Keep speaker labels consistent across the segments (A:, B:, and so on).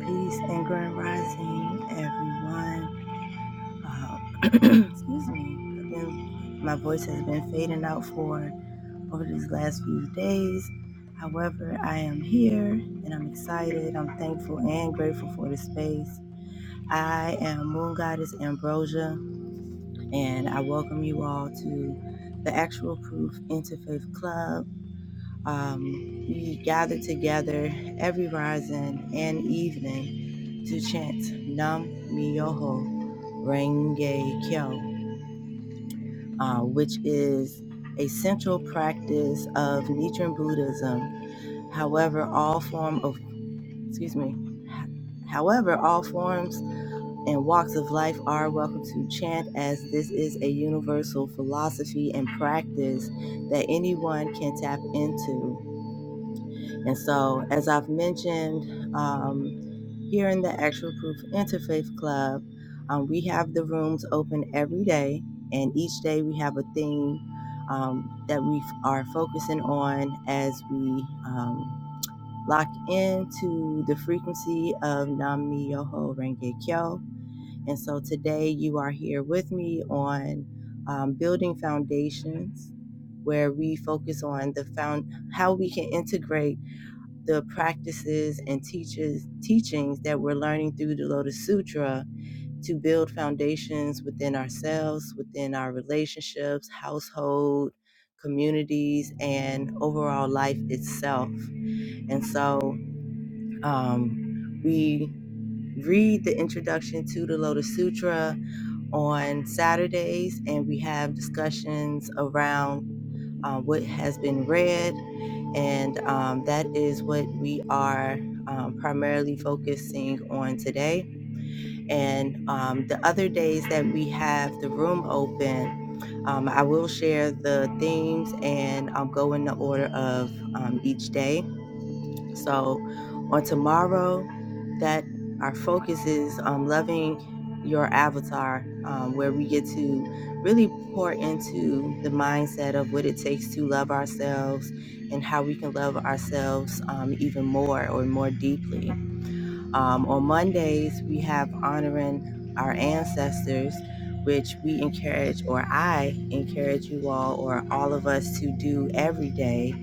A: Peace and grand rising, everyone. Uh, excuse me. Again, my voice has been fading out for over these last few days. However, I am here and I'm excited. I'm thankful and grateful for the space. I am Moon Goddess Ambrosia, and I welcome you all to the Actual Proof Interfaith Club. Um, we gather together every rising and evening to chant Nam Myoho Renge Kyo, uh, which is a central practice of Nichiren Buddhism. However, all form of excuse me. However, all forms and walks of life are welcome to chant as this is a universal philosophy and practice that anyone can tap into. And so, as I've mentioned, um, here in the Actual Proof Interfaith Club, um, we have the rooms open every day, and each day we have a theme um, that we f- are focusing on as we um, lock into the frequency of Nam Myoho Renge Kyo. And so, today you are here with me on um, building foundations, where we focus on the found how we can integrate the practices and teaches teachings that we're learning through the Lotus Sutra to build foundations within ourselves, within our relationships, household, communities, and overall life itself. And so um, we read the introduction to the Lotus Sutra on Saturdays, and we have discussions around uh, what has been read, and um, that is what we are um, primarily focusing on today. And um, the other days that we have the room open, um, I will share the themes and I'll go in the order of um, each day. So on tomorrow, that our focus is um, loving your avatar, um, where we get to really pour into the mindset of what it takes to love ourselves and how we can love ourselves um, even more or more deeply. Um, on Mondays, we have honoring our ancestors, which we encourage, or I encourage you all, or all of us to do every day.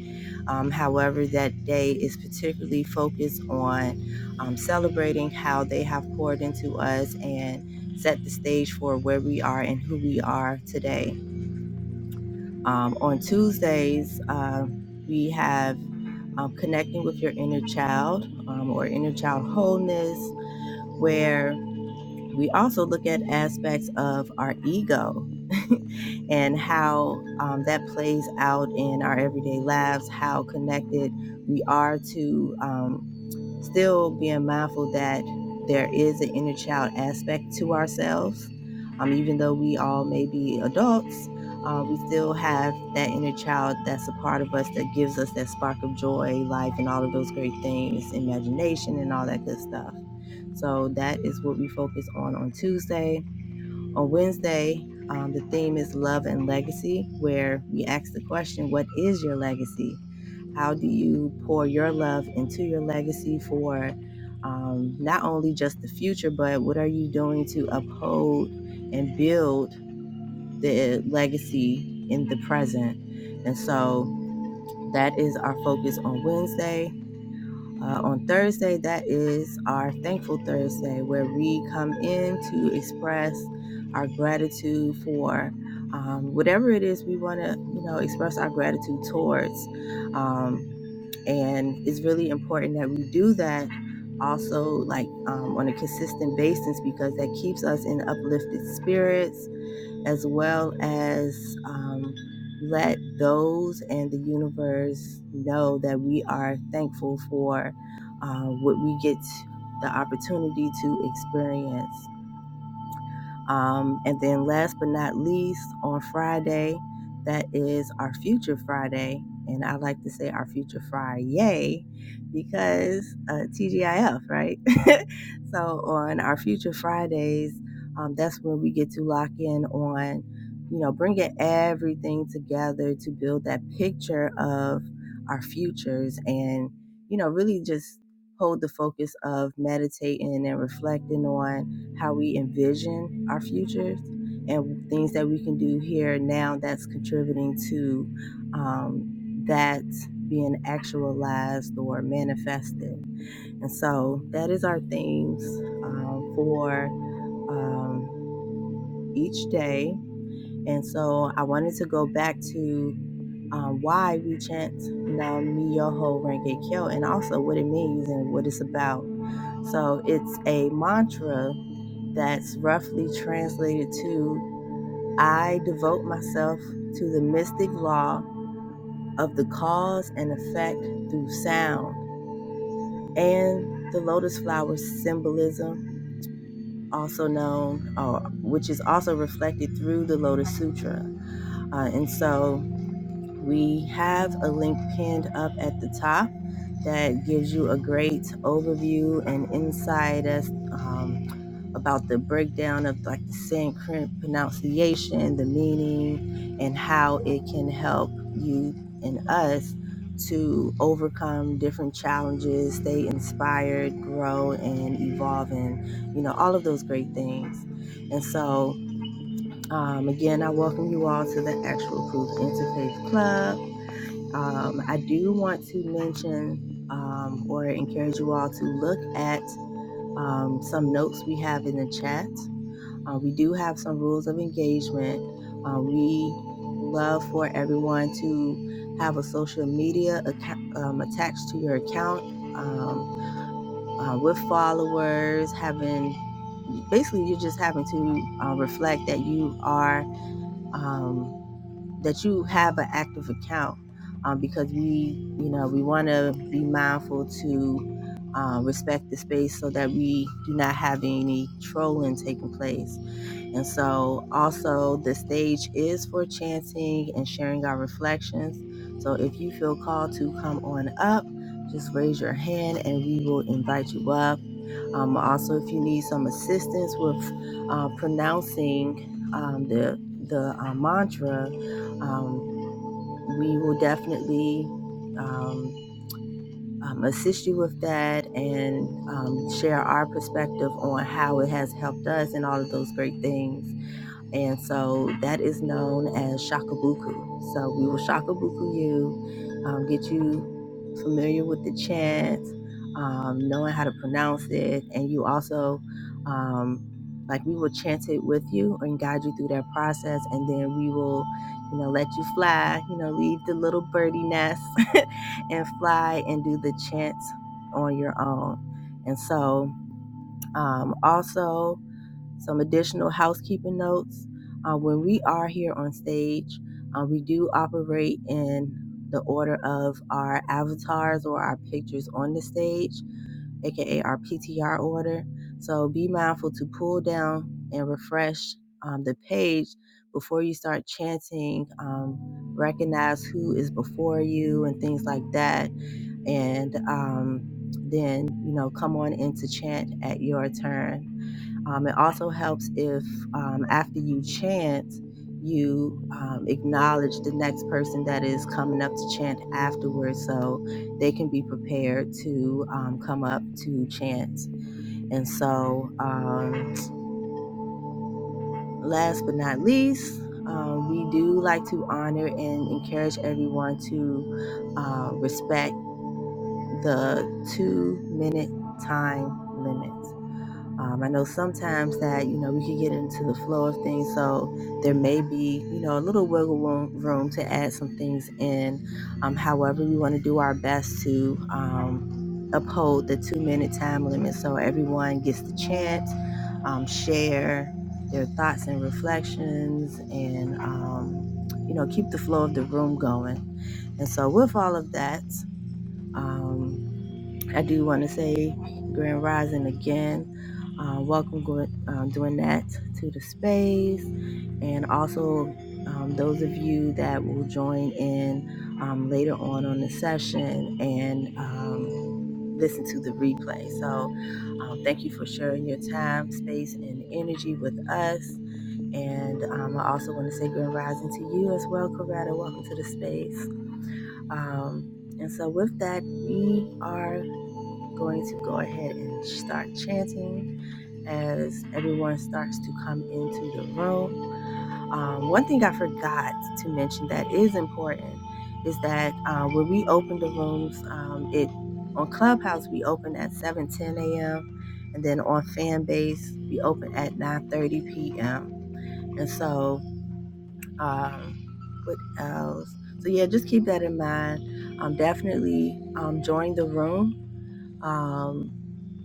A: Um, however, that day is particularly focused on um, celebrating how they have poured into us and set the stage for where we are and who we are today. Um, on Tuesdays, um, we have um, connecting with your inner child um, or inner child wholeness where we also look at aspects of our ego and how um, that plays out in our everyday lives, how connected we are to. um, still being mindful that there is an inner child aspect to ourselves. Um, even though we all may be adults, uh, we still have that inner child that's a part of us that gives us that spark of joy, life, and all of those great things, imagination, and all that good stuff. So that is what we focus on on Tuesday on Wednesday, um, the theme is love and legacy, where we ask the question, What is your legacy? How do you pour your love into your legacy for um, not only just the future, but what are you doing to uphold and build the legacy in the present? And so that is our focus on Wednesday. Uh, on Thursday, that is our Thankful Thursday, where we come in to express our gratitude for um, whatever it is we want to, you know, express our gratitude towards. Um, and it's really important that we do that also, like um, on a consistent basis, because that keeps us in uplifted spirits as well as um, let those and the universe know that we are thankful for uh, what we get the opportunity to experience. Um, and then, last but not least, on Friday, that is our future Friday. And I like to say our future Friday because uh, TGIF, right? so, on our future Fridays, um, that's when we get to lock in on, you know, bringing everything together to build that picture of our futures and, you know, really just hold the focus of meditating and reflecting on how we envision our futures and things that we can do here now that's contributing to um, that being actualized or manifested. And so that is our themes um, for um, each day. And so I wanted to go back to um, why we chant Nam Myoho Renge Kyo and also what it means and what it's about. So it's a mantra that's roughly translated to I devote myself to the mystic law of the cause and effect through sound and the lotus flower symbolism, also known, or which is also reflected through the Lotus Sutra. Uh, and so We have a link pinned up at the top that gives you a great overview and insight as um, about the breakdown of like the Sanskrit pronunciation, the meaning, and how it can help you and us to overcome different challenges, stay inspired, grow, and evolve, and you know all of those great things. And so, um, again, I welcome you all to the Actual Proof Interfaith Club. Um, I do want to mention um, or encourage you all to look at um, some notes we have in the chat. Uh, we do have some rules of engagement. Uh, we love for everyone to have a social media account, um, attached to your account um, uh, with followers, having basically you're just having to uh, reflect that you are. um, that you have an active account um, because we, you know, we want to be mindful to uh, respect the space so that we do not have any trolling taking place. And so, also, the stage is for chanting and sharing our reflections. So, if you feel called to come on up, just raise your hand and we will invite you up. Um, also, if you need some assistance with uh, pronouncing um, the the uh, mantra, um, we will definitely um, um, assist you with that and um, share our perspective on how it has helped us and all of those great things. And so that is known as shakabuku. So we will shakabuku you, um, get you familiar with the chant, um, knowing how to pronounce it, and you also, um, like we will chant it with you and guide you through that process, and then we will, you know, let you fly, you know, leave the little birdie nest and fly and do the chant on your own. And so, um, also some additional housekeeping notes. Uh, when we are here on stage, uh, we do operate in the order of our avatars or our pictures on the stage, aka our PTR order. So be mindful to pull down and refresh um, the page before you start chanting. Um, recognize who is before you and things like that, and um, then you know come on in to chant at your turn um, it also helps if um, after you chant, you um, acknowledge the next person that is coming up to chant afterwards so they can be prepared to um, come up to chant. And so, um, last but not least, um, we do like to honor and encourage everyone to uh, respect the two minute time limit. Um, I know sometimes that, you know, we can get into the flow of things. So there may be, you know, a little wiggle room, room to add some things in. Um, however, we want to do our best to um, uphold the two minute time limit so everyone gets the chance, um, share their thoughts and reflections, and, um, you know, keep the flow of the room going. And so, with all of that, um, I do want to say Grand Rising again. Uh, welcome, go- um, doing that to the space, and also um, those of you that will join in um, later on on the session and um, listen to the replay. So, um, thank you for sharing your time, space, and energy with us. And um, I also want to say Grand Rising to you as well, Coretta. Welcome to the space. Um, and so, with that, we are going to go ahead and start chanting as everyone starts to come into the room. Um, one thing I forgot to mention that is important is that uh, when we open the rooms, um, it on Clubhouse we open at 7 10 a.m. and then on Fanbase we open at 9 30 p.m. And so, um, what else? So yeah, just keep that in mind. Um, definitely um, join the room. Um,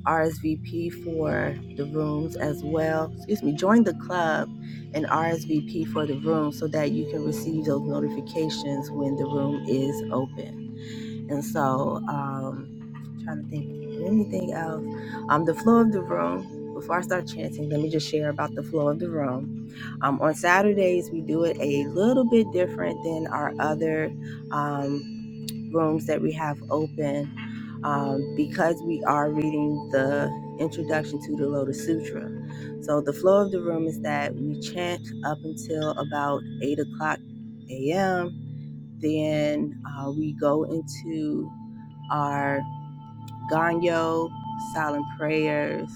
A: RSVP for the rooms as well. Excuse me, join the club and RSVP for the room so that you can receive those notifications when the room is open. And so, um, I'm trying to think of anything else. Um, the flow of the room. Before I start chanting, let me just share about the flow of the room. Um, on Saturdays, we do it a little bit different than our other um, rooms that we have open um, because we are reading the introduction to the Lotus Sutra. So the flow of the room is that we chant up until about 8 o'clock a.m. Then uh, we go into our Ganyo, silent prayers.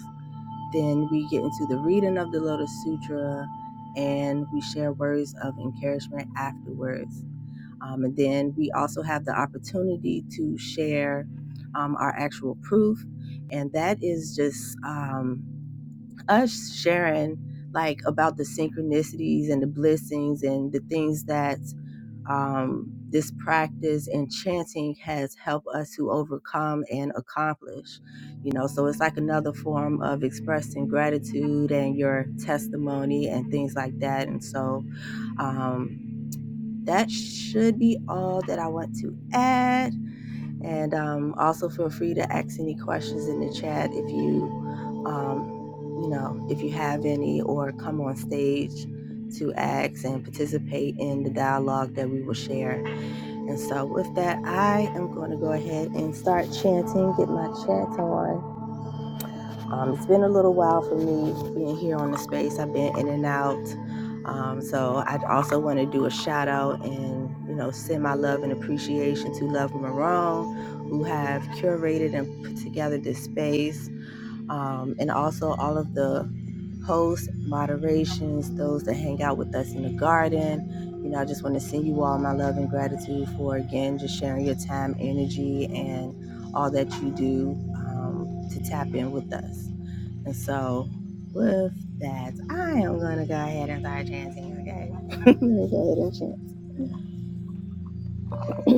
A: Then we get into the reading of the Lotus Sutra and we share words of encouragement afterwards. Um, and then we also have the opportunity to share um, our actual proof. And that is just um, us sharing like about the synchronicities and the blessings and the things that um, this practice and chanting has helped us to overcome and accomplish. You know, so it's like another form of expressing gratitude and your testimony and things like that. And so, um, that should be all that I want to add. And um, also feel free to ask any questions in the chat if you, um, you know, if you have any, or come on stage to ask and participate in the dialogue that we will share. And so with that, I am going to go ahead and start chanting, get my chant on. Um, it's been a little while for me being here on the space. I've been in and out. Um, so I also want to do a shout out and you know send my love and appreciation to Love Marone, who have curated and put together this space, um, and also all of the hosts, moderations, those that hang out with us in the garden. You know, I just want to send you all my love and gratitude for again just sharing your time, energy, and all that you do um, to tap in with us. And so, with that, I am going to go ahead and start chanting, okay? let me go ahead and chant.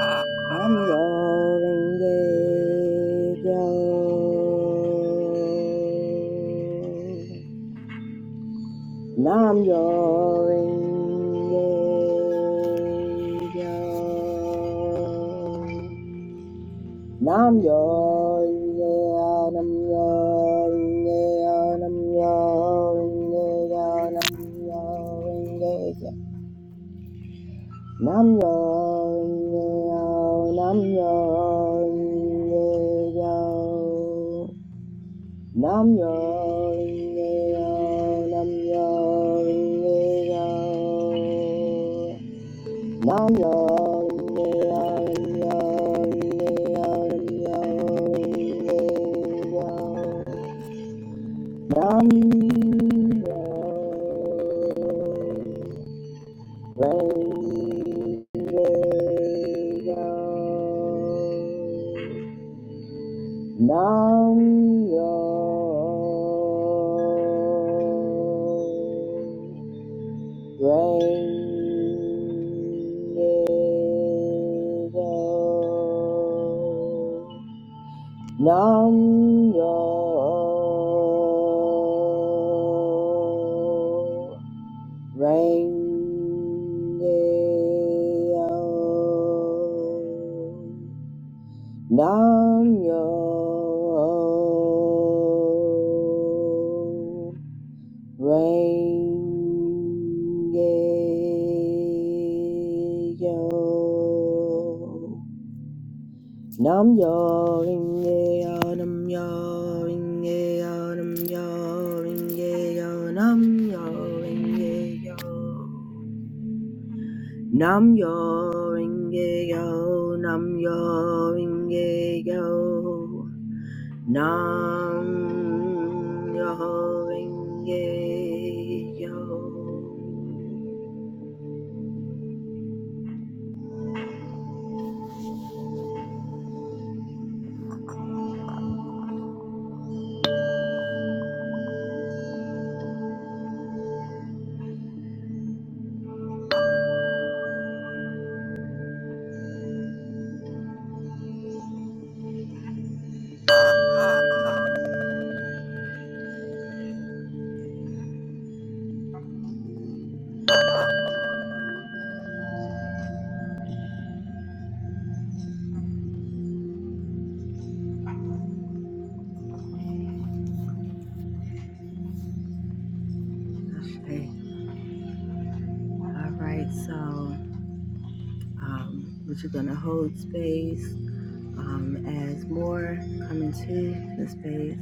A: I'm going to yo. Nam yo. Nam yo nye nam yo nye nam yo nye nam yo nye nam yo nye nam yo nye nam yo nye nam yo nye Nam Nam yo Nam yo Renge yo, Nam yo renge yo, nam yo renge yo, nam yo renge yo, nam yo renge yo, Nam yo renge yo, nam yo ringeyo. Nam yo ringeyo. Okay. All right. So um, we're just gonna hold space um, as more come into the space.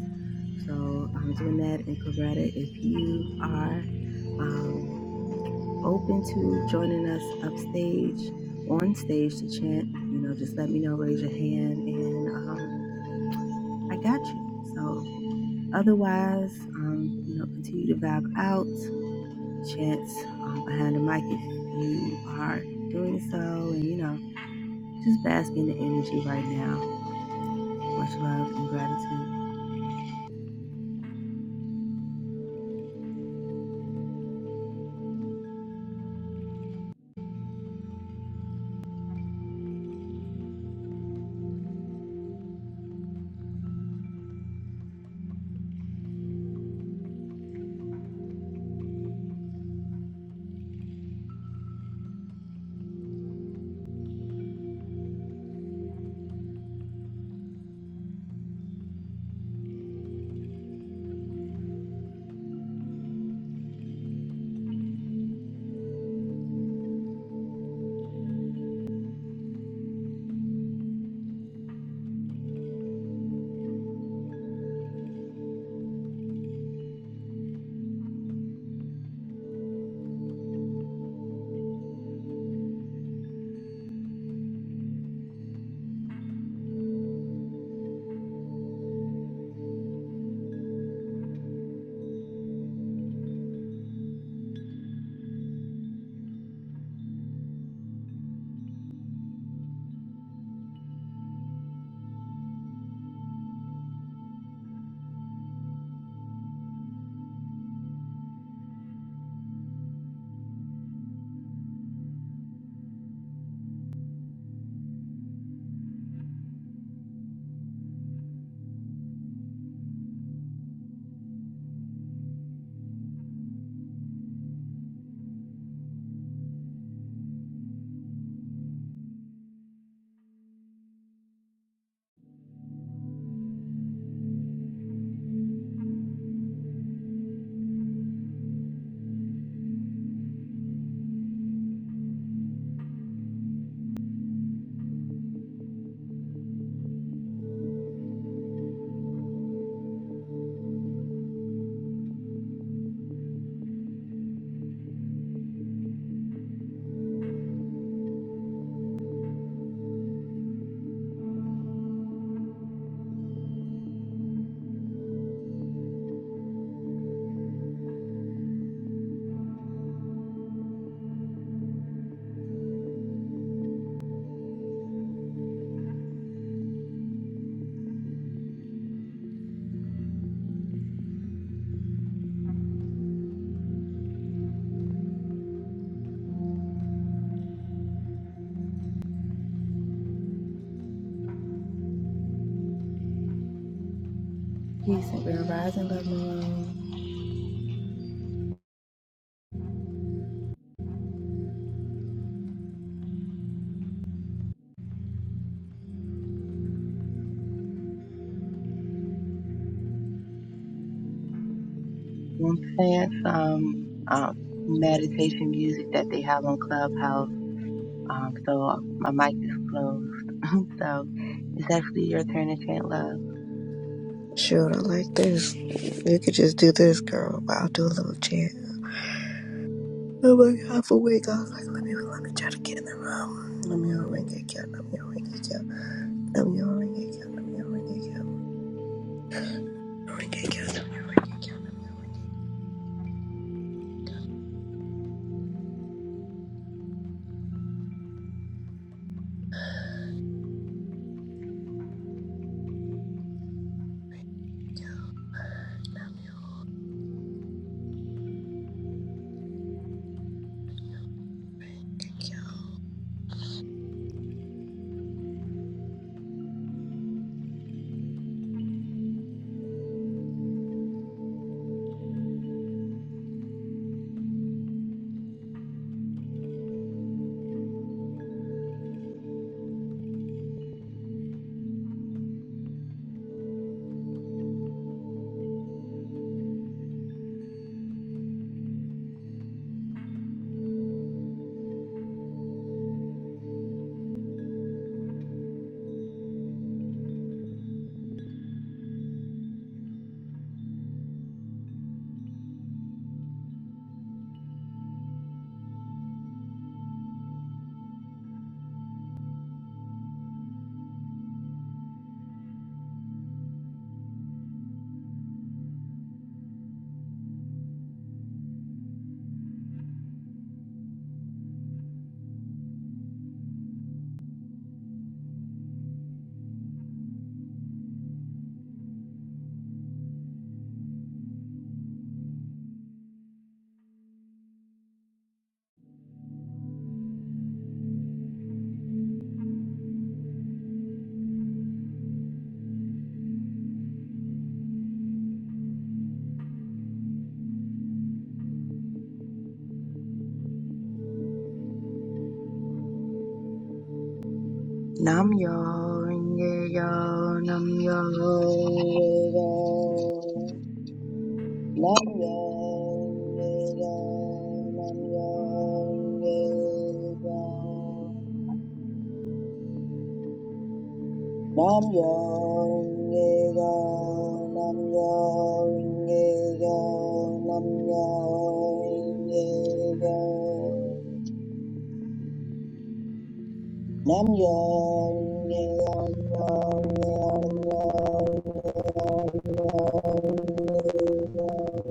A: So I'm doing that in Coretta. If you are um, open to joining us upstage, on stage to chant, you know, just let me know. Raise your hand, and um, I got you. So otherwise, um, you know, continue to vibe out. chance um, behind the mic if you are doing so. And, you know, just bask in the energy right now. Much love and gratitude. Peace and bear rising, love moon. One plants, um, um, meditation music that they have on Clubhouse. Um, so my mic is closed. so it's actually your turn to chant love.
B: Shoot, I like this. You could just do this, girl. But I'll do a little chant. I'm like half awake. I was like, let me let me try to get in the room. Let me ring it count. Let me ring it count. Let me ring it count. Let me ring it count. Ring it count. Let me ring it
A: Nam yo, ringe yo, nam yo, ringe yo. Nam yo re ga, nam yo re ga. Nam yo re ga, nam yo re ga, nam yo re ga. Nam yo re ga, nam yo re ga, nam yo re ga.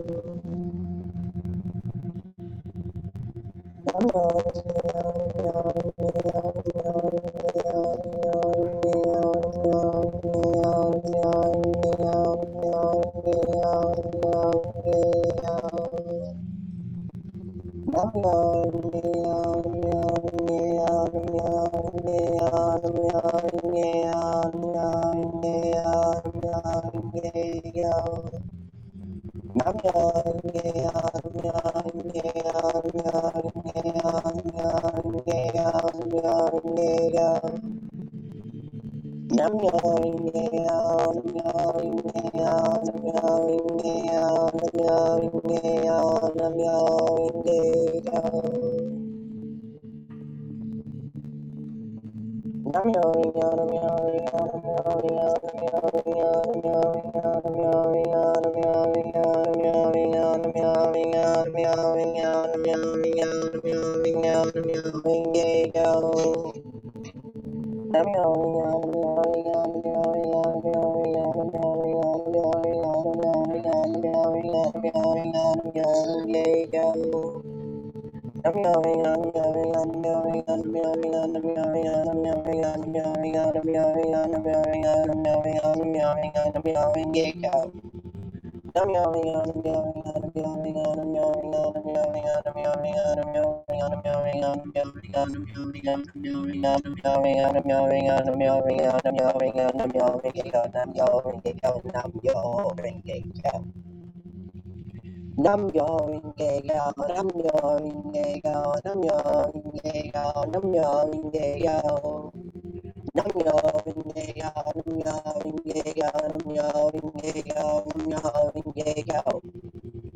A: Yeah. Nam Yo. Yo. Namyo Rinkeyo, Namyo Rinkeyo, Namyo Rinkeyo, Namyo Rinkeyo, Namyo Rinkeyo, Namyo Rinkeyo, Namyo Rinkeyo, Namyo Rinkeyo,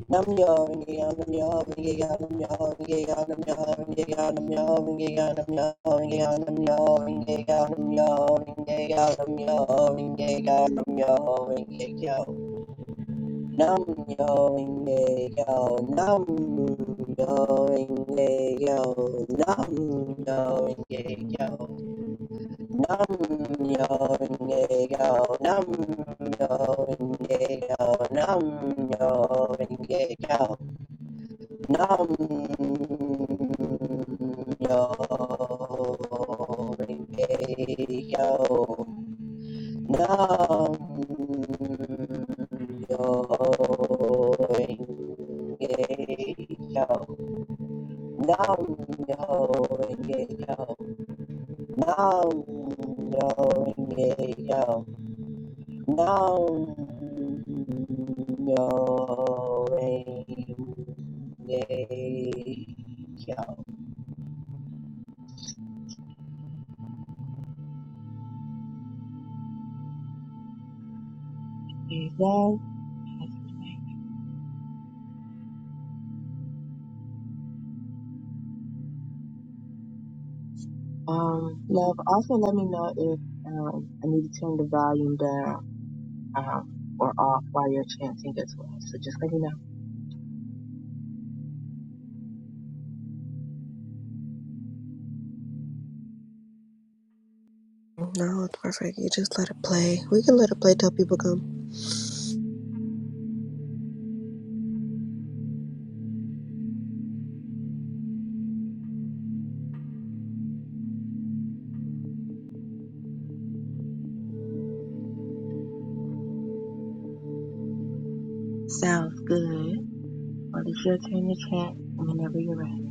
A: Namyo Rinkeyo, Namyo Rinkeyo, Namyo Rinkeyo, Namyo Rinkeyo, Namyo Rinkeyo, Namyo Rinkeyo, Namyo Rinkeyo, Namyo Rinkeyo, Namyo Rinkeyo, Namyo Rinkeyo. Nam yo inge yo, nam yo inge yo, nam yo inge yo, nam yo inge yo, nam yo inge yo, nam yo inge yo, nam yo inge yo. Nam yo renge yo. Nam yo renge yo. Nam yo renge yo. Nam yo renge yo. Okay, guys. Um, love. Also, let me know if um I need to turn the volume down. um, or off while you're chanting as well. So just let me know.
B: count. No, it's perfect. You just let it play. We can let it play till people come.
A: Sounds good. Well, it's your turn to chant whenever you're ready.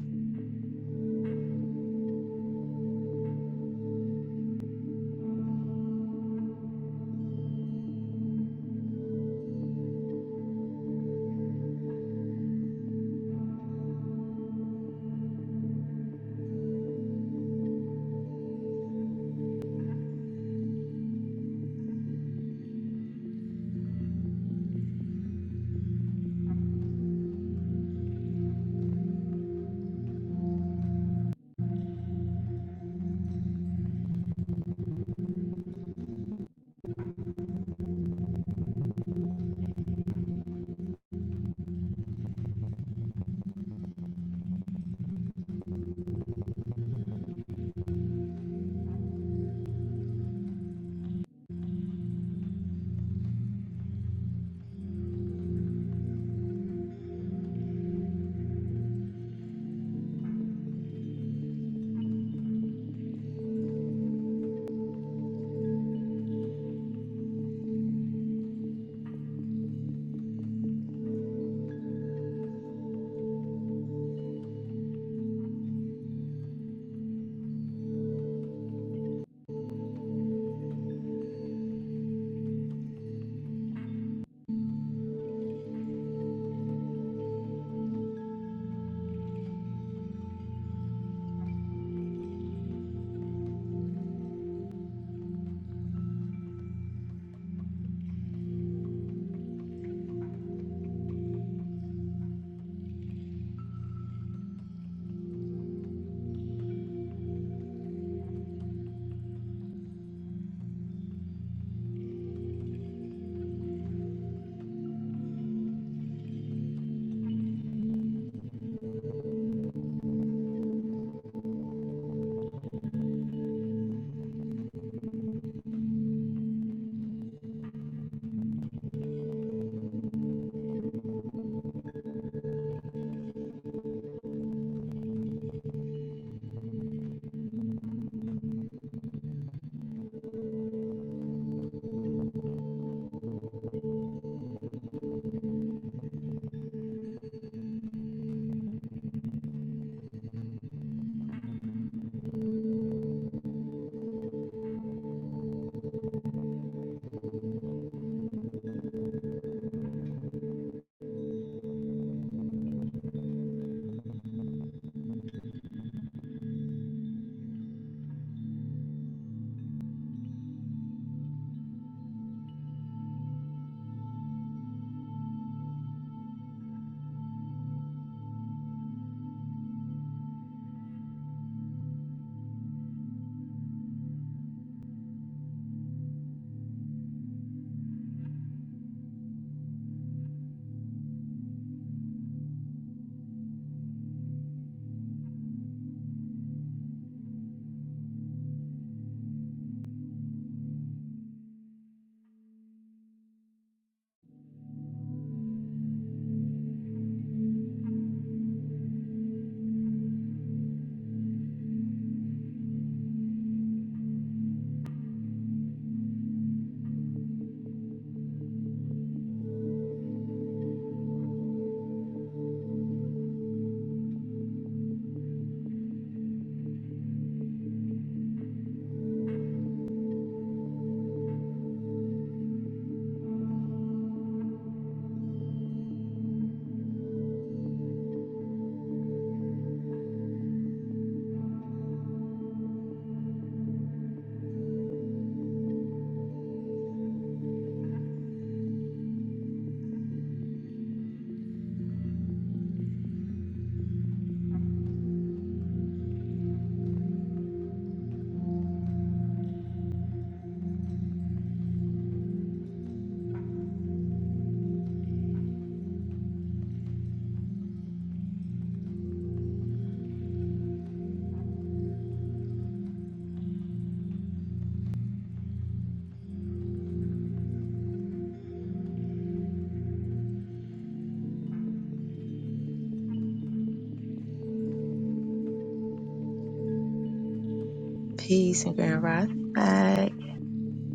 A: Peace and grand rising back.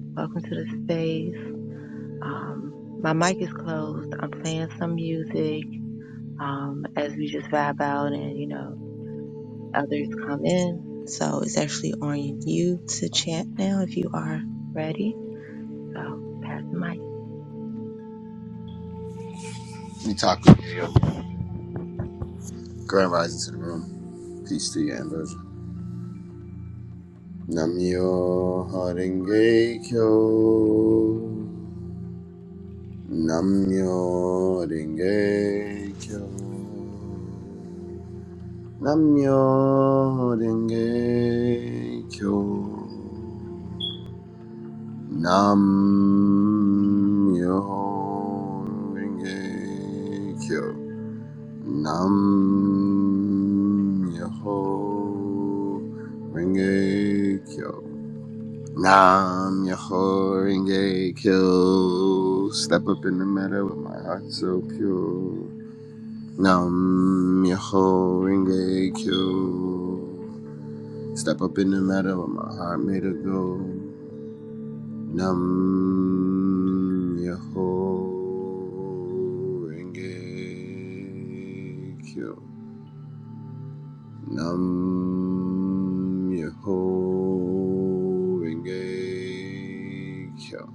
A: Welcome to the space. Um, my mic is closed. I'm playing some music um, as we just vibe out and, you know, others come in. So it's actually on you to chant now if you are ready. So pass the mic.
C: Mitaku Yayo. Grand rising to the room. Peace to you, Ambrosia. Namyo Haringe Kyo. Namyo Haringe Kyo. Namyo Haringe Kyo. Namyo Haringe Kyo. Nam Yaho Ringe Kyo. Nam Yaho Ringe Kyo. Step up in the meadow with my heart so pure. Nam Yaho Ringe Kyo. Step up in the meadow with my heart made of gold. Nam Yaho Ringe Kyo. Nam Yeho Renge Kyo.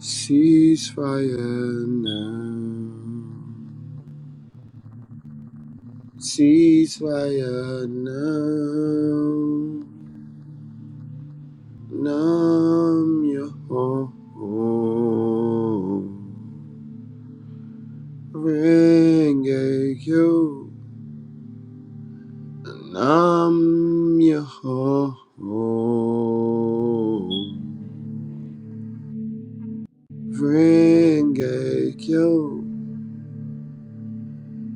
C: Ceasefire now. Ceasefire now. Nam Yeho Renge Kyo. Nam Yeho Ringekyo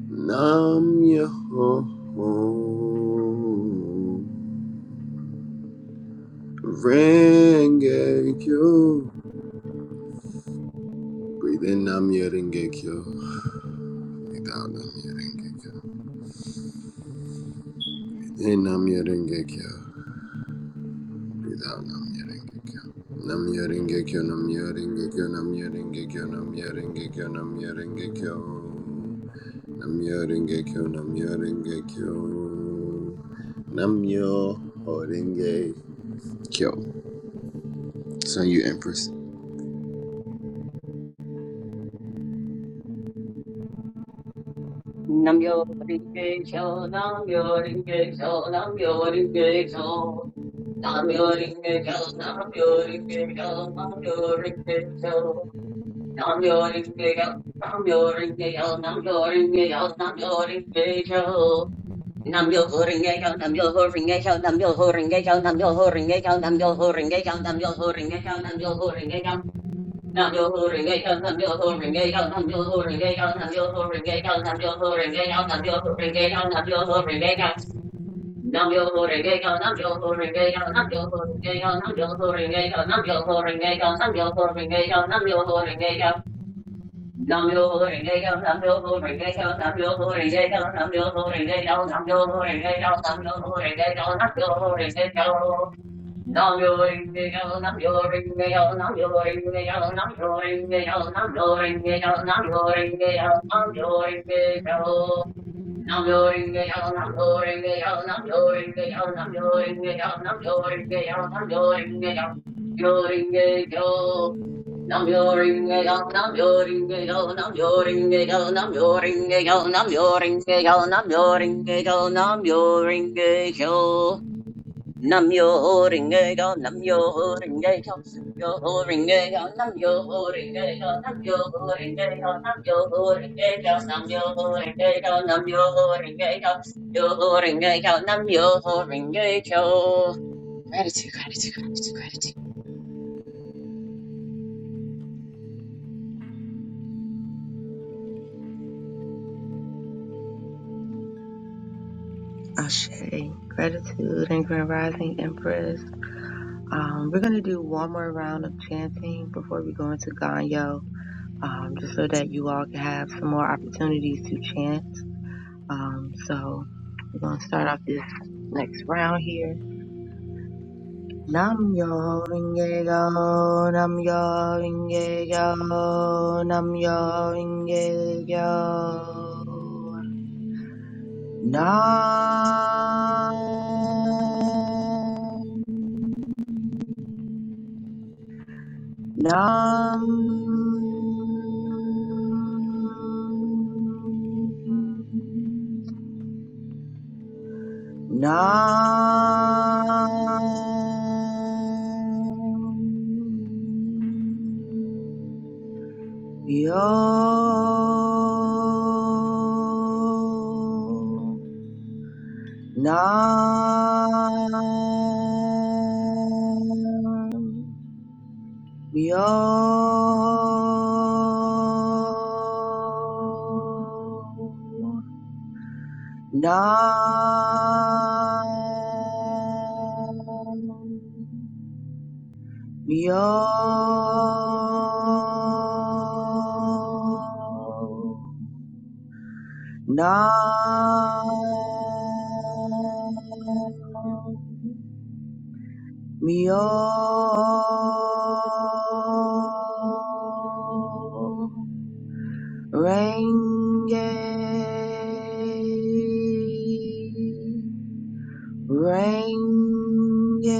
C: Nam Yoho Ringekyo Breathe in Nam Yoringekyo Breathe out Nam Yoringekyo Breathe in Nam Yoringekyo Breathe out Nam Yoringekyo Nam Yoringekyo Nam Yoringekyo Nam Yoringekyo Nam Yoringekyo Nam Yoringekyo Namyo Rengekyo, Namyo Rengekyo, Namyo Horengekyo. It's on you, Empress.
D: Nam yo ringe kyo, nam yo ringe kyo, nam yo ringe kyo. Nam yo ringe kyo, nam yo ringe kyo, nam yo ringe kyo. Nam yo ringe kyo, nam yo ringe kyo, nam yo ringe kyo, nam yo ringe kyo. Nam yo ho ringe kyo, nam yo ho ringe kyo, nam yo ho ringe kyo, nam yo ho ringe kyo, nam yo ho ringe kyo, nam yo ho ringe kyo, nam yo ho ringe kyo, Nam yo ho ring gay on nam yo ho ring gay on nam yo ho ring gay on nam yo ho ring gay on nam yo ho ring gay on nam yo ho ring gay on nam yo ho ring gay on nam yo ho ring gay on nam yo ho ring gay on nam yo ho ring gay on nam yo ho ring gay on nam yo ho ring gay on nam yo ho ring gay on nam yo ho ring gay on nam yo ho ring gay on nam yo ho ring gay on nam yo ho ring gay on nam yo ho ring gay on nam yo ho ring gay on nam yo ho ring gay on nam yo ho ring gay on Nam yo ring me yo, nam yo ring me yo, nam yo ring me yo, nam yo ring me yo, nam yo ring me yo, nam yo ring me yo, nam yo ring me yo. Nam yo ring me yo, nam yo ring me yo, nam yo ring me yo, nam yo ring me yo, nam yo ring me yo, nam yo ring me yo, yo ring me yo. Nam yo ring me yo, nam yo ring me yo, nam yo ring me yo, nam yo ring me yo, nam yo ring me yo, nam yo ring me yo, nam yo ring me yo. Nam yo ring a go, nam yo ring a go, yo ring a go, nam yo ring a go, nam yo ring a go, nam yo ring a go, nam yo ring a go, nam yo ho ring a go, yo ring a go, nam yo ring a go. Gratitude, gratitude, gratitude, gratitude.
A: Ashe. Gratitude and grand rising empress. Um, we're going to do one more round of chanting before we go into Ganyo, um, just so that you all can have some more opportunities to chant. Um, so we're going to start off this next round here. Nam yo ringe yo, nam yo ringe yo, nam yo ringe yo. Nam Nam Nam Yo Nam We all now. We all now. We all Renge, Renge,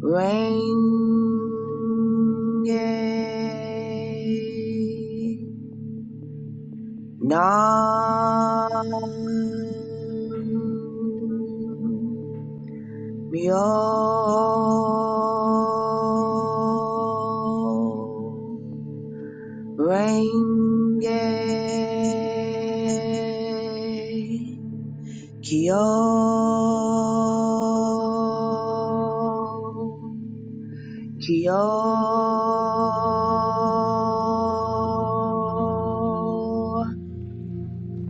A: Renge, Nam. Myo Renge Kyo Kyo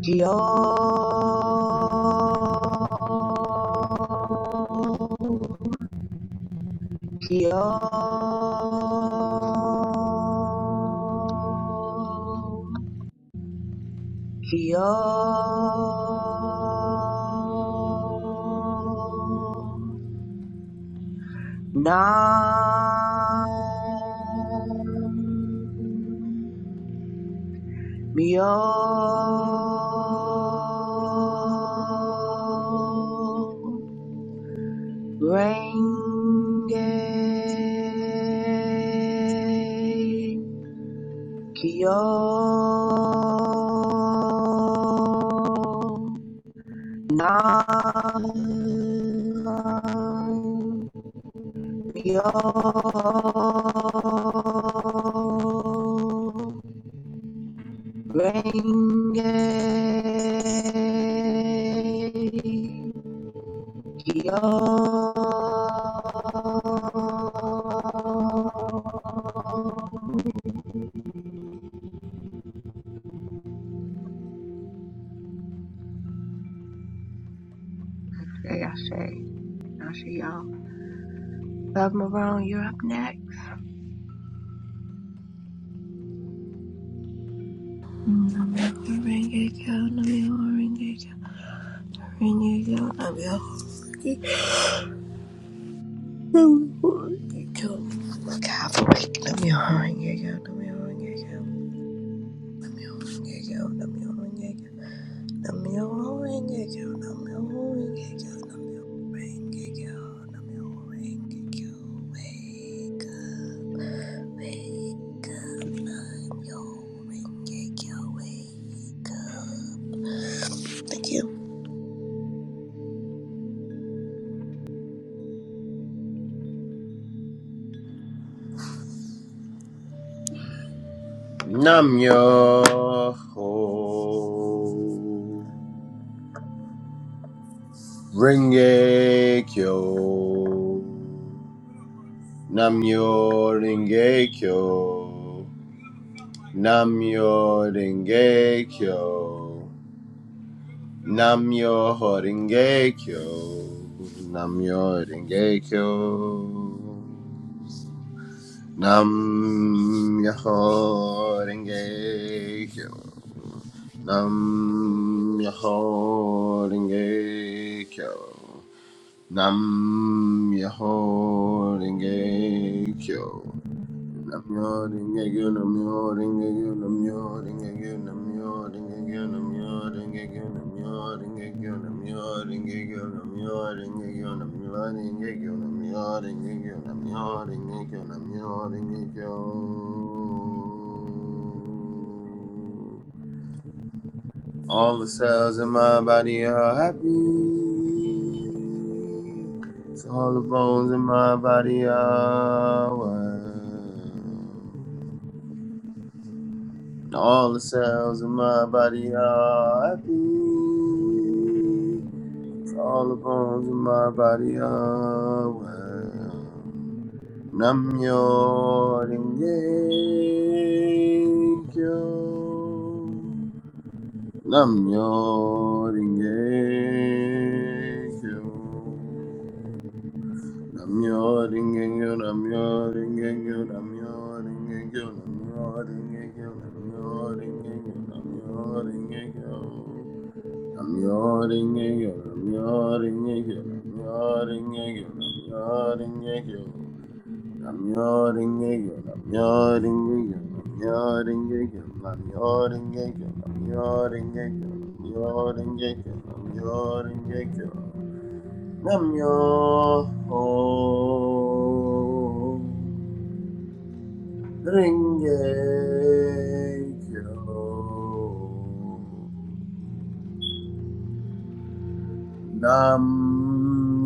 A: Kyo Yo, yo, nam, yo, renge Kyo Nam Yo Renge Kyo Ashe, Ashe, Ashe, y'all. Love Marone, you're up next.
B: Like half awake. Let me ring it count. Let me ring it count. Renge-kyo, Namyo Horenge Kyo, Namyo Horenge Kyo, Namyo Horenge Kyo, Namyo Horenge Kyo. Wake up, wake up, yo Horenge Kyo, wake up. Thank you.
C: Namyo Ho Rengekyo, Namyo Rengekyo, Namyo Rengekyo. Namyo Horinge Kyo. Namyo Horinge Kyo. Namyo Horinge Kyo. Namyo Horinge Kyo. Namyo Horinge Kyo. Namioring again, namioring again, namioring again, namioring again, namioring again, namioring again, namioring again, namioring again, namioring again, namioring again, namioring again, namioring again. All the cells in my body are happy. So all the bones in my body are well. And All the cells in my body are happy. Cause All the bones in my body are well. Namyo Renge Kyo. Namyo Renge Kyo. Namyo Rengekyo, Namyo Rengekyo, Namyo Rengekyo, Namyo Rengekyo, Namyo Rengekyo, Namyo Rengekyo. Namyo Rengekyo, Namyo Rengekyo, Namyo Rengekyo, Namyo Rengekyo. Namyo Rengekyo, Namyo Rengekyo, Namyo Rengekyo, Namyo Rengekyo, Namyo Rengekyo, Namyo Rengekyo, Namyo Rengekyo. Namyo Ringe Kyo. Nam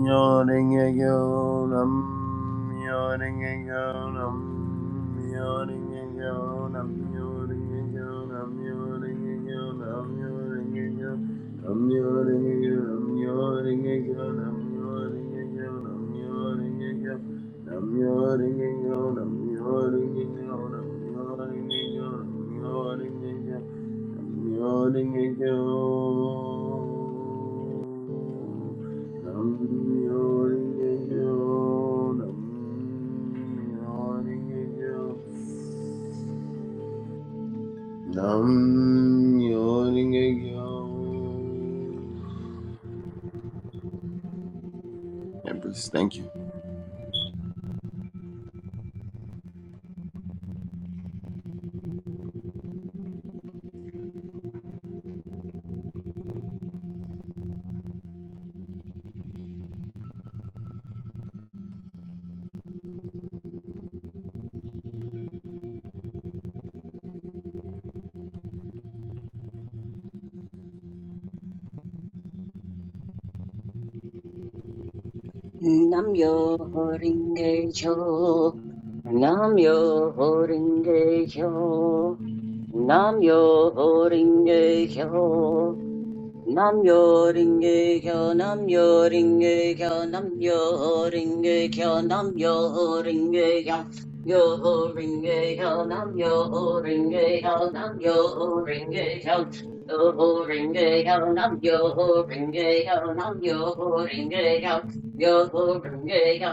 C: myo renge kyo, nam myo renge kyo, nam myo renge kyo, nam myo renge kyo, nam myo renge kyo, nam myo renge kyo, nam myo renge kyo, nam myo renge kyo, nam myo renge kyo, nam myo renge kyo, nam myo renge kyo, nam myo renge kyo, nam myo renge kyo, nam myo renge kyo. Nam Empress, thank you.
D: Nam yo ring a go, nam yo ring a go, nam yo ring a go. Nam yo ringa yo, Nam yo ringa yo, Nam yo ringa yo, Nam yo ringa yo, yo ringa yo, Nam yo ringa yo, Nam yo ringa yo, yo ringa yo, Nam yo ringa yo, Nam yo ringa yo, Nam yo ringa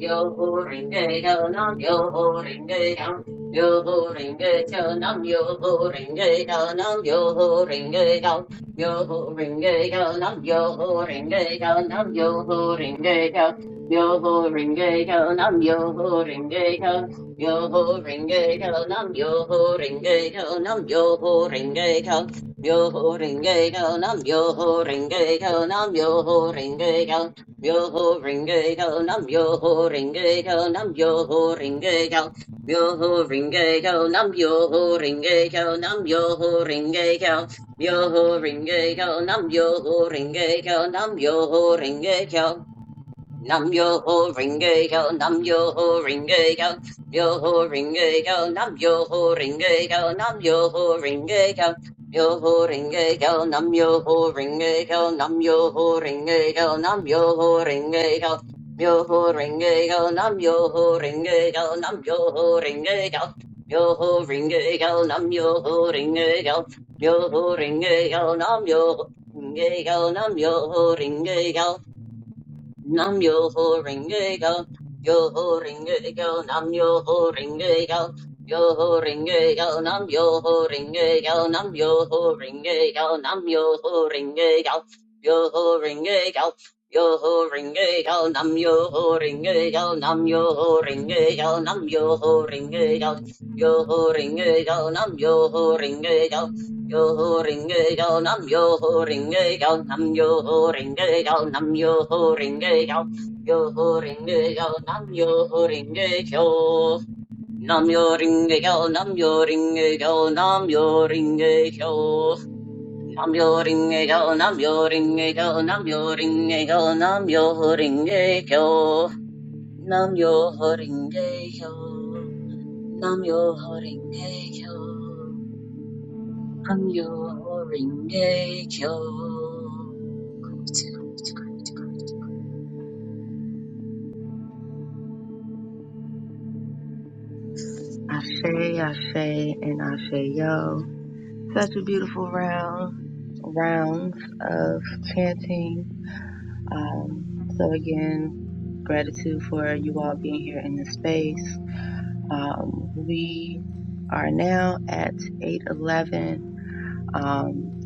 D: yo, yo ringa yo, Nam yo ringa yo, Nam yo ringa yo, Nam yo ringa yo. Yo ho ring a go num yo ho ring a go num yo ho ring a go yo ho ring a go num yo ho ring a go yo ho ring a go num yo ho ring a go num yo ho ring a go yo ho ring a go num yo ho ring a go num yo ho ring a go yo ho ring a go num yo ho ring a go num yo ho ring a go yo ho ring a go num yo ho ring a go num yo ho ring a go Yo ho ringe kyo nam yo ho ringe kyo nam yo ho ringe kyo Nam yo ho ring a go, nam yo ho ring a go, yo ho ring a go, nam yo ho ring a go, nam yo ho ring a go, yo ho ring a go, nam yo ho ring a go, nam yo ho ring a go, nam yo ho ring a go, yo ho ring a go, nam yo ho ring a go, nam yo ho ring ringe yo, yo ho ringe yo, nam yo ho ringe yo, yo ho ringe yo, nam yo ho ringe yo, nam yo ho ring a go. Nam yo ho ring a go, yo ho ring a go. nam yo ho ring a go, yo ho ring a go. nam yo ho ring a go, nam yo ho ring a go. nam yo ho ring a go, yo ho ring a go. yo ho ring a go, nam yo ho ring a go. nam yo ho ring a go, nam yo ho ring a go. yo ho ring a go, nam yo ho ring a go. Yo ring a yo nam yo ring a yo nam yo ring a yo nam yo ring a yo yo ring a yo nam yo ring a yo nam yo ring a yo nam yo ring a yo nam yo ring a yo nam yo ring a yo nam yo ring a yo nam yo ring a yo nam yo ring a yo nam yo ring a yo nam yo ring a yo Namyo-renge-kyo.
A: Ashe, Ashe, and Ashe Yo. Such a beautiful round, rounds of chanting. Um, so again, gratitude for you all being here in this space. Um, we are now at 8:11. Um,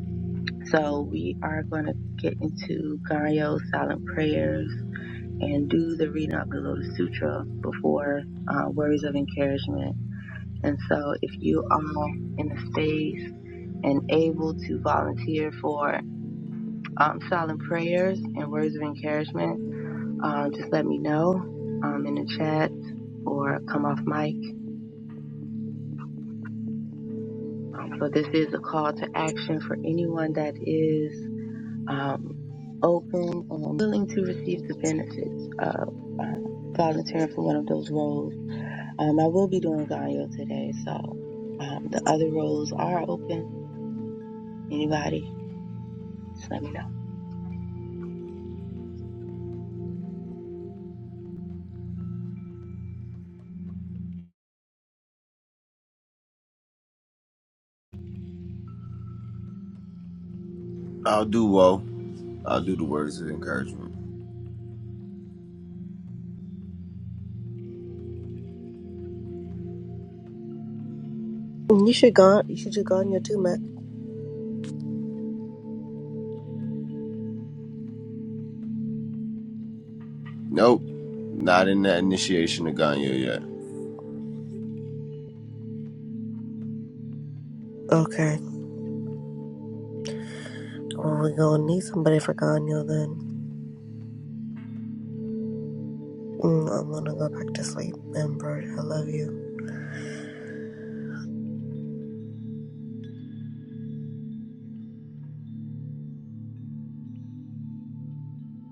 A: so we are going to get into Ganyo silent prayers and do the reading of the Lotus Sutra before uh, words of encouragement. And so if you all in the space. and able to volunteer for um, silent prayers and words of encouragement, um, just let me know um, in the chat or come off mic. Um, so this is a call to action for anyone that is um, open and willing to receive the benefits of volunteering for one of those roles. Um, I will be doing Ganyo today, so um, the other roles are open. Anybody, just let me know.
C: I'll do well. I'll do the words of encouragement.
B: You should go. You should do Ganyo too, Matt.
C: Nope. Not in that initiation of Ganyo yet.
B: Okay. Well, we're gonna need somebody for Ganyo then. Mm, I'm gonna go back to sleep. And Bird, I love you.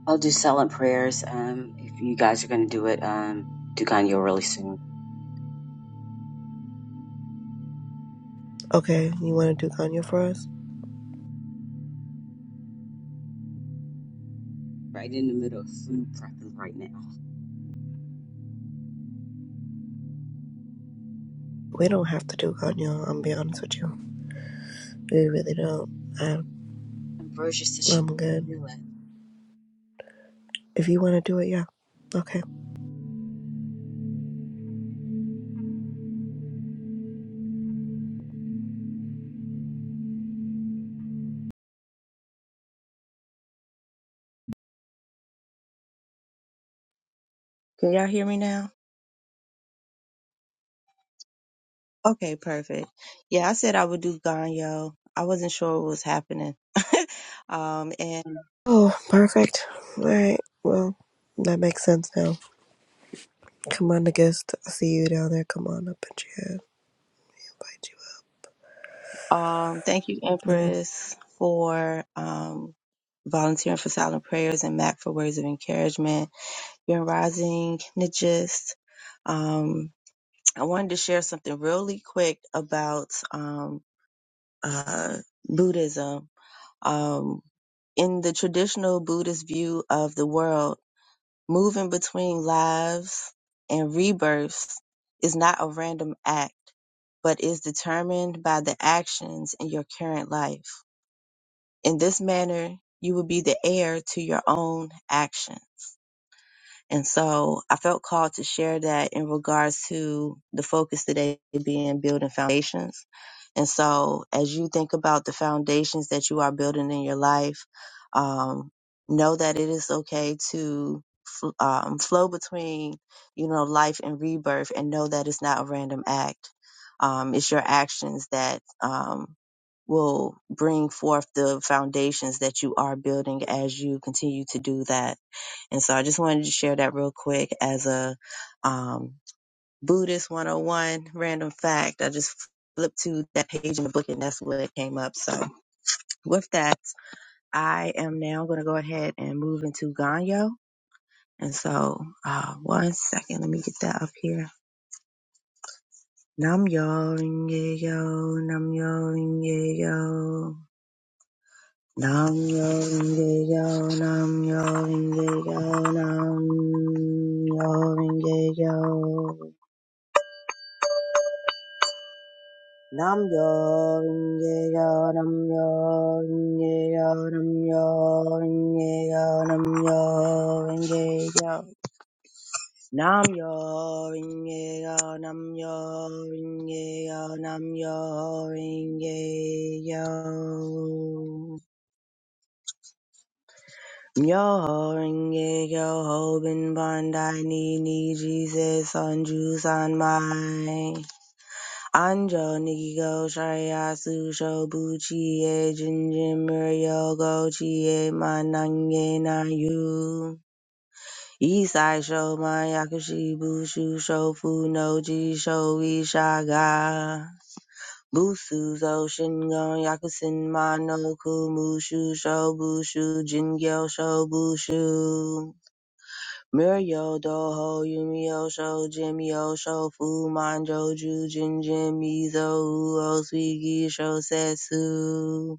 D: I'll do silent prayers. Um, if you guys are going to do it, um, do Ganyo really soon.
B: Okay, you wanna do Ganyo for us?
D: Right in the middle of food prepping right now.
B: We don't have to do Ganyo. I'm be honest with you. We really don't. I,
D: Ambrosia said she
B: I'm good.
D: would do it.
B: If you want to do it, yeah. Okay.
A: Can y'all hear me now? Okay, perfect. Yeah, I said I would do Ganyo. I wasn't sure what was happening. um, and
B: Oh, perfect. All right. Well, that makes sense now. Come on, the guest. I see you down there. Come on up and chat. Invite you up.
A: um, thank you,
B: Let me.
A: Empress, for um, volunteering for silent prayers and Mac for words of encouragement. You're rising, Nijist. Um, I wanted to share something really quick about um, uh, Buddhism. Um, in the traditional Buddhist view of the world, Moving between lives and rebirths is not a random act, but is determined by the actions in your current life. In this manner, you will be the heir to your own actions. And so I felt called to share that in regards to the focus today being building foundations. And so as you think about the foundations that you are building in your life, um, know that it is okay to fl- um, flow between, you know, life and rebirth and know that it's not a random act. Um, it's your actions that, um, will bring forth the foundations that you are building as you continue to do that. And so I just wanted to share that real quick as a um, Buddhist 101 random fact. I just flipped to that page in the book and that's where it came up. So with that, I am now going to go ahead and move into Ganyo. And so uh, one second, let me get that up here. Nam yo ringe yo, nam yo ringe yo. Nam yo ringe yo, nam yo ringe yo, nam yo ringe yo. Nam yo inge yo nam yo inge yo nam yo inge yo nam yo inge yo nam yo inge yo nam yo inge yo nam yo inge yo Yo ho ringe yo ho bin bandai ni ni Jesus on Juice on my. Anjo Nikiko Shariatsu Shobuchi E Jinjin Muryo Gochi E Manange Nayu Isai Shoman Yakushi Bushu Shofu Noji Shoi Shaga Busu Zo Shingon Yakusin Mano Kumushu Shobushu Jingyo Shobushu mer yo do ho yumi yo sho jim yo sho fu man jo ju Jin 没有逗号，运要收，节要收，符满洲注进节密奏，哦，随意收塞苏，一数难给谁呀苏。Go to Jobu Sui gi sho setsu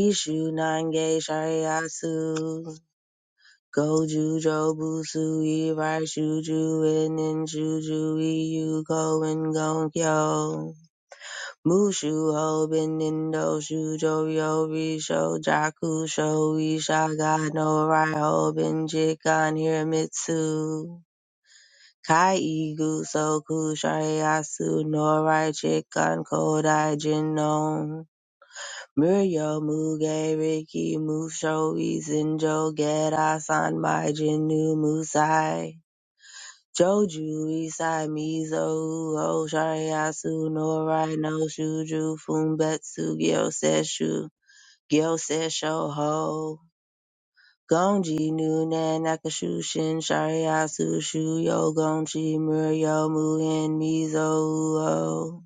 A: ishu nange shariatsu go ju jo bu su yi Rai Shuju in in Shuju Yuko and Gonkyo. Mushu Hobin Indo yo Yobi Sho Jaku Sho Isha God no Rai Hobin Chikan Hiramitsu. Kai Igu Soku Shariatsu Norai Chikan Kodai Jinno Muryo Muge Riki Musho Izinjo geda Sanmai Jinu Musai Joju Isai Mizo Uho Shariatsu Norai No Shuju Fumbetsu Gyo Seshu Gyo Sesho Ho Gonji Nunen Nakashushin Shariatsu Shuyo Gonchi Muryo Muhen Mizo Uo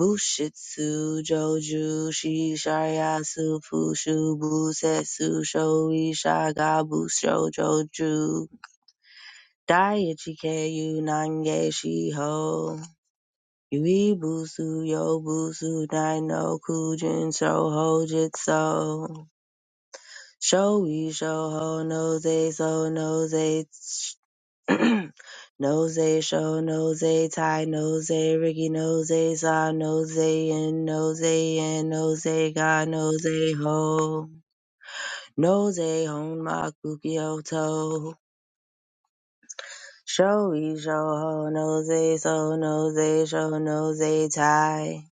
A: Bushitsu Joju Shi Shariatsu Fushu Busetsu Shoi Shaga Busho Joju Daiichi Keiyu Nange shi ho Yui Busu Yo Busu Dai no Kujin Soho Jitsu Showy show ho nose so nose Nose, show, nose, tie, nose, Ricky, nose, saw, nose, and nose, and nose, got nose, ho. Nose, hon, my kooky toe. Show, e, show, ho, nose, so, nose, show, nose, tie.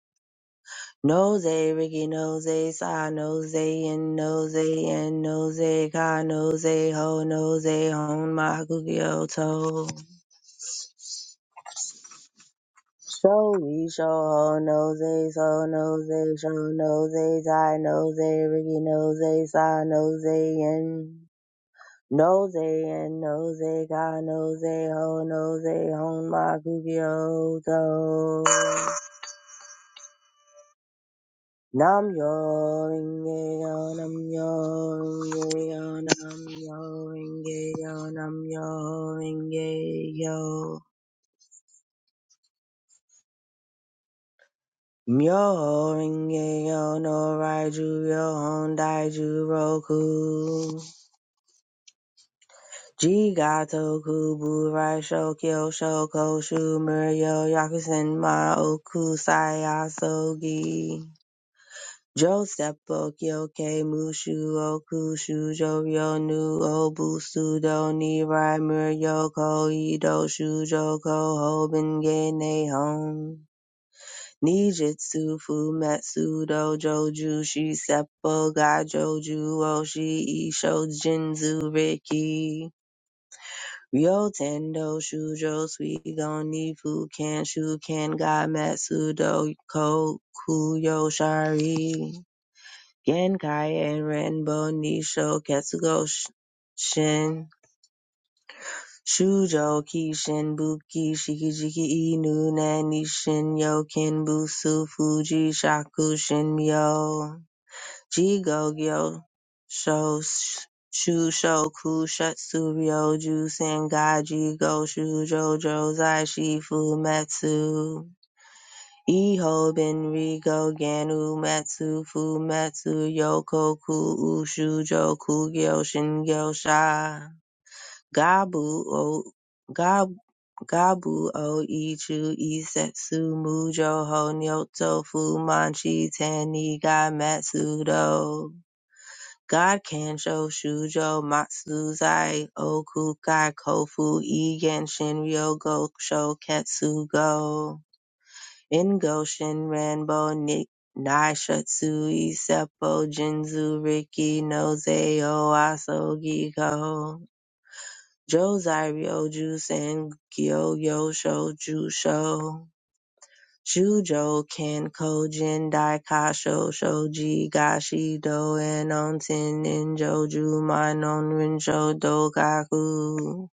A: Nose, Ricky, nose, saw, nose, and nose, and nose, got nose, ho, nose, hon, my kooky toe. So we show ho nose, so nose, show nose, I nose, Ricky nose, saw nose, and nose, and nose, got nose, ho nose, hon my cookie ho to. Nam yo ringe yo, nam yo ringe yo, nam yo ringe yo, nam yo ringe yo. Myoho renge yo no raiju ryohon daiju roku. Jigato kubu raisho kyo shoko shumuryo yakusen ma oku sayasogi. Jo seppo kyoke mushu oku shujo ryo nu obu sudo nirai muryo koido shujo ko hoben ge nehon. Nijutsu Fumetsu Dojo Jushi Seppo Gaijoju Oshi Isho Jinzu Riki Ryotendo Shujo Suigon Nifu Ken Shuken Ga Metsu Doko Kuyo Shari Genkai and Renbo Nisho Ketsugo Shin Shujo Shujoku Shinbuku Shikijiki Inu Nanishin Yoken Busu Fuji Shaku Shinmyo Jigogyo Sho Shushoku Shutsuryo Jusen Gaji Go Shujo Jozai Shifu Metsu Iho Benrigo Ganu matsu Fu matsu Yokoku Ushujo Kugyo Shingyo Sha Gabu o Gabu o ichu isetsu mujo ho nyoto fumanchi taniga matsudo. God kansho shujo matsuzai okukai kofu igen shinryo gosho ketsugo. Ingo shinranbo ni naishutsu isepo jinzu riki no zei o asogi Jōzai Ryoju Sen Gyo Yosho Jusho Shujo Kenko Jendai Kasho Shoji Gashi Doen Onsen Ninjoju Minon Rinsho Dogaku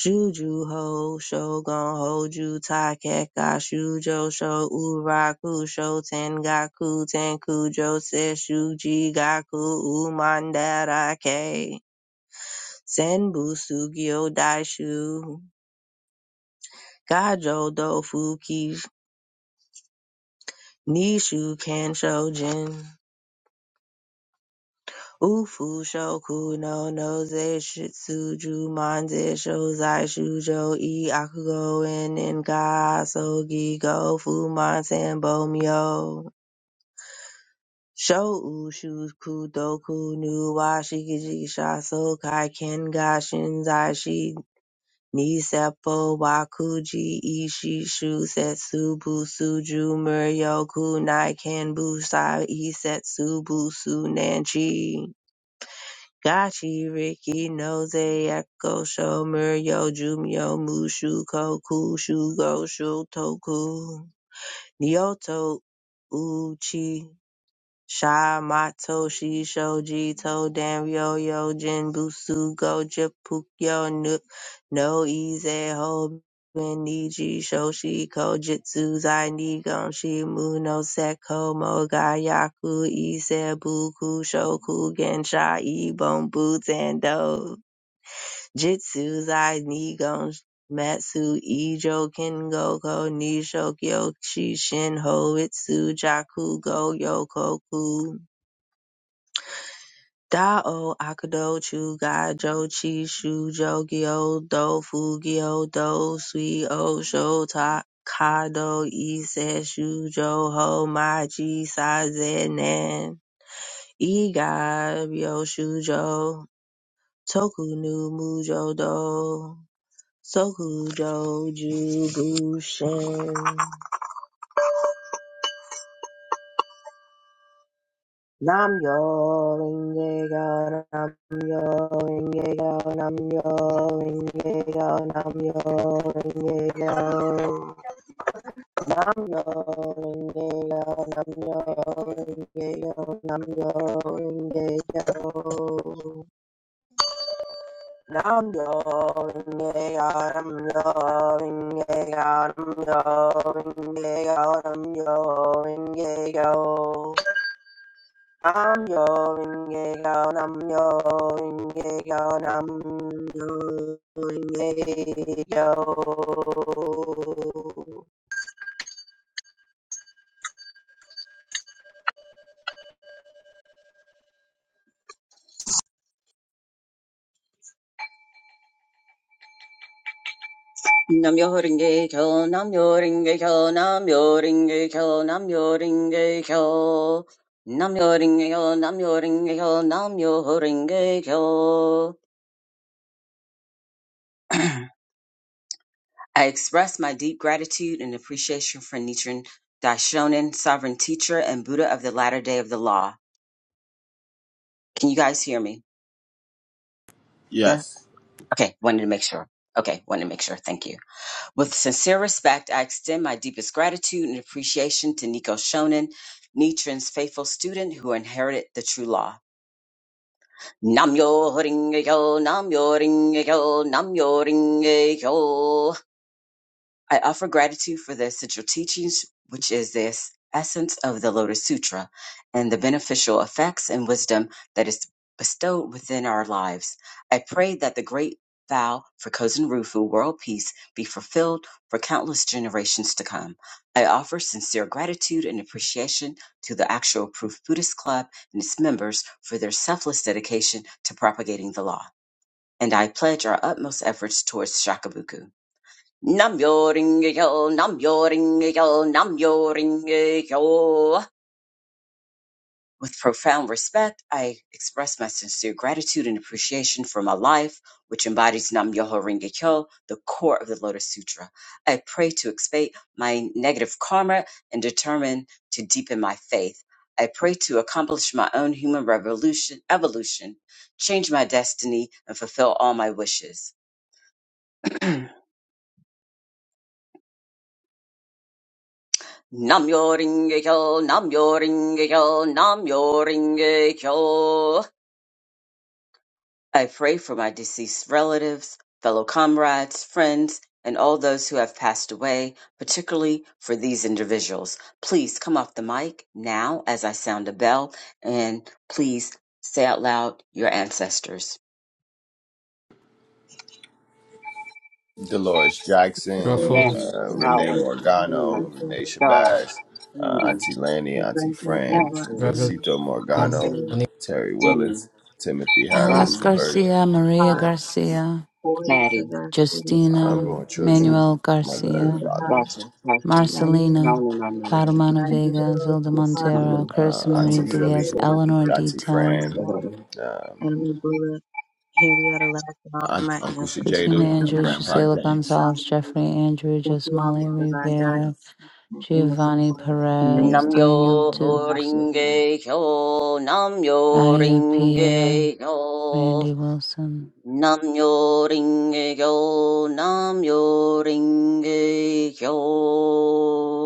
A: Shuju Ho Shogun Hoju Taikeka Shujo Sho Uraku Sho Tengaku Tenkujo Se Shuji Gaku Umandarake Senbusugyo Daishu Gajo dofu kish nishu kansho jin. Ufu shoku no noze shitsuju manze shozai shujo i akugo en en ga sogi go fuman sanbo myo. Sho ushu kudoku nu wa shikiji shaso kai ken ga shinzai shi Niseppo Wakuji Ishi Setsubu Suju Muryoku Naiken Busai Isetsu Busu Nanchi Gachi Riki Noze Eko Sho Muryo Jumyo Mushu Koku Shugo Shutoku Nyoto Uchi Sha Mato Shisho Jito Danryo Yo jin Busu go Pukyo Nu- No Ize Ho Ben Niji Shoshi Kojutsu Zai Nigon Shimu No Seko mo Mogayaku Ise Buku Shoku Gensha Ibon Butendo Jitsu Zai Nigon Matsu Ijo Kengoko Nisho Kyoshi Shin ho itsu Jaku Go Yokoku Dao Akado Chu Ga Jo Chi Shu Jo Gyo Do Fu Gyo Do Sui O Sho Ta Kado Ise Shu Jo Ho Ma Chi Sa Ze Nen I Ga Ryo Shu Jo Toku Nu Mu Jo Do Soku Jo Ju Bushen Nam yo inge ga nam yo inge ga nam yo inge ga nam yo inge ga nam yo inge ga nam yo inge ga nam yo inge ga nam yo inge ga nam yo inge ga nam yo inge ga nam yo inge ga Nam yo inge yo nam yo inge yo nam yo inge yo.
D: Nam yo ringe kyo, nam yo ringe kyo, nam yo ringe kyo, nam yo ringe kyo, nam yo ringe kyo, nam yo ringe kyo, nam yo ringe kyo. I express my deep gratitude and appreciation for Nichiren Daishonin, sovereign teacher and Buddha of the latter day of the law. Can you guys hear me?
A: That's
C: Yes.
D: Okay, wanted to make sure. Okay, wanted to make sure. Thank you. With sincere respect, I extend my deepest gratitude and appreciation to Nico Shonin, Nichiren's faithful student who inherited the true law. Nam yo ringe yo, nam yo ringe yo, nam yo ringe yo. I offer gratitude for the central teachings, which is the es- essence of the Lotus Sutra, and the beneficial effects and wisdom that is bestowed within our lives. I pray that the great vow for Kozen Rufu world peace be fulfilled for countless generations to come. I offer sincere gratitude and appreciation to the Actual Proof Buddhist Club and its members for their selfless dedication to propagating the law. And I pledge our utmost efforts towards Shakabuku. Nam-myoho-renge-kyo, Nam-myoho-renge-kyo, Nam-myoho-renge-kyo. With profound respect, I express my sincere gratitude and appreciation for my life, which embodies Nam-myoho-renge-kyo, the core of the Lotus Sutra. I pray to expiate my negative karma and determine to deepen my faith. I pray to accomplish my own human revolution, evolution, change my destiny, and fulfill all my wishes. Nam-myoho-renge-kyo, Nam-myoho-renge-kyo, Nam-myoho-renge-kyo. I pray for my deceased relatives, fellow comrades, friends, and all those who have passed away, particularly for these individuals. Please come off the mic now as I sound a bell, and please say out loud your ancestors.
C: Dolores
A: the
C: Jackson,
A: village,
E: Ruffle,
D: Nanny,
C: uh, Renee
D: Howard,
A: granted, and
C: Morgano,
D: Uma,
A: usual,
C: Renee
D: Giles,
C: Shabazz, uh,
D: Rudy,
C: Auntie Lanny,
A: the
C: Auntie
A: grandparents
C: Fran,
A: level at
D: Cassie,
E: Raghavan,
C: Josito
A: least, the
C: Morgano,
A: uncles,
E: Manikantha,
D: Josine,
C: Terry
D: Jimmy,
C: Willis, Timothy
F: Alice
A: aunts,
C: Harris,
D: Rodney,
C: Kirk
F: Garcia, Maria
A: Tupac,
C: Ness,
F: Garcia,
A: 40
D: Maddie,
A: Sylvester, Miss
C: uh,
A: Kid,
C: Unborn
F: Justina,
C: Children,
F: Manuel
C: Mother Earth,
F: Garcia,
A: Amanda
C: Father,
A: High,
D: Gotcha. Passion. No,
A: Naima,
F: Marcelina,
D: no, no, no, no.
F: Parmano
A: Matt
F: Vega,
A: Digital,
F: Zilda
D: Just
A: Tupac,
D: come
F: Montero,
A: Mr.
F: Carissa
C: uh,
A: President,
D: I'm
F: Marie
C: Auntie
D: going to
A: Sylvester,
F: Diaz,
C: Philly,
D: slow down.
A: Michael
F: Eleanor D.
C: Auntie
A: Jackson, Frank
C: Fran,
F: Town,
A: Black,
C: um,
A: Animal Bullet, Henrietta laughed at all of
C: Aunt,
A: my
C: Uncle
A: ancestors,
F: Katina
A: both
C: Sajada,
A: known
C: and
A: and
F: Andrews,
C: Grandpa
F: Gisela
A: unconscious, and
C: James.
A: all
F: Gonzalez,
A: of them.
F: Jeffrey Andrew,
A: Thank you all
F: Jasmali
A: for your divine
F: Rivera,
A: guidance and endless
F: Giovanni
A: support. I'm straight,
F: Perez,
A: I
F: Daniel
A: feel
D: Namyo
A: and I
F: Dukes,
A: feel it.
D: Horinge Kyo, Namyo
F: Nadia Pierre,
D: Ringe Kyo,
F: Randy Wilson.
D: Namyo Ringe Kyo, Namyo Ringe Kyo.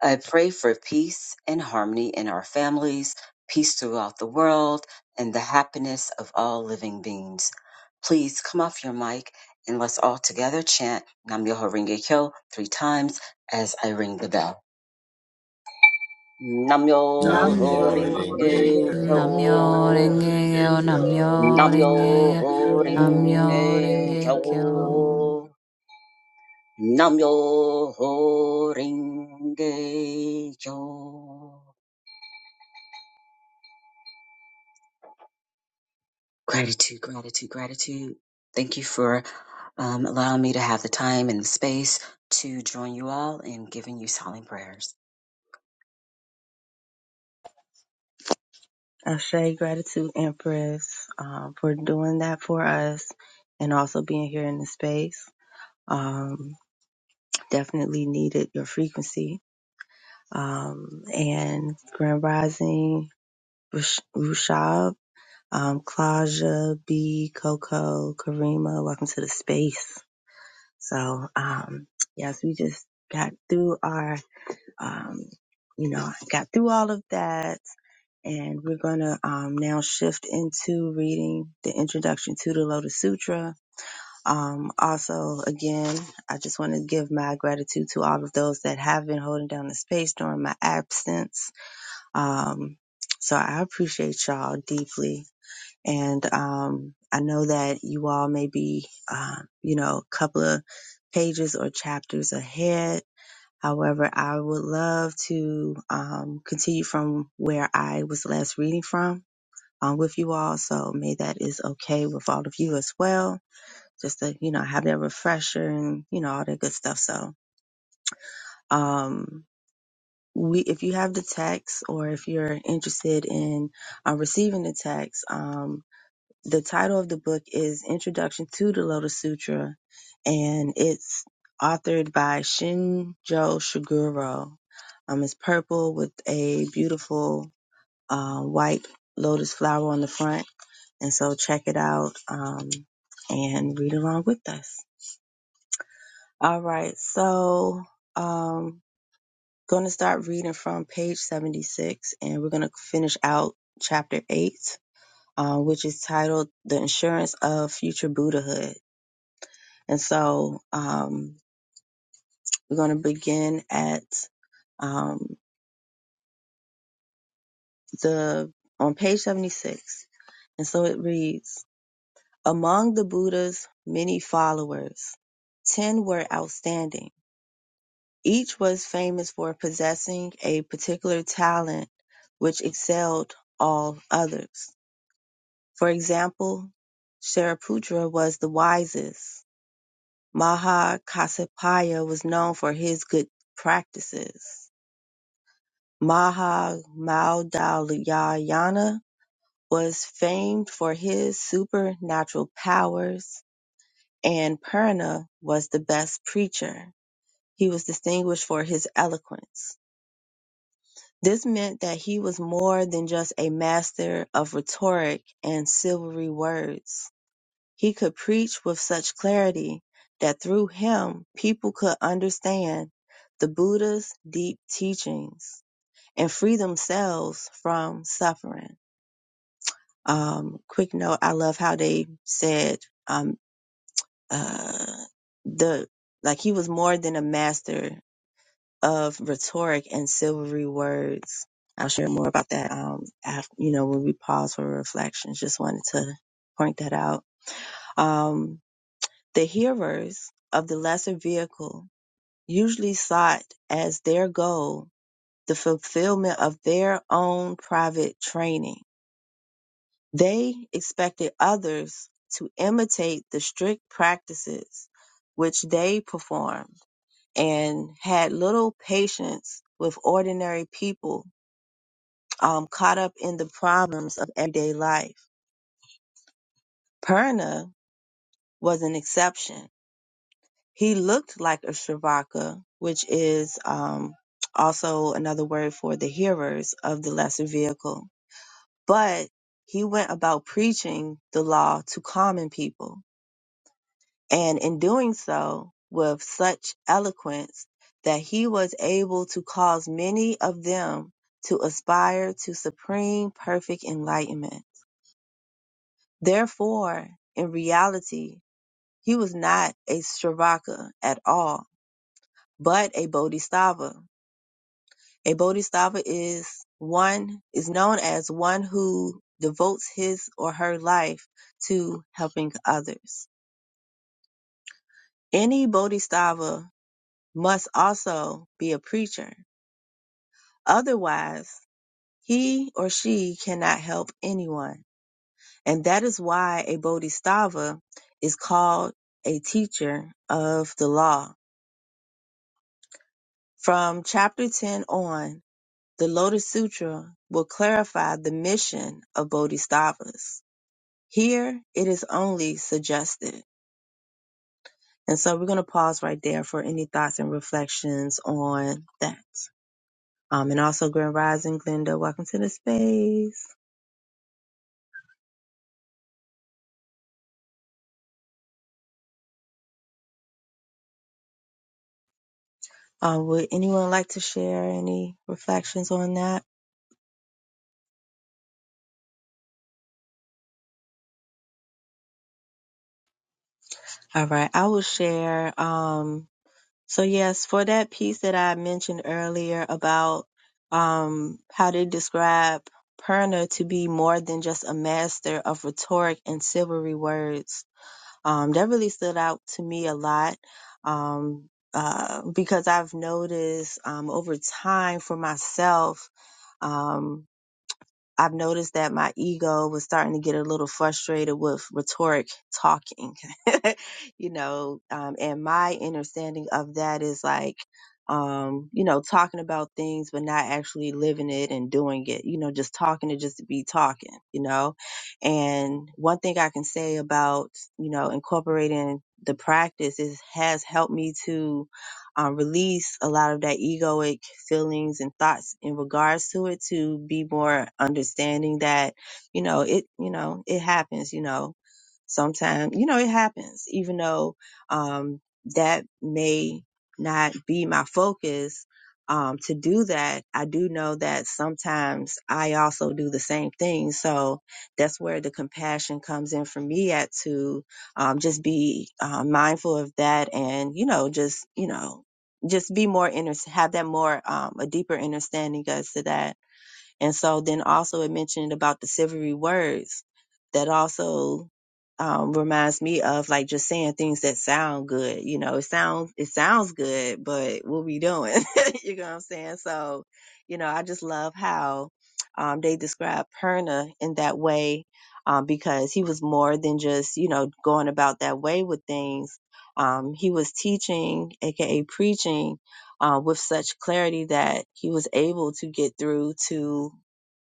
D: I pray for peace and harmony in our families, peace throughout the world, and the happiness of all living beings. Please come off your mic and let's all together chant Nam Myoho Renge Kyo three times as I ring the bell. Nam Myoho
C: Namyo Renge
D: Renge
C: Kyo,
F: Namyo
D: Kyo.
C: Namyo
F: renge
C: Renge
F: yo,
C: Kyo,
F: namyo
D: Nam
C: Namyo
F: renge yo,
C: Renge Kyo.
D: Myoho
F: namyo
D: Renge
F: renge yo.
D: Kyo. Nam Myoho Renge Kyo. Gratitude, gratitude, gratitude. Thank you for um, allowing me to have the time and the space to join you all in giving you silent prayers.
A: Ashe, gratitude, Empress, um, for doing that for us and also being here in the space. Um, definitely needed your frequency um, and Grand Rising, Rush- Rushab, um, Claudia, B, Coco, Karima. Welcome to the space. So, um, yes, we just got through our, um, you know, got through all of that. And we're going to um, now shift into reading the introduction to the Lotus Sutra. Um, also, again, I just want to give my gratitude to all of those that have been holding down the space during my absence um, so I appreciate y'all deeply. And um, I know that you all may be, um, you know, a couple of pages or chapters ahead. However, I would love to um, continue from where I was last reading from um, with you all. So may that is okay with all of you as well. Just to, you know, have that refresher and, you know, all that good stuff. So, um, we if you have the text or if you're interested in uh, receiving the text um, the title of the book is introduction to the lotus sutra and it's authored by shinjo shiguro um, it's purple with a beautiful uh, white lotus flower on the front and so check it out um, and read along with us all right so um, Going to start reading from page 76, and we're going to finish out chapter 8, uh, which is titled The Insurance of Future Buddhahood. And so um, we're going to begin at um, the on page 76. And so it reads, among the Buddha's many followers, 10 were outstanding. Each was famous for possessing a particular talent which excelled all others. For example, Shariputra was the wisest. Maha Kasyapaya was known for his good practices. Maha Madhyayana was famed for his supernatural powers, and Purna was the best preacher. He was distinguished for his eloquence. This meant that he was more than just a master of rhetoric and silvery words. He could preach with such clarity that through him people could understand the Buddha's deep teachings and free themselves from suffering. Um, quick note: I love how they said um, uh, the like he was more than a master of rhetoric and silvery words. I'll share more about that. Um, after, you know, when we pause for reflections, just wanted to point that out. Um, The hearers of the lesser vehicle usually sought as their goal the fulfillment of their own private training. They expected others to imitate the strict practices which they performed and had little patience with ordinary people um, caught up in the problems of everyday life. Purna was an exception. He looked like a Shravaka, which is um, also another word for the hearers of the lesser vehicle. But he went about preaching the law to common people, and in doing so with such eloquence that he was able to cause many of them to aspire to supreme perfect enlightenment. Therefore, in reality, he was not a Shravaka at all, but a Bodhisattva A bodhisattva is one is known as one who devotes his or her life to helping others. Any bodhisattva must also be a preacher. Otherwise, he or she cannot help anyone. And that is why a bodhisattva is called a teacher of the law. From chapter 10 on, the Lotus Sutra will clarify the mission of bodhisattvas. Here, it is only suggested. And so we're going to pause right there for any thoughts and reflections on that. Um, and also, Grand Rising, Glenda, welcome to the space. Uh, would anyone like to share any reflections on that? All right, I will share. Um, so, yes, for that piece that I mentioned earlier about um, how they describe Perna to be more than just a master of rhetoric and silvery words Um, that really stood out to me a lot. Um, uh, because I've noticed, um, over time for myself, um, I've noticed that my ego was starting to get a little frustrated with rhetoric talking, you know, um, and my understanding of that is like, um, you know, talking about things, but not actually living it and doing it, you know, just talking to just be talking, you know. And one thing I can say about, you know, incorporating the practice is has helped me to um, release a lot of that egoic feelings and thoughts in regards to it to be more understanding that, you know, it, you know, it happens, you know, sometimes, you know, it happens, even though, um, that may not be my focus. Um, to do that, I do know that sometimes I also do the same thing. So that's where the compassion comes in for me at to, um, just be uh, mindful of that and you know just you know just be more inter have that more um a deeper understanding as to that and so then also it mentioned about the silvery words that also um reminds me of like just saying things that sound good you know it sounds it sounds good but what we doing you know what i'm saying so you know i just love how um they describe perna in that way um because he was more than just you know going about that way with things um he was teaching aka preaching uh, with such clarity that he was able to get through to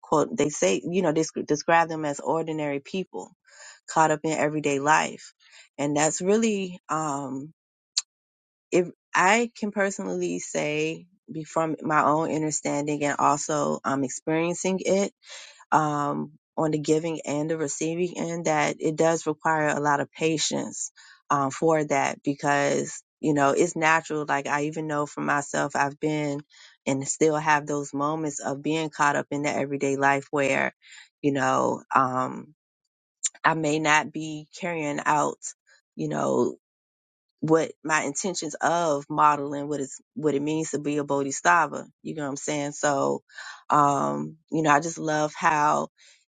A: quote they say you know they sc- describe them as ordinary people caught up in everyday life and that's really um if i can personally say be from my own understanding and also um experiencing it um, on the giving and the receiving end that it does require a lot of patience um, for that because you know it's natural like i even know for myself i've been and still have those moments of being caught up in the everyday life where you know um, i may not be carrying out you know what my intentions of modeling what is what it means to be a bodhisattva you know what i'm saying so um you know i just love how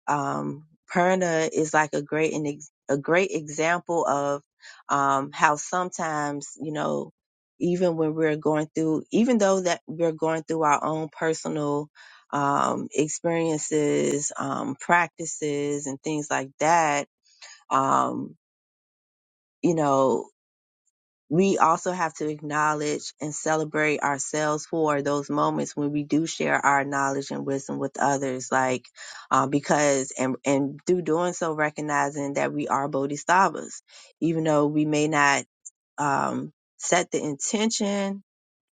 A: um, Perna is like a great an ex- a great example of um, how sometimes you know even when we're going through even though that we're going through our own personal um, experiences um, practices and things like that um, you know we also have to acknowledge and celebrate ourselves for those moments when we do share our knowledge and wisdom with others like uh, because and and through doing so recognizing that we are bodhisattvas even though we may not um set the intention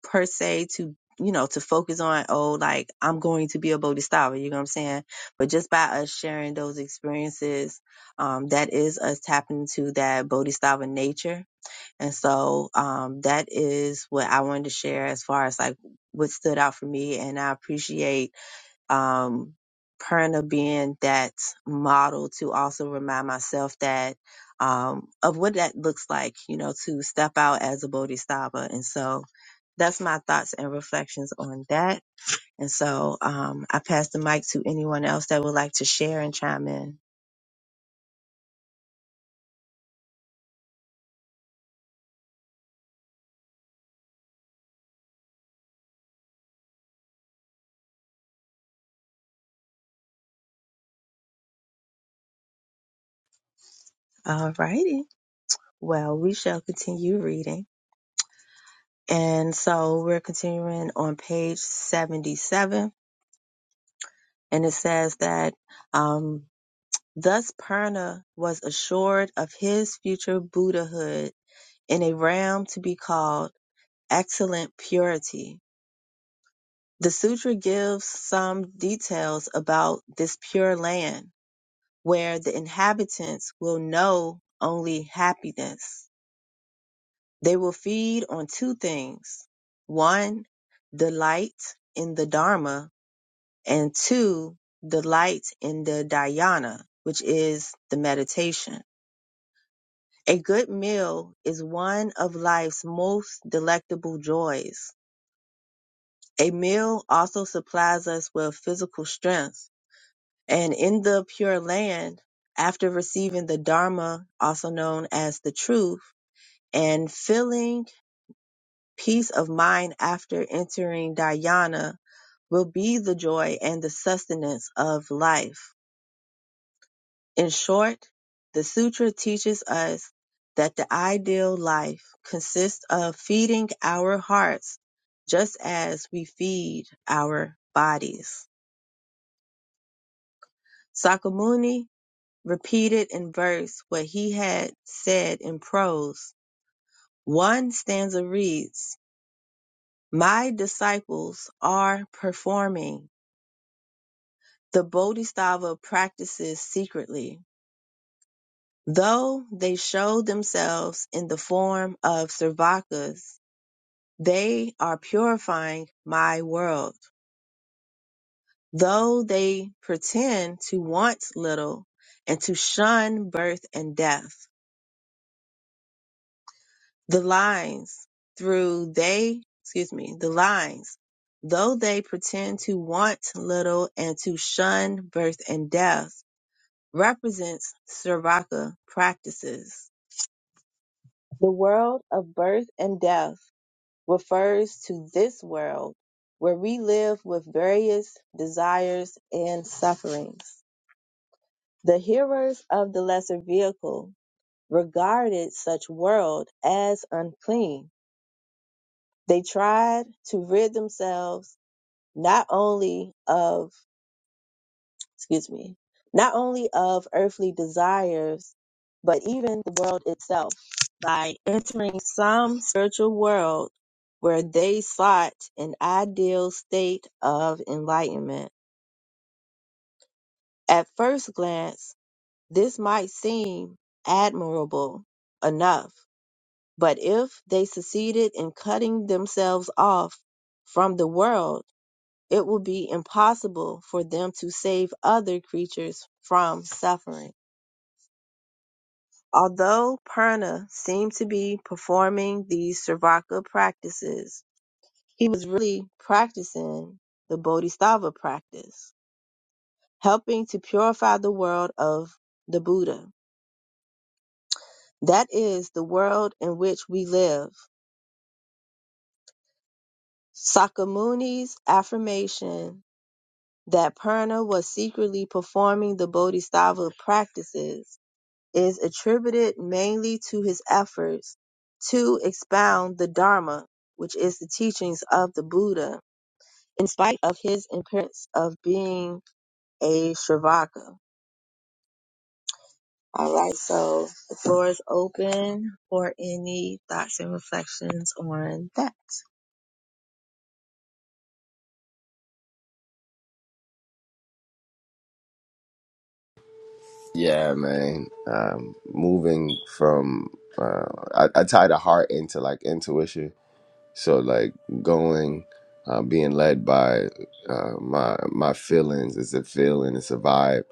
A: per se to you know to focus on oh like i'm going to be a bodhisattva you know what i'm saying but just by us sharing those experiences um that is us tapping into that bodhisattva nature and so um, that is what I wanted to share as far as like what stood out for me. And I appreciate um, Perna being that model to also remind myself that um, of what that looks like, you know, to step out as a Bodhisattva. And so that's my thoughts and reflections on that. And so um, I pass the mic to anyone else that would like to share and chime in. All righty. Well, we shall continue reading. And so we're continuing on page 77, and it says that um, thus Purna was assured of his future Buddhahood in a realm to be called excellent purity. The sutra gives some details about this pure land where the inhabitants will know only happiness. They will feed on two things. One, delight in the Dharma and two, the light in the dhyana, which is the meditation. A good meal is one of life's most delectable joys. A meal also supplies us with physical strength. And in the Pure Land, after receiving the Dharma, also known as the truth, and feeling peace of mind after entering dhyana will be the joy and the sustenance of life In short, the sutra teaches us that the ideal life consists of feeding our hearts just as we feed our bodies. Sakamuni repeated in verse what he had said in prose. One stanza reads, My disciples are performing the Bodhisattva practices secretly, though they show themselves in the form of Servakas They are purifying my world. Though they pretend to want little and to shun birth and death, the lines through they, excuse me, the lines, though they pretend to want little and to shun birth and death, represents Saraka practices. The world of birth and death refers to this world where we live with various desires and sufferings. The hearers of the lesser vehicle regarded such world as unclean. They tried to rid themselves not only of excuse me, not only of earthly desires, but even the world itself by entering some spiritual world where they sought an ideal state of enlightenment. At first glance, this might seem admirable enough, but if they succeeded in cutting themselves off from the world, it would be impossible for them to save other creatures from suffering. Although Purna seemed to be performing these Sravaka practices, he was really practicing the Bodhisattva practice, helping to purify the world of the Buddha. That is the world in which we live. Sakamuni's affirmation that Purna was secretly performing the Bodhisattva practices is attributed mainly to his efforts to expound the Dharma, which is the teachings of the Buddha, in spite of his appearance of being a Sravaka. All right, so the floor is open for any thoughts and reflections on that.
C: Yeah, man. Um, moving from, uh, I, I tie the heart into like intuition. So like going, uh, being led by uh, my my feelings. It's a feeling. It's a vibe.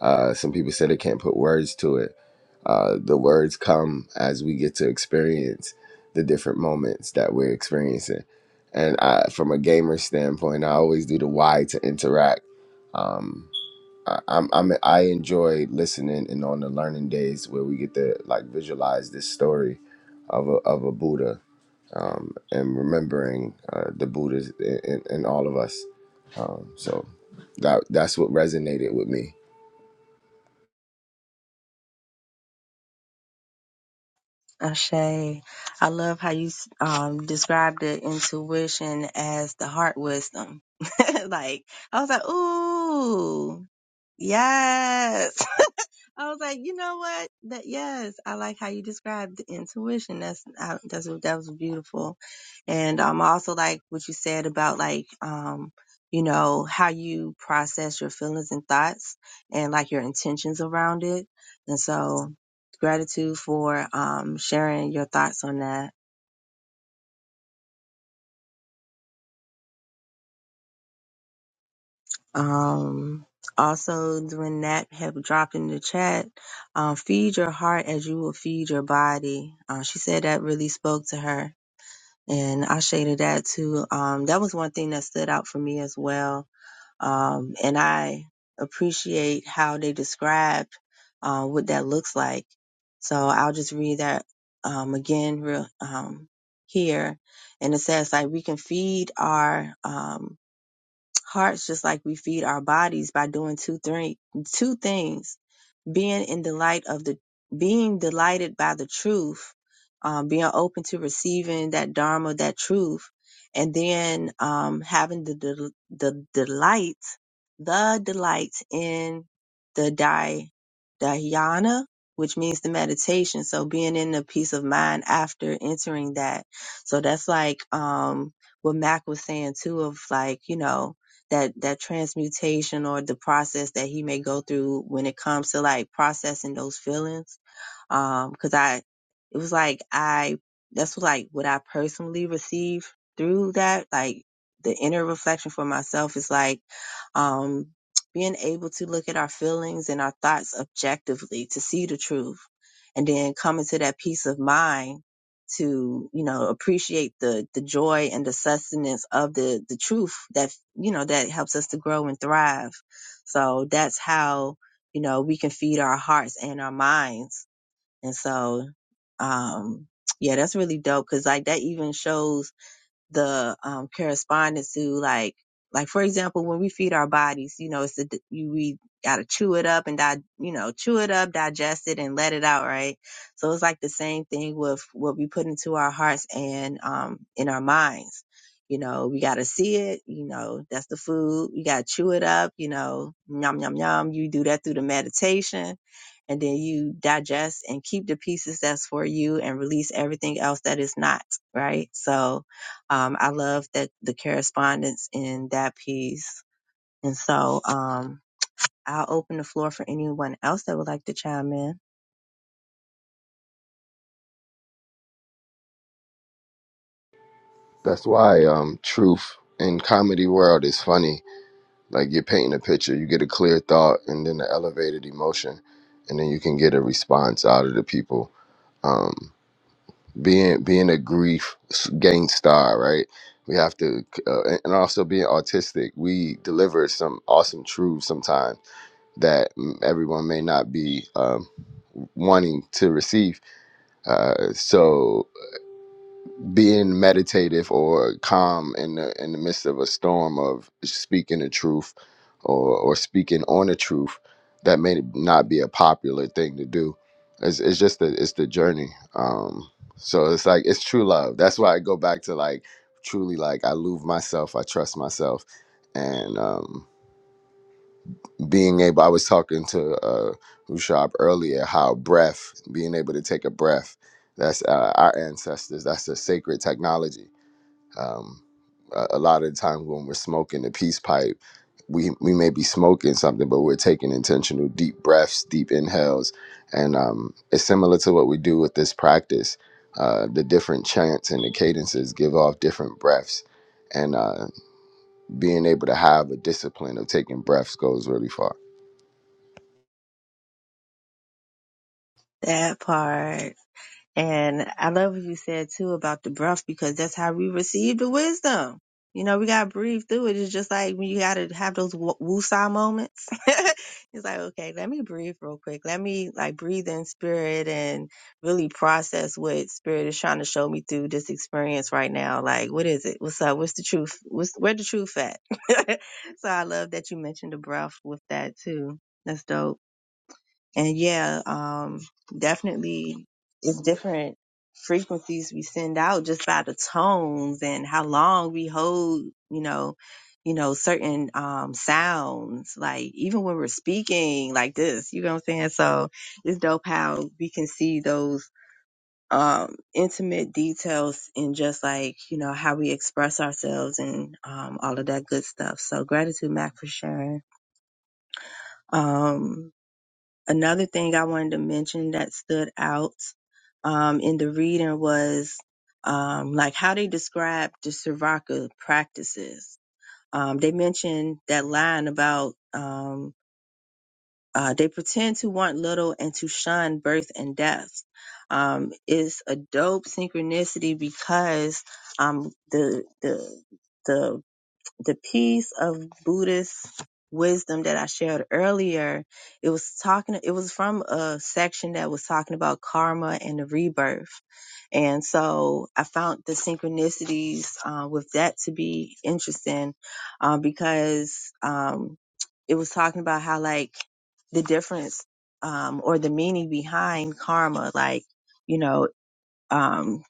C: Uh, some people say they can't put words to it. Uh, the words come as we get to experience the different moments that we're experiencing. And I, from a gamer standpoint, I always do the why to interact. Um, I, I'm, I'm I enjoy listening and on the learning days where we get to like visualize this story of a of a Buddha um, and remembering uh, the Buddhas in, in, in all of us. Um, so that that's what resonated with me.
A: Ashe, I love how you um, described the intuition as the heart wisdom. like, I was like, ooh, yes. I was like, you know what? That yes, I like how you described the intuition. That's I, that's that was beautiful, and um, I also like what you said about like um, you know, how you process your feelings and thoughts, and like your intentions around it. And so, gratitude for um sharing your thoughts on that. Um, also, doing that have dropped in the chat. Um, feed your heart as you will feed your body. Uh, she said that really spoke to her and I shaded that too. Um, that was one thing that stood out for me as well. Um, and I appreciate how they describe uh, what that looks like. So I'll just read that um, again real, um, here. And it says, like, we can feed our um, hearts just like we feed our bodies by doing two, three, two things being in the light of the being delighted by the truth, um, being open to receiving that dharma, that truth, and then um, having the, del- the delight, the delight in the di- dhyana, which means the meditation. So being in the peace of mind after entering that. So that's like um, what Mac was saying too, of like you know that that transmutation or the process that he may go through when it comes to like processing those feelings um because i it was like i that's like what i personally received through that like the inner reflection for myself is like um being able to look at our feelings and our thoughts objectively to see the truth and then coming to that peace of mind to you know appreciate the the joy and the sustenance of the the truth that you know that helps us to grow and thrive so that's how you know we can feed our hearts and our minds and so um yeah that's really dope because like that even shows the um, correspondence to like like for example when we feed our bodies you know it's the you we gotta chew it up and di- you know chew it up digest it and let it out right so it's like the same thing with what we put into our hearts and um in our minds you know we gotta see it you know that's the food you gotta chew it up you know yum yum yum you do that through the meditation and then you digest and keep the pieces that's for you and release everything else that is not right so um, I love that the correspondence in that piece. And so, um, I'll open the floor for anyone else that would like to chime in.
C: That's why um, truth in comedy world is funny. Like you're painting a picture, you get a clear thought, and then an elevated emotion, and then you can get a response out of the people. Um, being being a grief s- gang star, right? We have to, uh, and and also being autistic, we deliver some awesome truths sometimes that mm, everyone may not be um, wanting to receive. Uh, so being meditative or calm in the in the midst of a storm of speaking the truth or or speaking on the truth that may not be a popular thing to do it's, it's just the it's the journey um so it's like it's true love that's why i go back to like truly like i love myself i trust myself and um being able i was talking to uh Rushab earlier how breath being able to take a breath that's uh, our ancestors that's a sacred technology um, a, a lot of the time when we're smoking the peace pipe, we we may be smoking something, but we're taking intentional deep breaths, deep inhales, and um, it's similar to what we do with this practice. Uh, the different chants and the cadences give off different breaths, and uh, being able to have a discipline of taking breaths goes really far.
A: That part. And I love what you said too about the breath because that's how we receive the wisdom. You know, we got to breathe through it. It's just like when you got to have those wo- woosah moments. it's like, okay, let me breathe real quick. Let me like breathe in spirit and really process what spirit is trying to show me through this experience right now. Like, what is it? What's up? What's the truth? What's where the truth at? so I love that you mentioned the breath with that too. That's dope. And yeah, um, definitely it's different frequencies we send out just by the tones and how long we hold, you know, you know, certain um sounds, like even when we're speaking like this, you know what I'm saying? So it's dope how we can see those um intimate details in just like, you know, how we express ourselves and um all of that good stuff. So gratitude Mac for sharing. Um another thing I wanted to mention that stood out um, in the reading was um, like how they describe the Srivaka practices. Um, they mentioned that line about um, uh, they pretend to want little and to shun birth and death. Um, is a dope synchronicity because um, the the the the piece of Buddhist wisdom that I shared earlier, it was talking, it was from a section that was talking about karma and the rebirth. And so I found the synchronicities uh, with that to be interesting uh, because um, it was talking about how, like, the difference um, or the meaning behind karma, like, you know, um,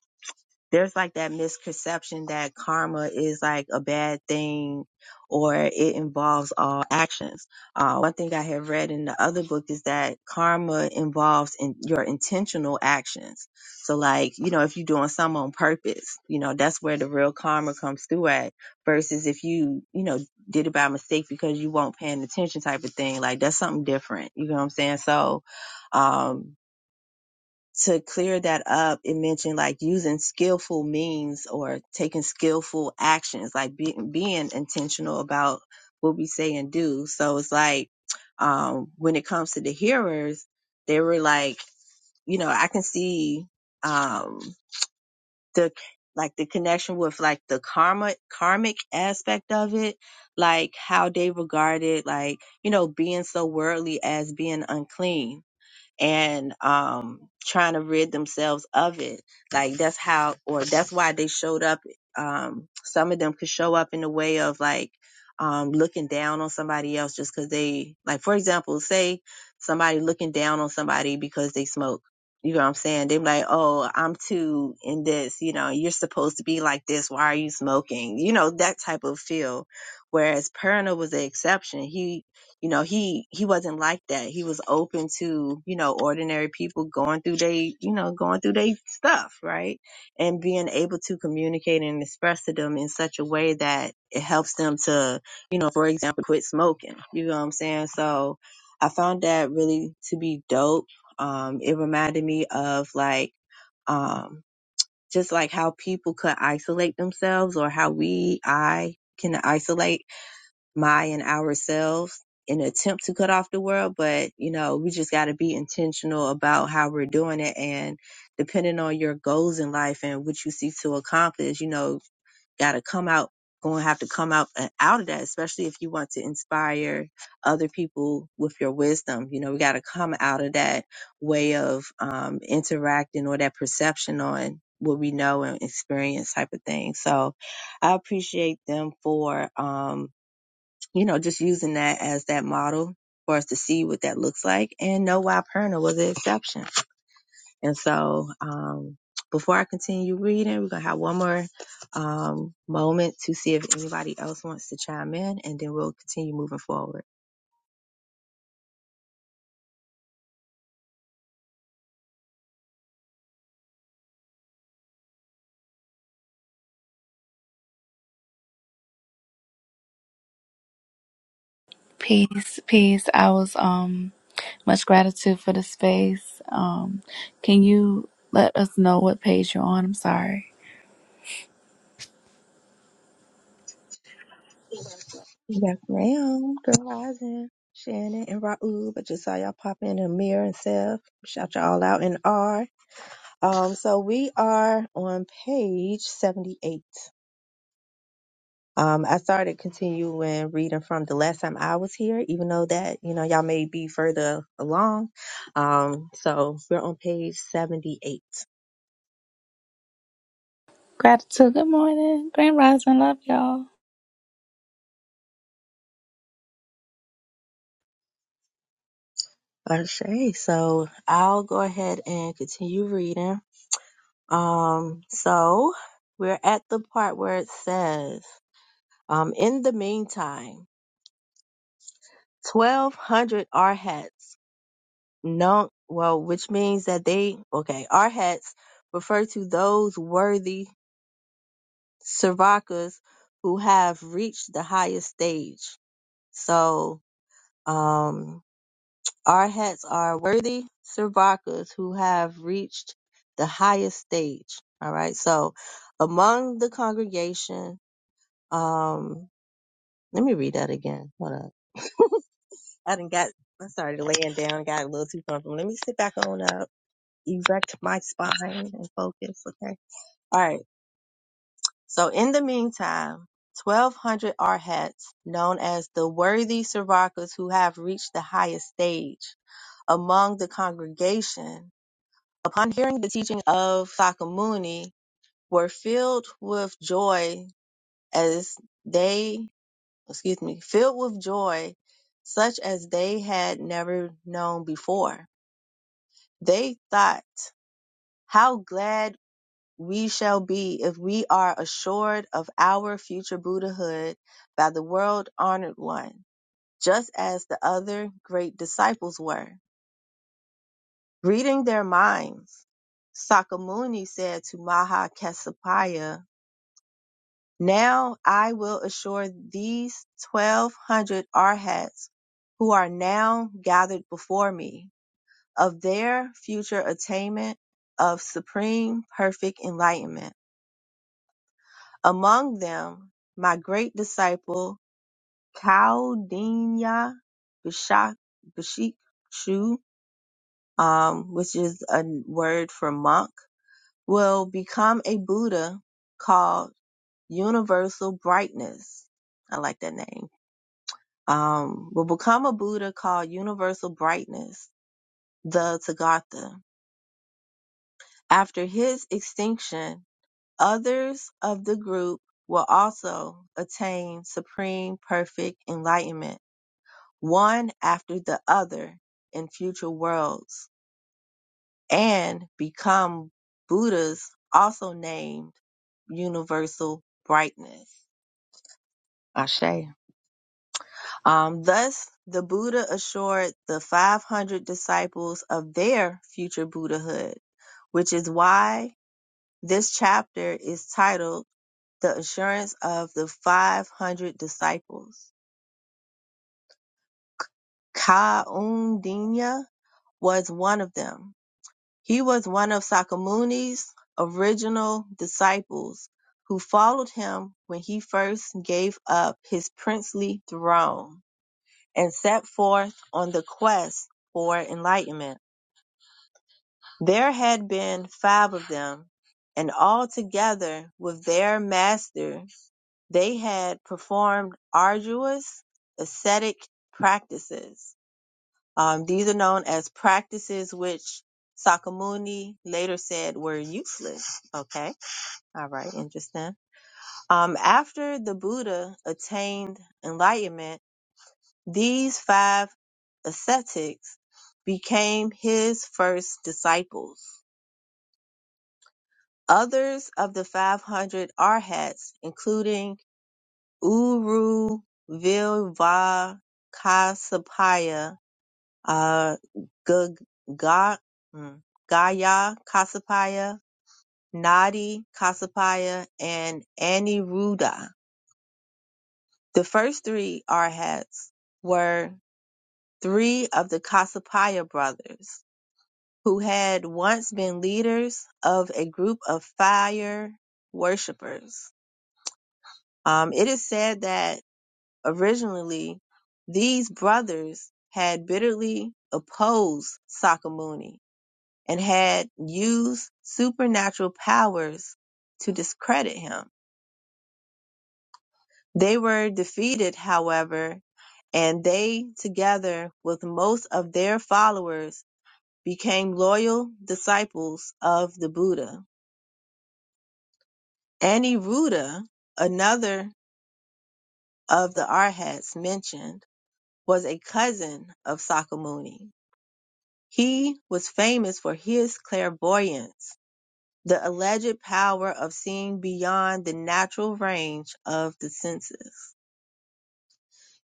A: there's like that misconception that karma is like a bad thing or it involves all actions. Uh, one thing I have read in the other book is that karma involves in your intentional actions. So like, you know, if you're doing some on purpose, you know, that's where the real karma comes through at versus if you, you know, did it by mistake because you weren't paying attention type of thing. Like that's something different. You know what I'm saying? So, um, to clear that up, it mentioned like using skillful means or taking skillful actions, like be, being intentional about what we say and do. So it's like um, when it comes to the hearers, they were like, you know, I can see um, the like the connection with like the karma karmic aspect of it, like how they regarded like you know being so worldly as being unclean and um trying to rid themselves of it like that's how or that's why they showed up um some of them could show up in the way of like um looking down on somebody else just because they like for example say somebody looking down on somebody because they smoke you know what i'm saying they're like oh i'm too in this you know you're supposed to be like this why are you smoking you know that type of feel whereas perna was an exception he you know he he wasn't like that he was open to you know ordinary people going through they you know going through they stuff right and being able to communicate and express to them in such a way that it helps them to you know for example quit smoking you know what i'm saying so i found that really to be dope um it reminded me of like um just like how people could isolate themselves or how we i can isolate my and ourselves in an attempt to cut off the world, but you know, we just got to be intentional about how we're doing it and depending on your goals in life and what you seek to accomplish, you know, got to come out going to have to come out uh, out of that, especially if you want to inspire other people with your wisdom. You know, we got to come out of that way of um, interacting or that perception on what we know and experience type of thing. So I appreciate them for, um, you know, just using that as that model for us to see what that looks like. And no Perna was an exception. And so, um, before I continue reading, we're going to have one more um, moment to see if anybody else wants to chime in, and then we'll continue moving forward.
G: Peace, peace. I was um much gratitude for the space. Um can you let us know what page you're on? I'm sorry.
A: Yes, ma'am. Good rising. Shannon and Raul, I just saw y'all pop in Amir and Seth. Shout y'all out in R. Um, so we are on page 78. Um, I started continuing reading from the last time I was here, even though that, you know, y'all may be further along. Um, so we're on page 78.
G: Gratitude, good morning. Grand rising, love y'all.
A: Okay, so I'll go ahead and continue reading. Um, so we're at the part where it says, um, in the meantime, 1200 Arhats, no, well, which means that they, okay, Arhats refer to those worthy Siracas who have reached the highest stage. So um, our hats are worthy Siracas who have reached the highest stage. All right. So among the congregation, um, let me read that again. Hold up. I done got, I started laying down, got a little too comfortable. Let me sit back on up, erect my spine and focus. Okay. All right. So in the meantime, 1200 Arhats, known as the worthy Sarvakas who have reached the highest stage among the congregation, upon hearing the teaching of Sakamuni, were filled with joy as they, excuse me, filled with joy such as they had never known before. They thought, how glad we shall be if we are assured of our future Buddhahood by the world honored one, just as the other great disciples were. Reading their minds, Sakamuni said to Maha Kassapa, Now I will assure these 1200 arhats who are now gathered before me of their future attainment of supreme perfect enlightenment. Among them, my great disciple Kaldinya Bishak Bhikshu, um, which is a word for monk, will become a Buddha called Universal Brightness. I like that name. Um, will become a Buddha called Universal Brightness, the Tathagata. After his extinction, others of the group will also attain supreme perfect enlightenment one after the other in future worlds and become Buddhas also named universal brightness. Ashe. Um, thus, the Buddha assured the 500 disciples of their future Buddhahood, which is why this chapter is titled The Assurance of the 500 Disciples. Kaundinya was one of them He was one of Sakamuni's original disciples, who followed him when he first gave up his princely throne and set forth on the quest for enlightenment. There had been five of them, and all together with their master, they had performed arduous ascetic practices. Um, these are known as practices which Sakamuni later said were useless. Okay. All right. Interesting. Um, after the Buddha attained enlightenment, these five ascetics became his first disciples. Others of the 500 arhats, including Uru Vilvakasapaya uh, G- Ga- mm, Gaya Kasapaya, Nadi Kasapaya, and Aniruddha. The first three Arhats were three of the Kasapaya brothers who had once been leaders of a group of fire worshippers. Um, it is said that originally these brothers had bitterly opposed Sakamuni and had used supernatural powers to discredit him. They were defeated, however, and they, together with most of their followers, became loyal disciples of the Buddha. Aniruddha, another of the Arhats mentioned, was a cousin of Sakamuni. He was famous for his clairvoyance the alleged power of seeing beyond the natural range of the senses.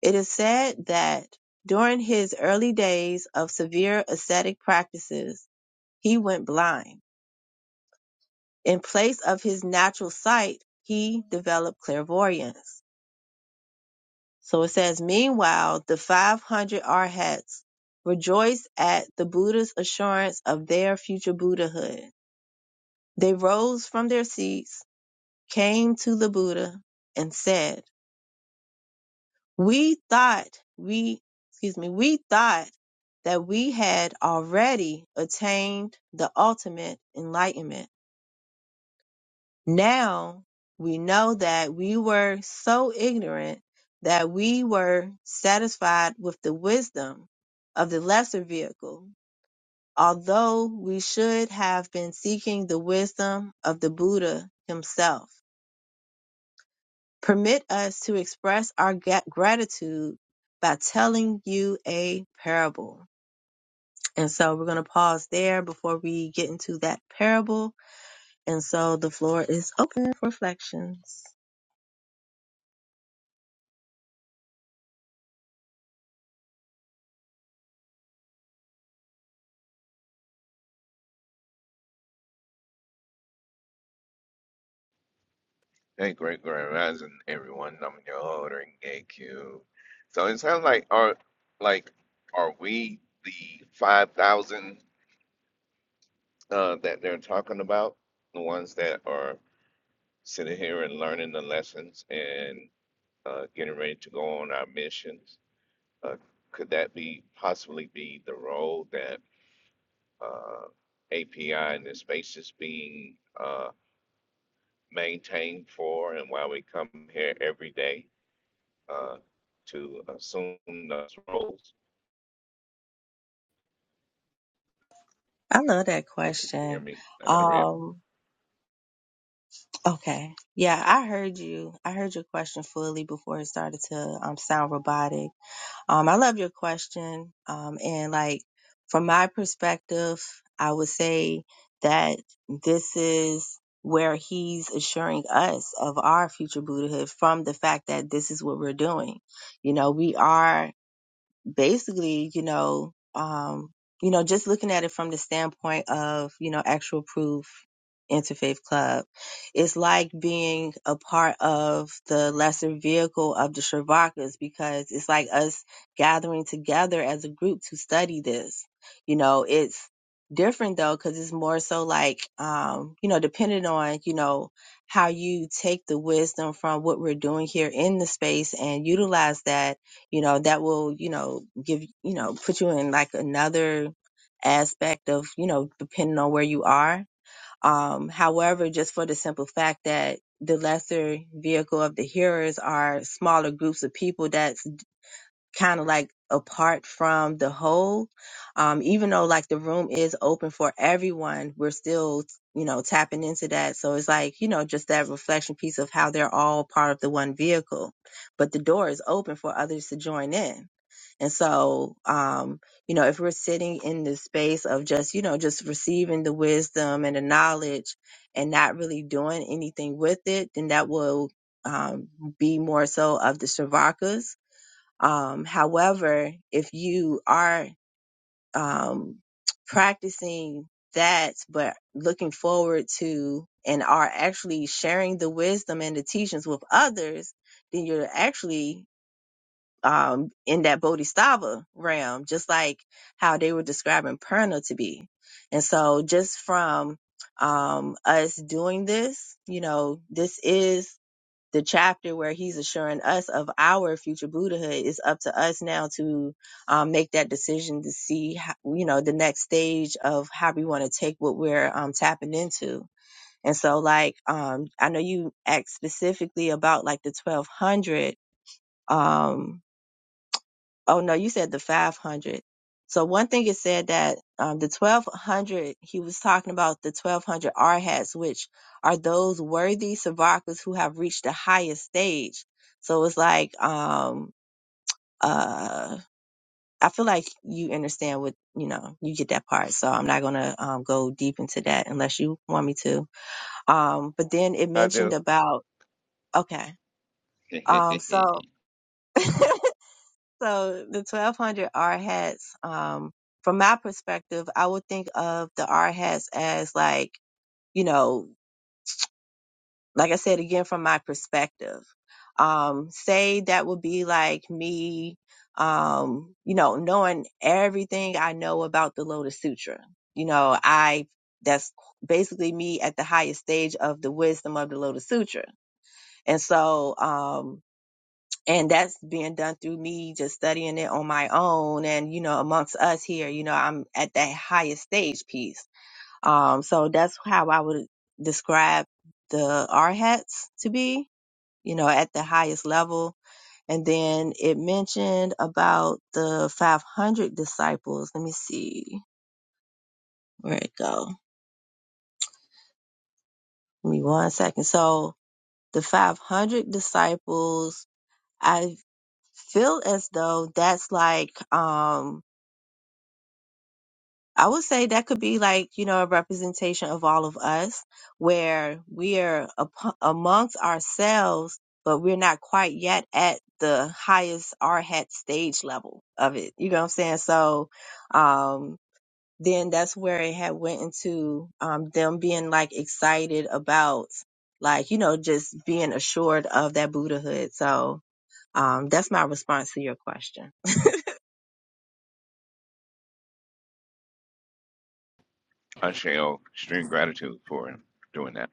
A: It is said that during his early days of severe ascetic practices, he went blind. In place of his natural sight, he developed clairvoyance. So it says, meanwhile, the 500 arhats rejoiced at the Buddha's assurance of their future Buddhahood. They rose from their seats, came to the Buddha, and said, We thought we, excuse me, we thought that we had already attained the ultimate enlightenment. Now we know that we were so ignorant that we were satisfied with the wisdom of the lesser vehicle, although we should have been seeking the wisdom of the Buddha himself. Permit us to express our ga- gratitude by telling you a parable. And so we're going to pause there before we get into that parable. And so the floor is open for reflections.
H: Hey, great grand rising, everyone. I'm your ordering AQ. So it sounds like are like are we the five thousand uh, that they're talking about? The ones that are sitting here and learning the lessons and uh, getting ready to go on our missions. Uh, could that be possibly be the role that uh, API and the space is being uh, maintained for, and why we come here every day? uh, to assume those roles.
A: I love that
H: If you can hear
A: question.
H: me, I got a red.
A: Um, okay. Yeah, I heard you. I heard your question fully before it started to um, sound robotic. Um, I love your question. Um, and like from my perspective, I would say that this is where he's assuring us of our future Buddhahood from the fact that this is what we're doing. You know, we are basically, you know, um, you know, just looking at it from the standpoint of, you know, actual proof interfaith club, it's like being a part of the lesser vehicle of the Shervakas because it's like us gathering together as a group to study this. You know, it's different though because it's more so like, um, you know, depending on, you know, how you take the wisdom from what we're doing here in the space and utilize that you know that will you know give you know put you in like another aspect of you know depending on where you are um however just for the simple fact that the lesser vehicle of the hearers are smaller groups of people that's kind of like apart from the whole um even though like the room is open for everyone we're still you know tapping into that so it's like you know just that reflection piece of how they're all part of the one vehicle but the door is open for others to join in and so, um, you know, if we're sitting in this space of just, you know, just receiving the wisdom and the knowledge and not really doing anything with it, then that will um, be more so of the Shravakas. Um, however, if you are um, practicing that, but looking forward to and are actually sharing the wisdom and the teachings with others, then you're actually um, in that Bodhisattva realm, just like how they were describing Purna to be. And so just from, um, us doing this, you know, this is the chapter where he's assuring us of our future Buddhahood. It's up to us now to, um, make that decision to see, how, you know, the next stage of how we want to take what we're, um, tapping into. And so like, um, I know you asked specifically about like the 1200, Oh no, you said the 500. So one thing it said that um, the 1200, he was talking about the 1200 arhats, which are those worthy Savakas who have reached the highest stage. So it's like, um, uh, I feel like you understand what, you know, you get that part. So I'm not going to um, go deep into that unless you want me to. Um, but then it
H: I
A: mentioned
H: do.
A: about, okay. Um, so So the 1200 R hats, um, from my perspective, I would think of the R hats as like, you know, like I said again, from my perspective, um, say that would be like me, um, you know, knowing everything I know about the Lotus Sutra. You know, I, that's basically me at the highest stage of the wisdom of the Lotus Sutra. And so, um, and that's being done through me just studying it on my own and you know amongst us here you know i'm at that highest stage piece um so that's how i would describe the r hats to be you know at the highest level and then it mentioned about the 500 disciples let me see where it go give me one second so the 500 disciples i feel as though that's like um I would say that could be like, you know, a representation of all of us where we are ap- amongst ourselves, but we're not quite yet at the highest R hat stage level of it. You know what I'm saying? So, um, then that's where it had went into, um, them being like excited about like, you know, just being assured of that Buddhahood. So, um, that's my response to your question.
H: I shall extreme gratitude for doing that.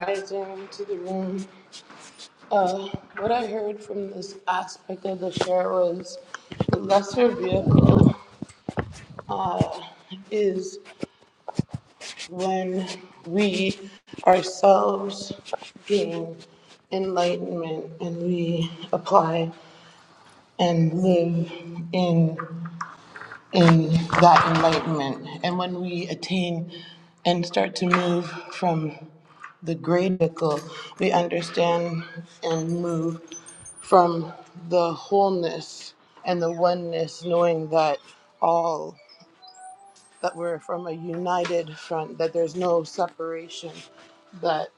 I: guys down to the room. Uh, what I heard from this aspect of the share was the lesser vehicle is when we ourselves gain enlightenment and we apply and live in in that enlightenment. And when we attain and start to move from the gradical, we understand and move from the wholeness and the oneness, knowing that all that we're from a united front, that there's no separation, that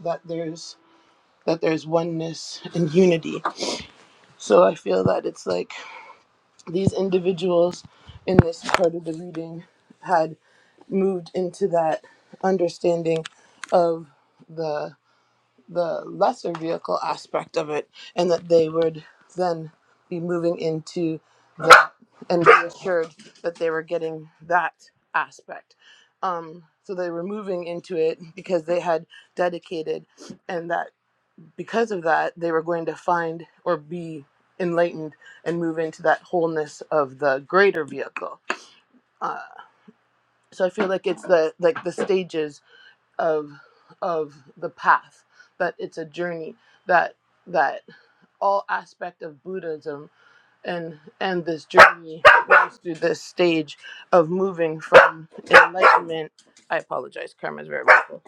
I: that there's that there's oneness and unity. So I feel that it's like these individuals in this part of the reading had moved into that understanding of the the lesser vehicle aspect of it and that they would then be moving into that and be assured that they were getting that aspect um, so they were moving into it because they had dedicated and that because of that, they were going to find or be enlightened and move into that wholeness of the greater vehicle. Uh, so I feel like it's the like the stages of of the path that it's a journey that that all aspect of Buddhism and and this journey runs through this stage of moving from enlightenment i apologize karma's very mindful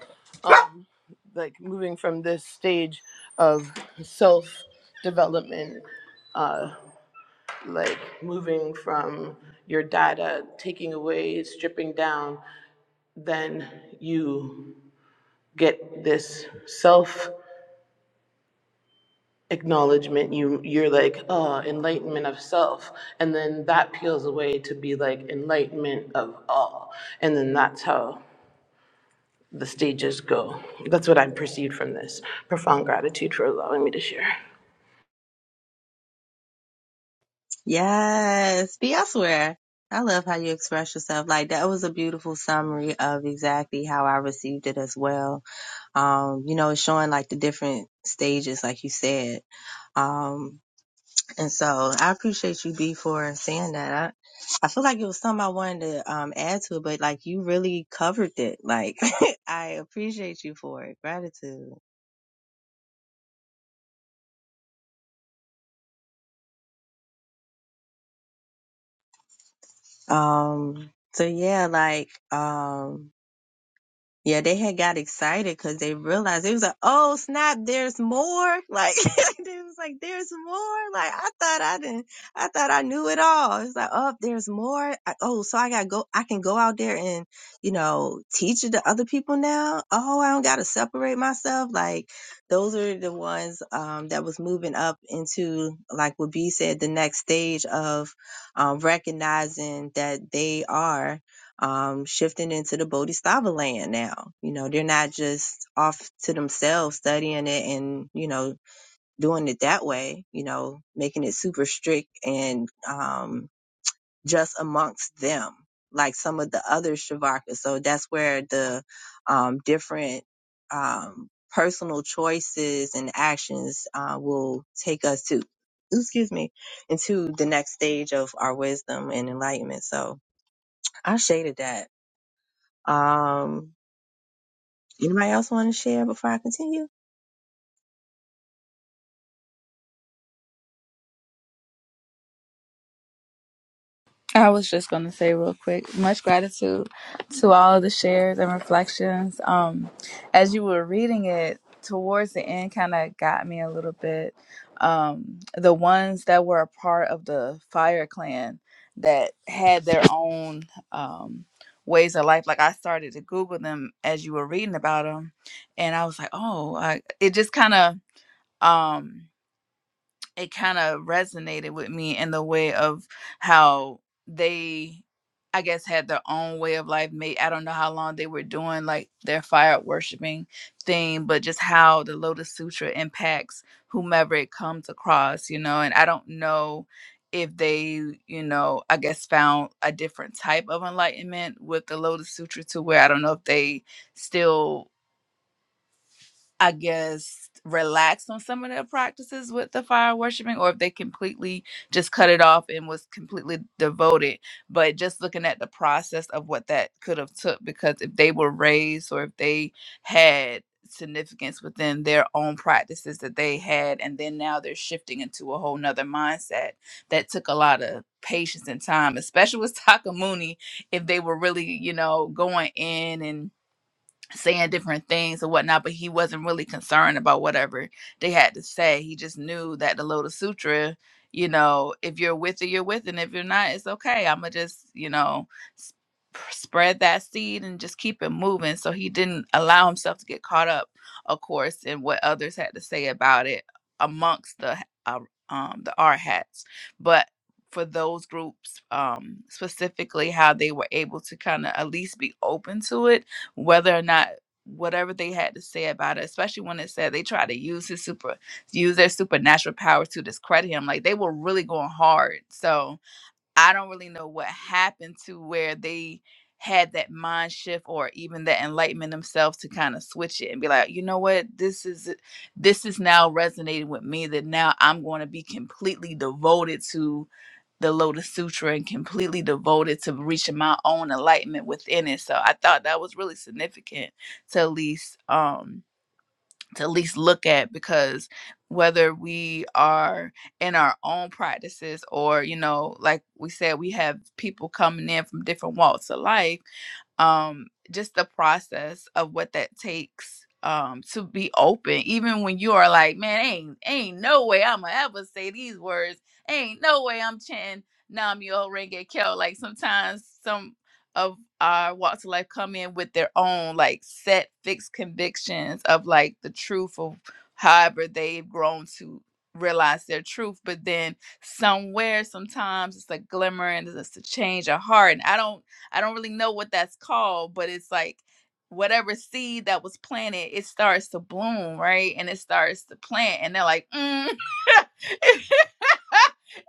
I: um like moving from this stage of self development uh like moving from your data taking away stripping down then you get this self. acknowledgement you you're like uh enlightenment of self and then that peels away to be like enlightenment of all and then that's how the stages go that's what i'm perceived from this profound gratitude for allowing me to share
A: Yes, be elsewhere. I love how you express yourself. Like that was a beautiful summary of exactly how I received it as well. Um, you know, it's showing like the different stages, like you said. Um, and so I appreciate you, B, for saying that. I, I feel like it was something I wanted to um, add to it, but like you really covered it. Like I appreciate you for it. Gratitude. Um, so yeah, like, um, Yeah, they had got excited because they realized it was like, oh snap, there's more. Like they was like, there's more. Like I thought I didn't, I thought I knew it all. It's like, oh, there's more. I, oh, so I gotta go. I can go out there and you know teach it to other people now. Oh, I don't gotta separate myself. Like those are the ones um, that was moving up into like what B said, the next stage of um, recognizing that they are um, shifting into the Bodhisattva land now. You know, they're not just off to themselves studying it and, you know, doing it that way, you know, making it super strict and um, just amongst them, like some of the other Shavakas. So that's where the um, different um, personal choices and actions uh, will take us to. Excuse me, into the next stage of our wisdom and enlightenment. So I shaded that. Um, anybody else want to share before I continue?
G: I was just going to say real quick, much gratitude to all of the shares and reflections. Um, as you were reading it, towards the end kind of got me a little bit. Um, the ones that were a part of the fire clan that had their own um, ways of life, like I started to Google them as you were reading about them, and I was like, oh, I, it just kind of. Um, it kind of resonated with me in the way of how they i guess had their own way of life may i don't know how long they were doing like their fire worshiping thing but just how the lotus sutra impacts whomever it comes across you know and i don't know if they you know i guess found a different type of enlightenment with the lotus sutra to where i don't know if they still I guess, relaxed on some of their practices with the fire worshiping, or if they completely just cut it off and was completely devoted. But just looking at the process of what that could have took, because if they were raised or if they had significance within their own practices that they had and then now they're shifting into a whole nother mindset that took a lot of patience and time especially with takamuni if they were really you know going in and saying different things and whatnot, but he wasn't really concerned about whatever they had to say. He just knew that the Lotus Sutra, you know, if you're with it, you're with, it, and if you're not, it's okay. I'm gonna just, you know, s- spread that seed and just keep it moving. So he didn't allow himself to get caught up, of course, in what others had to say about it amongst the uh, um the R hats, but for those groups um specifically how they were able to kind of at least be open to it whether or not whatever they had to say about it, especially when it said they tried to use his super use their supernatural powers to discredit him. Like they were really going hard. So I don't really know what happened to where they had that mind shift or even that enlightenment themselves to kind of switch it and be like, you know what, this is this is now resonating with me that now I'm going to be completely devoted to the Lotus Sutra and completely devoted to reaching my own enlightenment within it. So I thought that was really significant to at least um to at least look at because whether we are in our own practices or you know like we said we have people coming in from different walks of life um just the process of what that takes um to be open even when you are like man ain't ain't no way i'ma ever say these words ain't no way i'm chanting nam yo renge kyo like sometimes some of our walks of life come in with their own like set fixed convictions of like the truth of however they've grown to realize their truth but then somewhere sometimes it's a glimmer and it's a change of heart and i don't i don't really know what that's called but it's like whatever seed that was planted it starts to bloom right and it starts to plant and they're like mm.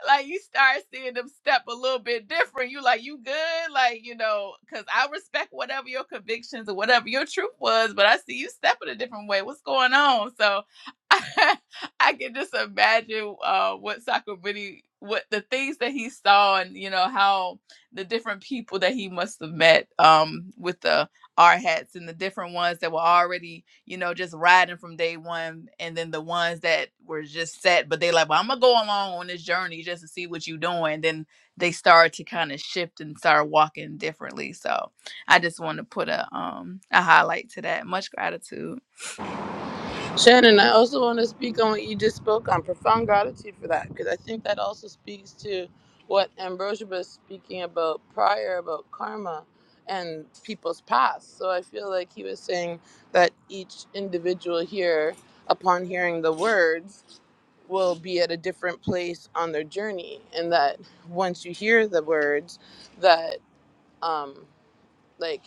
G: like you start seeing them step a little bit different. You like, you good? Like, you know, because I respect whatever your convictions or whatever your truth was, but I see you stepping a different way. What's going on? So I can just imagine uh, what Sakabuni, what the things that he saw and, you know, how the different people that he must have met um, with the R hats and the different ones that were already you know, just riding from day one, and then the ones that were just set, but they like, well, I'm gonna go along on this journey just to see what you're doing. Then they start to kind of shift and start walking differently. So I just want to put a um a highlight to that. Much gratitude.
I: Shannon, I also want to speak on what you just spoke on. Profound gratitude for that, because I think that also speaks to what Ambrosia was speaking about prior about karma and people's past. So I feel like he was saying that each individual here, upon hearing the words, will be at a different place on their journey, and that once you hear the words, that. Um, like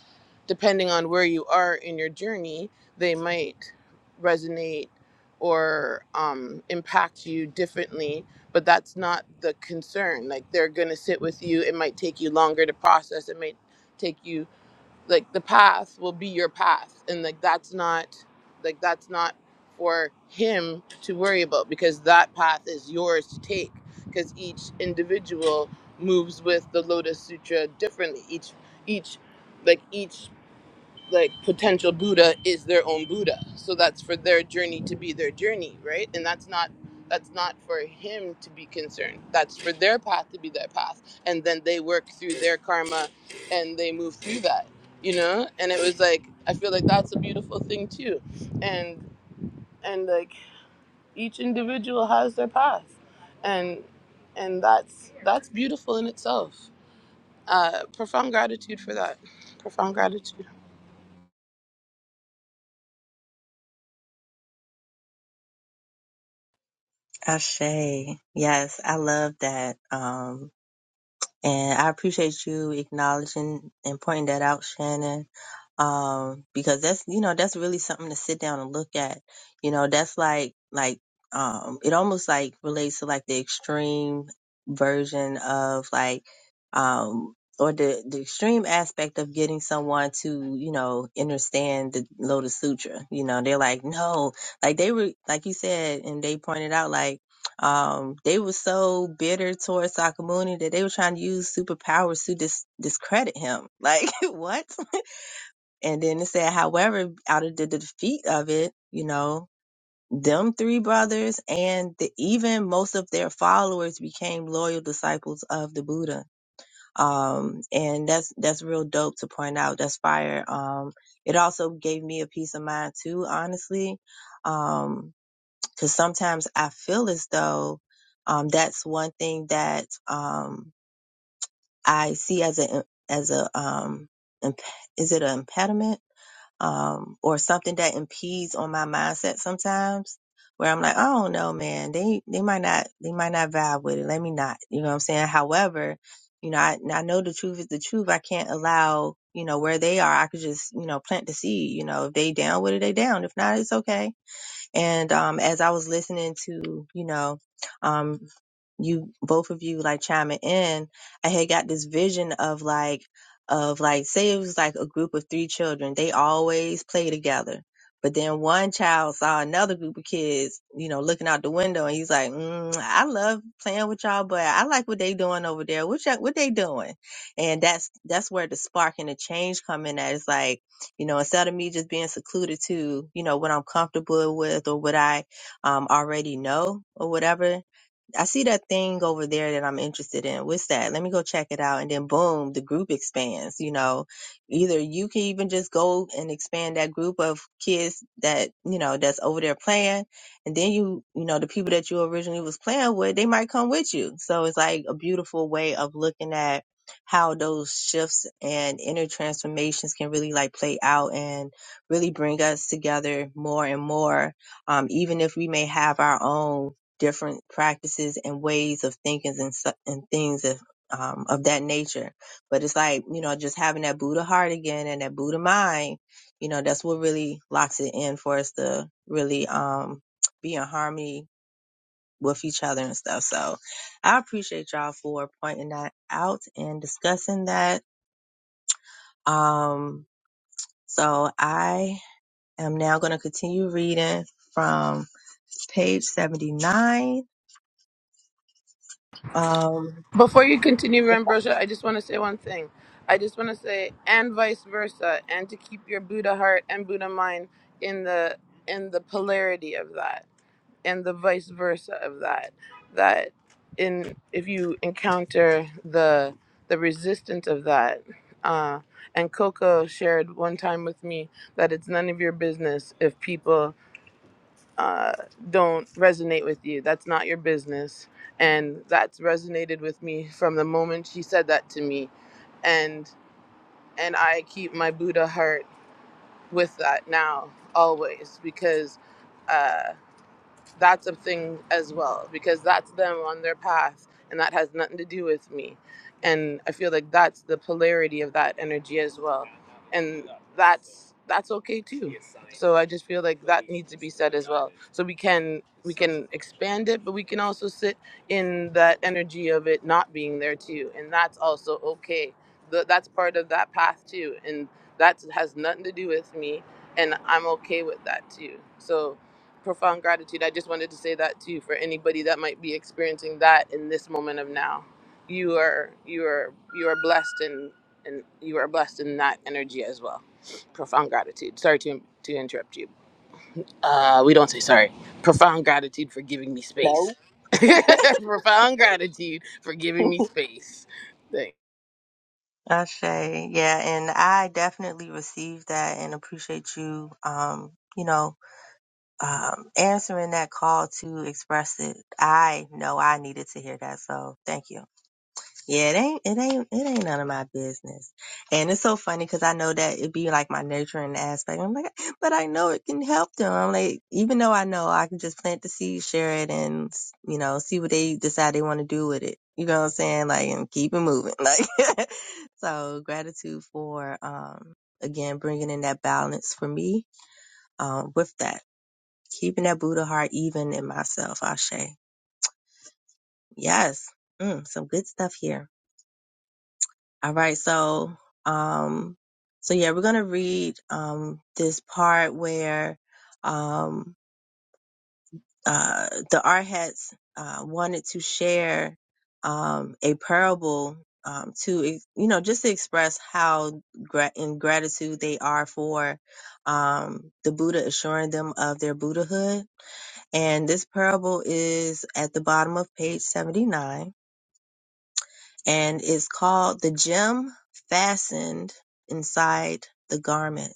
I: depending on where you are in your journey they might resonate or um, impact you differently but that's not the concern like they're going to sit with you it might take you longer to process it might take you like the path will be your path and like that's not like that's not for him to worry about because that path is yours to take because each individual moves with the lotus sutra differently each each like each like potential Buddha is their own Buddha. So that's for their journey to be their journey, right? And that's not that's not for him to be concerned. That's for their path to be their path. And then they work through their karma and they move through that. You know? And it was like I feel like that's a beautiful thing too. And and like each individual has their path. And and that's that's beautiful in itself. Uh profound gratitude for that. Profound gratitude.
A: Ashe. Yes, I love that. Um, And I appreciate you acknowledging and pointing that out, Shannon. Um, because that's, you know, that's really something to sit down and look at. You know, that's like, like, um, it almost like relates to like the extreme version of like, um, or the, the extreme aspect of getting someone to, you know, understand the Lotus Sutra. You know, they're like, no, like they were, like you said, and they pointed out, like, um, they were so bitter towards Sakamuni that they were trying to use superpowers to dis- discredit him. Like, what? And then it said, however, out of the defeat of it, you know, them three brothers and the, even most of their followers became loyal disciples of the Buddha. Um, and that's, that's real dope to point out. That's fire. Um, it also gave me a peace of mind too, honestly. Um, because sometimes I feel as though um, that's one thing that um, I see as a as a um, imp- is it an impediment? um, or something that impedes on my mindset sometimes where I'm like, I don't know, man, they, they might not, they might not vibe with it. Let me not, you know what I'm saying? However, you know, I, and I know the truth is the truth. I can't allow, you know, where they are. I could just, you know, plant the seed, you know, if they down with it, they down. If not, it's okay and um, as I was listening to, you know, um, you both of you like chiming in, I had got this vision of like, of like, say it was like a group of three children. They always play together. But then one child saw another group of kids, you know, looking out the window, and he's like, mm, "I love playing with y'all, but I like what they doing over there. What y'all, what they doing?" And that's that's where the spark and the change come in. That it's like you know, instead of me just being secluded to, you know, what I'm comfortable with or what I um, already know or whatever, I see that thing over there that I'm interested in. What's that? Let me go check it out. And then boom, the group expands. You know, either you can even just go and expand that group of kids that, you know, that's over there playing. And then you, you know, the people that you originally was playing with, they might come with you. So it's like a beautiful way of looking at how those shifts and inner transformations can really like play out and really bring us together more and more. Um, even if we may have our own different practices and ways of thinking and, su- and things of, um, of that nature. But it's like, you know, just having that Buddha heart again and that Buddha mind, you know, that's what really locks it in for us to really, um, be in harmony with each other and stuff. So I appreciate y'all for pointing that out and discussing that. Um, so I am now going to continue reading from page 79. Um,
I: Before you continue, Ambrosia, I just want to say one thing. I just want to say, and vice versa, and to keep your Buddha heart and Buddha mind in the in the polarity of that, and the vice versa of that. That in if you encounter the the resistance of that, uh, and Coco shared one time with me that it's none of your business if people uh, don't resonate with you. That's not your business. And that's resonated with me from the moment she said that to me. And and I keep my Buddha heart with that now always because uh, that's a thing as well because that's them on their path and that has nothing to do with me and i feel like that's the polarity of that energy as well and that's that's okay too so i just feel like that needs to be said as well so we can we can expand it but we can also sit in that energy of it not being there too and that's also okay Th- that's part of that path too and that has nothing to do with me and i'm okay with that too so profound gratitude. I just wanted to say that to you for anybody that might be experiencing that in this moment of now. You are you are you are blessed and and you are blessed in that energy as well. Profound gratitude. Sorry to to interrupt you. Uh, we don't say sorry. Profound gratitude for giving me
A: no.
I: space. profound gratitude for giving me space. Thanks.
A: Ashe, yeah, and I definitely received that and appreciate you, um, you know, um, answering that call to express it. I know I needed to hear that, so thank you. Yeah, it ain't, it ain't, it ain't none of my business. And it's so funny because I know that it'd be like my nurturing aspect. I'm like, "Eh, but I know it can help them. I'm like, even though I know I can just plant the seed, share it, and you know, see what they decide they want to do with it. You know what I'm saying? Like, and keep it moving. Like, so gratitude for, um, again, bringing in that balance for me, um, with that, keeping that Buddha heart even in myself. Ashe. Yes. Mm, some good stuff here. All right, so um so yeah, we're gonna read um this part where um uh the Arhats uh wanted to share um a parable um to ex- you know just to express how gra- in gratitude they are for um the Buddha assuring them of their Buddhahood. And this parable is at the bottom of page 79 and is called the gem fastened inside the garment.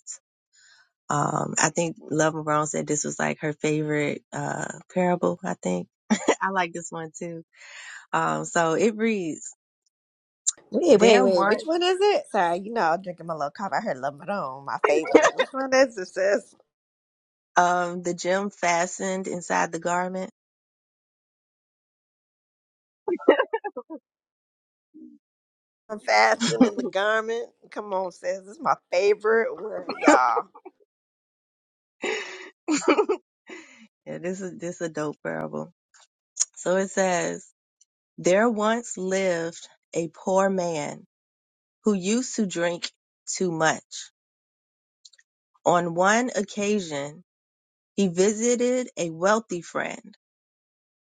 A: Um, I think Love Marone said this was like her favorite uh, parable. I think I like this one too. Um, so it reads:
B: Wait, wait,
A: There
B: wait. Which
A: once
B: one is it? Sorry, you know I'm drinking my little coffee. I heard Lambrone, my favorite. Which one is it, sis?
A: um, the gem fastened inside the garment.
B: I'm fasting in the garment. Come on, sis. This is my favorite one, y'all.
A: yeah, this is this is a dope parable. So it says, There once lived a poor man who used to drink too much. On one occasion He visited a wealthy friend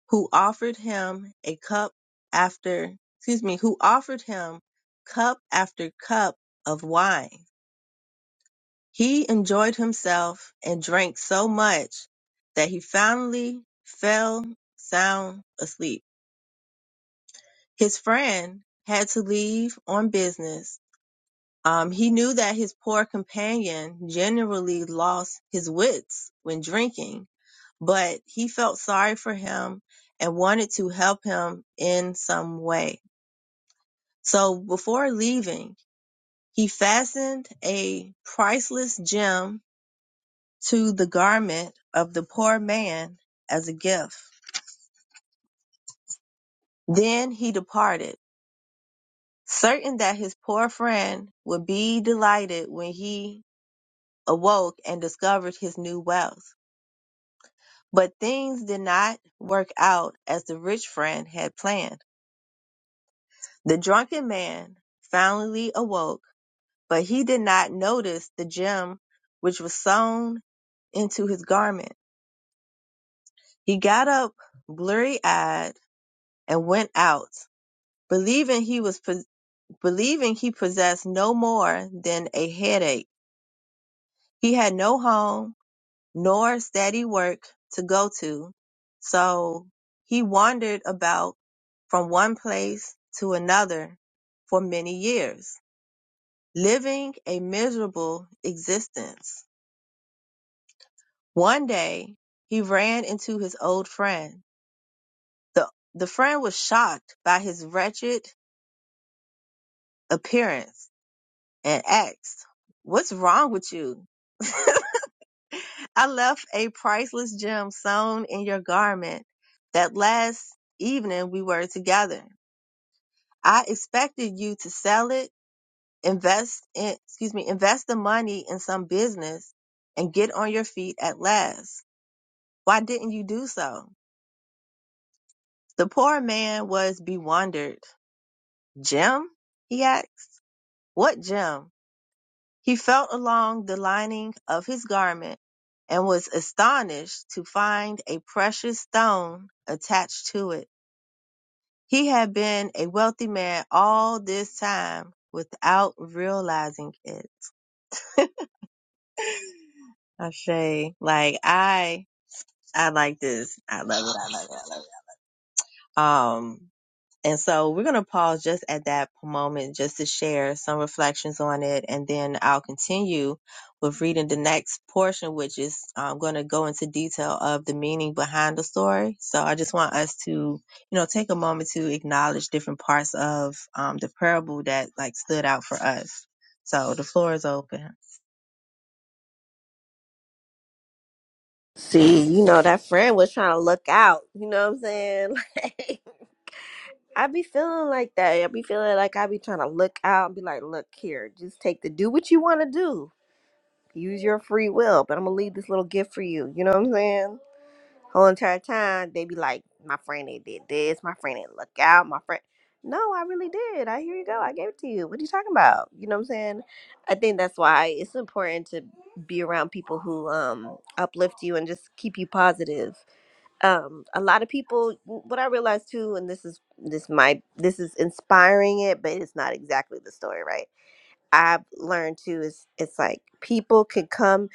A: who offered him a cup after, excuse me, who offered him cup after cup of wine. He enjoyed himself and drank so much that he finally fell sound asleep. His friend had to leave on business. Um, he knew that his poor companion generally lost his wits when drinking but he felt sorry for him and wanted to help him in some way. So before leaving, he fastened a priceless gem to the garment of the poor man as a gift. Then he departed, certain that his poor friend would be delighted when he awoke and discovered his new wealth. But things did not work out as the rich friend had planned. The drunken man finally awoke, but he did not notice the gem which was sewn into his garment. He got up blurry eyed and went out, believing he was believing he possessed no more than a headache. He had no home nor steady work to go to, so he wandered about from one place to another for many years. living a miserable existence. One day, he ran into his old friend. The, the friend was shocked by his wretched appearance and asked, What's wrong with you? I left a priceless gem sewn in your garment that last evening we were together. I expected you to sell it, invest in, excuse me, invest the money in some business and get on your feet at last. Why didn't you do so? The poor man was bewildered. Gem? he asked. What gem? He felt along the lining of his garment and was astonished to find a precious stone attached to it. He had been a wealthy man all this time without realizing it. I say, like I, I like this. I love it. I love it. I love it. Um, And so we're going to pause just at that moment just to share some reflections on it. And then I'll continue with reading the next portion, which is I'm going to go into detail of the meaning behind the story. So I just want us to, you know, take a moment to acknowledge different parts of um, the parable that like stood out for us. So the floor is open.
B: See, you know that friend was trying to look out. You know what I'm saying? I be feeling like that. I be feeling like I be trying to look out and be like, look here, just take the do what you want to do. Use your free will, but I'm gonna leave this little gift for you. You know what I'm saying? Whole entire time they be like, my friend ain't did this, my friend ain't look out, my friend. No, I really did. I here you go. I gave it to you. What are you talking about? You know what I'm saying? I think that's why it's important to be around people who um uplift you and just keep you positive um a lot of people what i realized too and this is this might this is inspiring it but it's not exactly the story right i've learned too is it's like people can come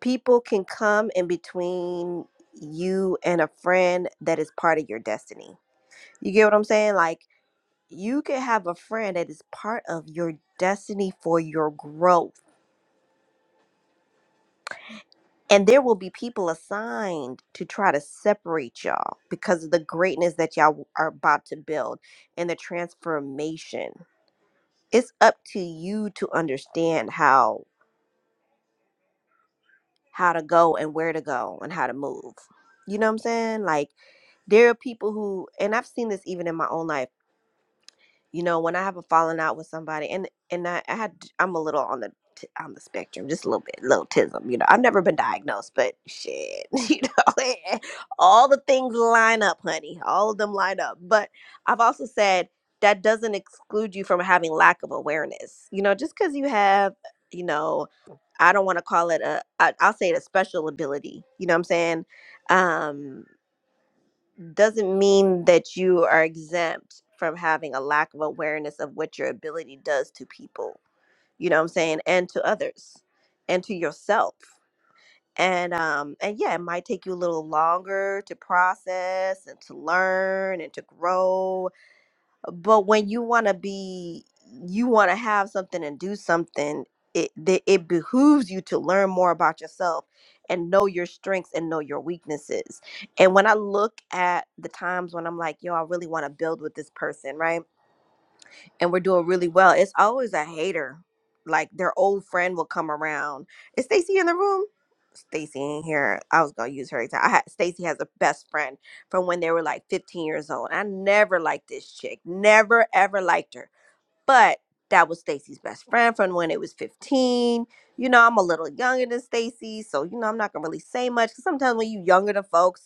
B: people can come in between you and a friend that is part of your destiny you get what i'm saying like you can have a friend that is part of your destiny for your growth And there will be people assigned to try to separate y'all because of the greatness that y'all are about to build and the transformation. It's up to you to understand how how to go and where to go and how to move. You know what I'm saying? Like there are people who and I've seen this even in my own life you know when i have a falling out with somebody and and i, I had i'm a little on the t- on the spectrum just a little bit little tism you know i've never been diagnosed but shit you know all the things line up honey all of them line up but i've also said that doesn't exclude you from having lack of awareness you know just because you have you know i don't want to call it a I, i'll say it a special ability you know what i'm saying um doesn't mean that you are exempt from having a lack of awareness of what your ability does to people you know what i'm saying and to others and to yourself and um and yeah it might take you a little longer to process and to learn and to grow but when you want to be you want to have something and do something it th- it behooves you to learn more about yourself and know your strengths and know your weaknesses and when i look at the times when i'm like yo i really want to build with this person right and we're doing really well. It's always a hater. Like their old friend will come around. Is Stacy in the room? Stacy in here. I was gonna use her example. I had Stacy has a best friend from when they were like 15 years old. I never liked this chick. Never ever liked her. But that was Stacy's best friend from when it was 15. You know, I'm a little younger than Stacy, so you know I'm not gonna really say much. 'cause sometimes when you younger than folks,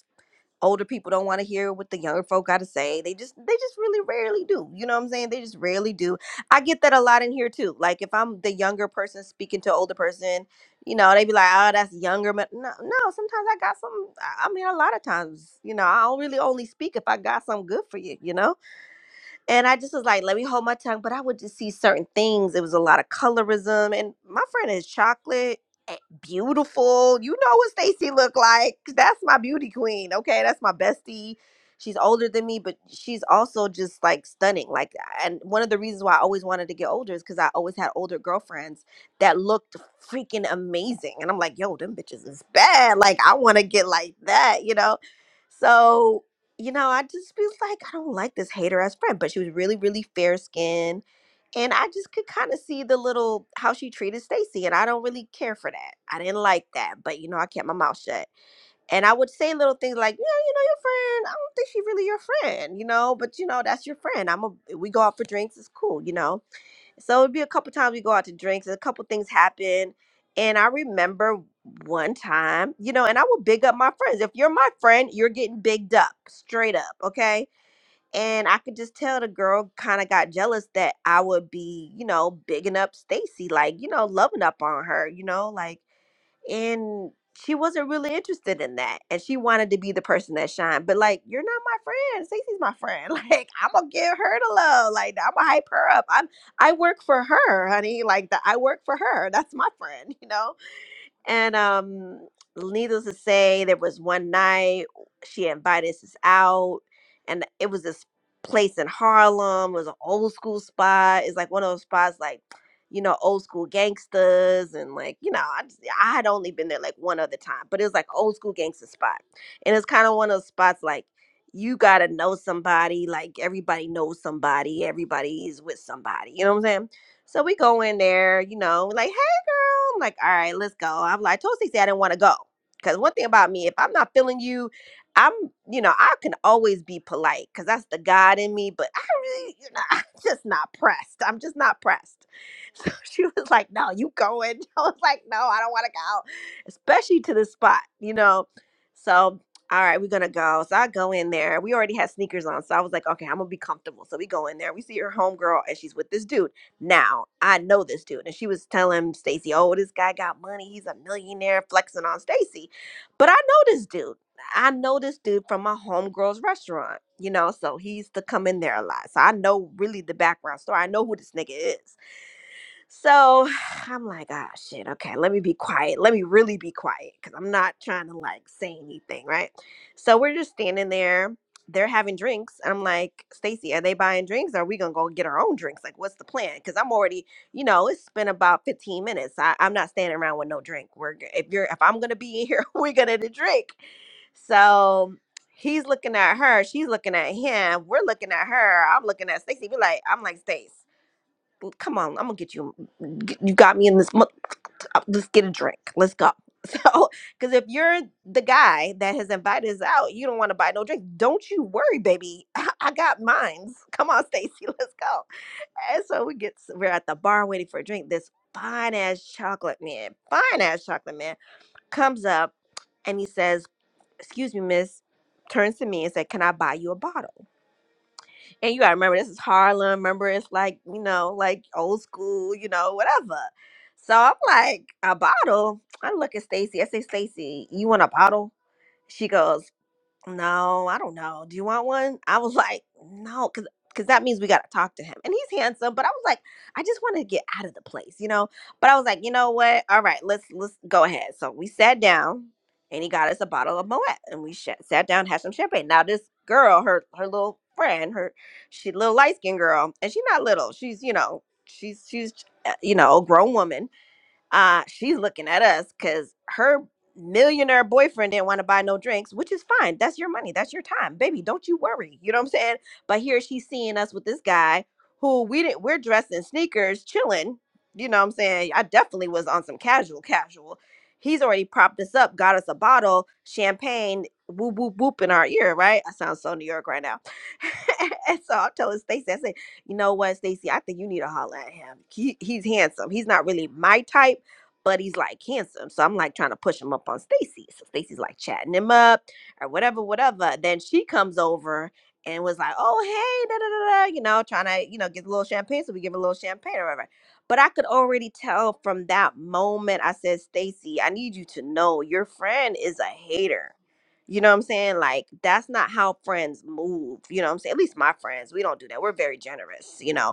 B: older people don't want to hear what the younger folk got to say. They just they just really rarely do. You know what I'm saying? They just rarely do. I get that a lot in here too. Like if I'm the younger person speaking to older person, you know, they be like, "Oh, that's younger." But no, no. Sometimes I got some. I I mean, a lot of times, you know, I'll really only speak if I got something good for you. You know. And I just was like, let me hold my tongue. But I would just see certain things. It was a lot of colorism. And my friend is chocolate, eh, beautiful. You know what Stacy look like. That's my beauty queen. Okay. That's my bestie. She's older than me, but she's also just like stunning. Like, and one of the reasons why I always wanted to get older is because I always had older girlfriends that looked freaking amazing. And I'm like, yo, them bitches is bad. Like, I want to get like that, you know? So you know, I just was like, I don't like this hater as friend, but she was really, really fair skinned. And I just could kind of see the little how she treated Stacy. And I don't really care for that. I didn't like that. But you know, I kept my mouth shut. And I would say little things like, Yeah, your friend. I don't think she really your friend, you know, but you know, that's your friend. I'm a we go out for drinks, it's cool, you know. So it'd be a couple times we go out to drinks, and a couple things happen. And I remember one time, you know, and I will big up my friends. If you're my friend, you're getting bigged up, straight up, okay? And I could just tell the girl kind of got jealous that I would be, you know, bigging up Stacy, like, you know, loving up on her, you know, like, and she wasn't really interested in that. And she wanted to be the person that shined. But like, you're not my friend. Stacy's my friend. Like, I'm gonna give her the love. Like, I'm gonna hype her up. I'm I work for her, honey. Like that I work for her. That's my friend, you know? And um, needless to say, there was one night she invited us out, and it was this place in Harlem. It was an old school spot. It's like one of those spots, like you know, old school gangsters, and like you know, I just, I had only been there like one other time, but it was like old school gangster spot, and it's kind of one of those spots like. You gotta know somebody, like everybody knows somebody, everybody is with somebody, you know what I'm saying? So we go in there, you know, like, I'm like, all right, let's go. I'm like, Toasty said I didn't want to go. Because one thing about me, if I'm not feeling you, I'm, you know, I can always be polite because that's the God in me, but I really, you know, I'm just not pressed. I'm just not pressed. So she was like, no, you going. I was like, no, I don't want to go, especially to this spot, you know. So, all right, we're going to go. So I go in there. We already had sneakers on. So I was like, okay, I'm going to be comfortable. So we go in there. We see her homegirl and she's with this dude. Now, I know this dude. And she was telling Stacy, oh, this guy got money. He's a millionaire flexing on Stacy. But I know this dude. I know this dude from my homegirl's restaurant, you know, so he used to come in there a lot. So I know really the background story. I know who this nigga is. So I'm like, ah, shit, okay, let me be quiet. Let me really be quiet because I'm not trying to like say anything, right? So we're just standing there. They're having drinks. And I'm like, Stacy, are they buying drinks? Or are we gonna go get our own drinks? Like, what's the plan? Because I'm already, you know, it's been about 15 minutes. I, I'm not standing around with no drink. We're g- if you're if I'm gonna be in here, we're gonna drink. So he's looking at her. She's looking at him. We're looking at her. I'm looking at Stacy. We are like, I'm like, Stace come on, I'm gonna get you. You got me in this. mo- uh, Let's get a drink. Let's go. So, because if you're the guy that has invited us out, you don't want to buy no drink. Don't you worry, baby. I got mines. Come on, Stacy, let's go. And so we get we're at the bar waiting for a drink. This fine ass chocolate man, fine ass chocolate man, comes up and he says, "Excuse me, miss." Turns to me and said, "Can I buy you a bottle?" And you gotta remember this is Harlem. Remember it's like, you know, like old school, you know, whatever. So I'm like, a bottle. I look at Stacy. I say, Stacy, you want a bottle? She goes, no, I don't know. Do you want one? I was like, no, because because that means we got to talk to him. And he's handsome, but I was like, I just want to get out of the place, you know? But I was like, you know what? All right, let's let's go ahead. So we sat down and he got us a bottle of Moet and we sh- sat down, had some champagne. Now this girl, her her little friend, her she little light-skinned girl, and she's not little. She's, you know, she's she's uh, you know, a grown woman uh she's looking at us because her millionaire boyfriend didn't want to buy no drinks which is fine that's your money that's your time baby don't you worry you know what i'm saying but here she's seeing us with this guy who we didn't we're dressed in sneakers chilling you know what i'm saying i definitely was on some casual casual he's already propped us up got us a bottle champagne whoop whoop whoop in our ear right i sound so new york right now and so i'm telling stacy i said you know what stacy i think you need to holler at him he, he's handsome he's not really my type but he's like handsome. So I'm like trying to push him up on Stacy. So Stacy's like chatting him up or whatever, whatever. Then she comes over and was like, oh, hey, da da da da, you know, trying to, you know, get a little champagne. So we give her a little champagne or whatever. But I could already tell from that moment, I said, Stacy, I need you to know your friend is a hater. You know what I'm saying? Like, that's not how friends move. You know what I'm saying? At least my friends, we don't do that. We're very generous, you know?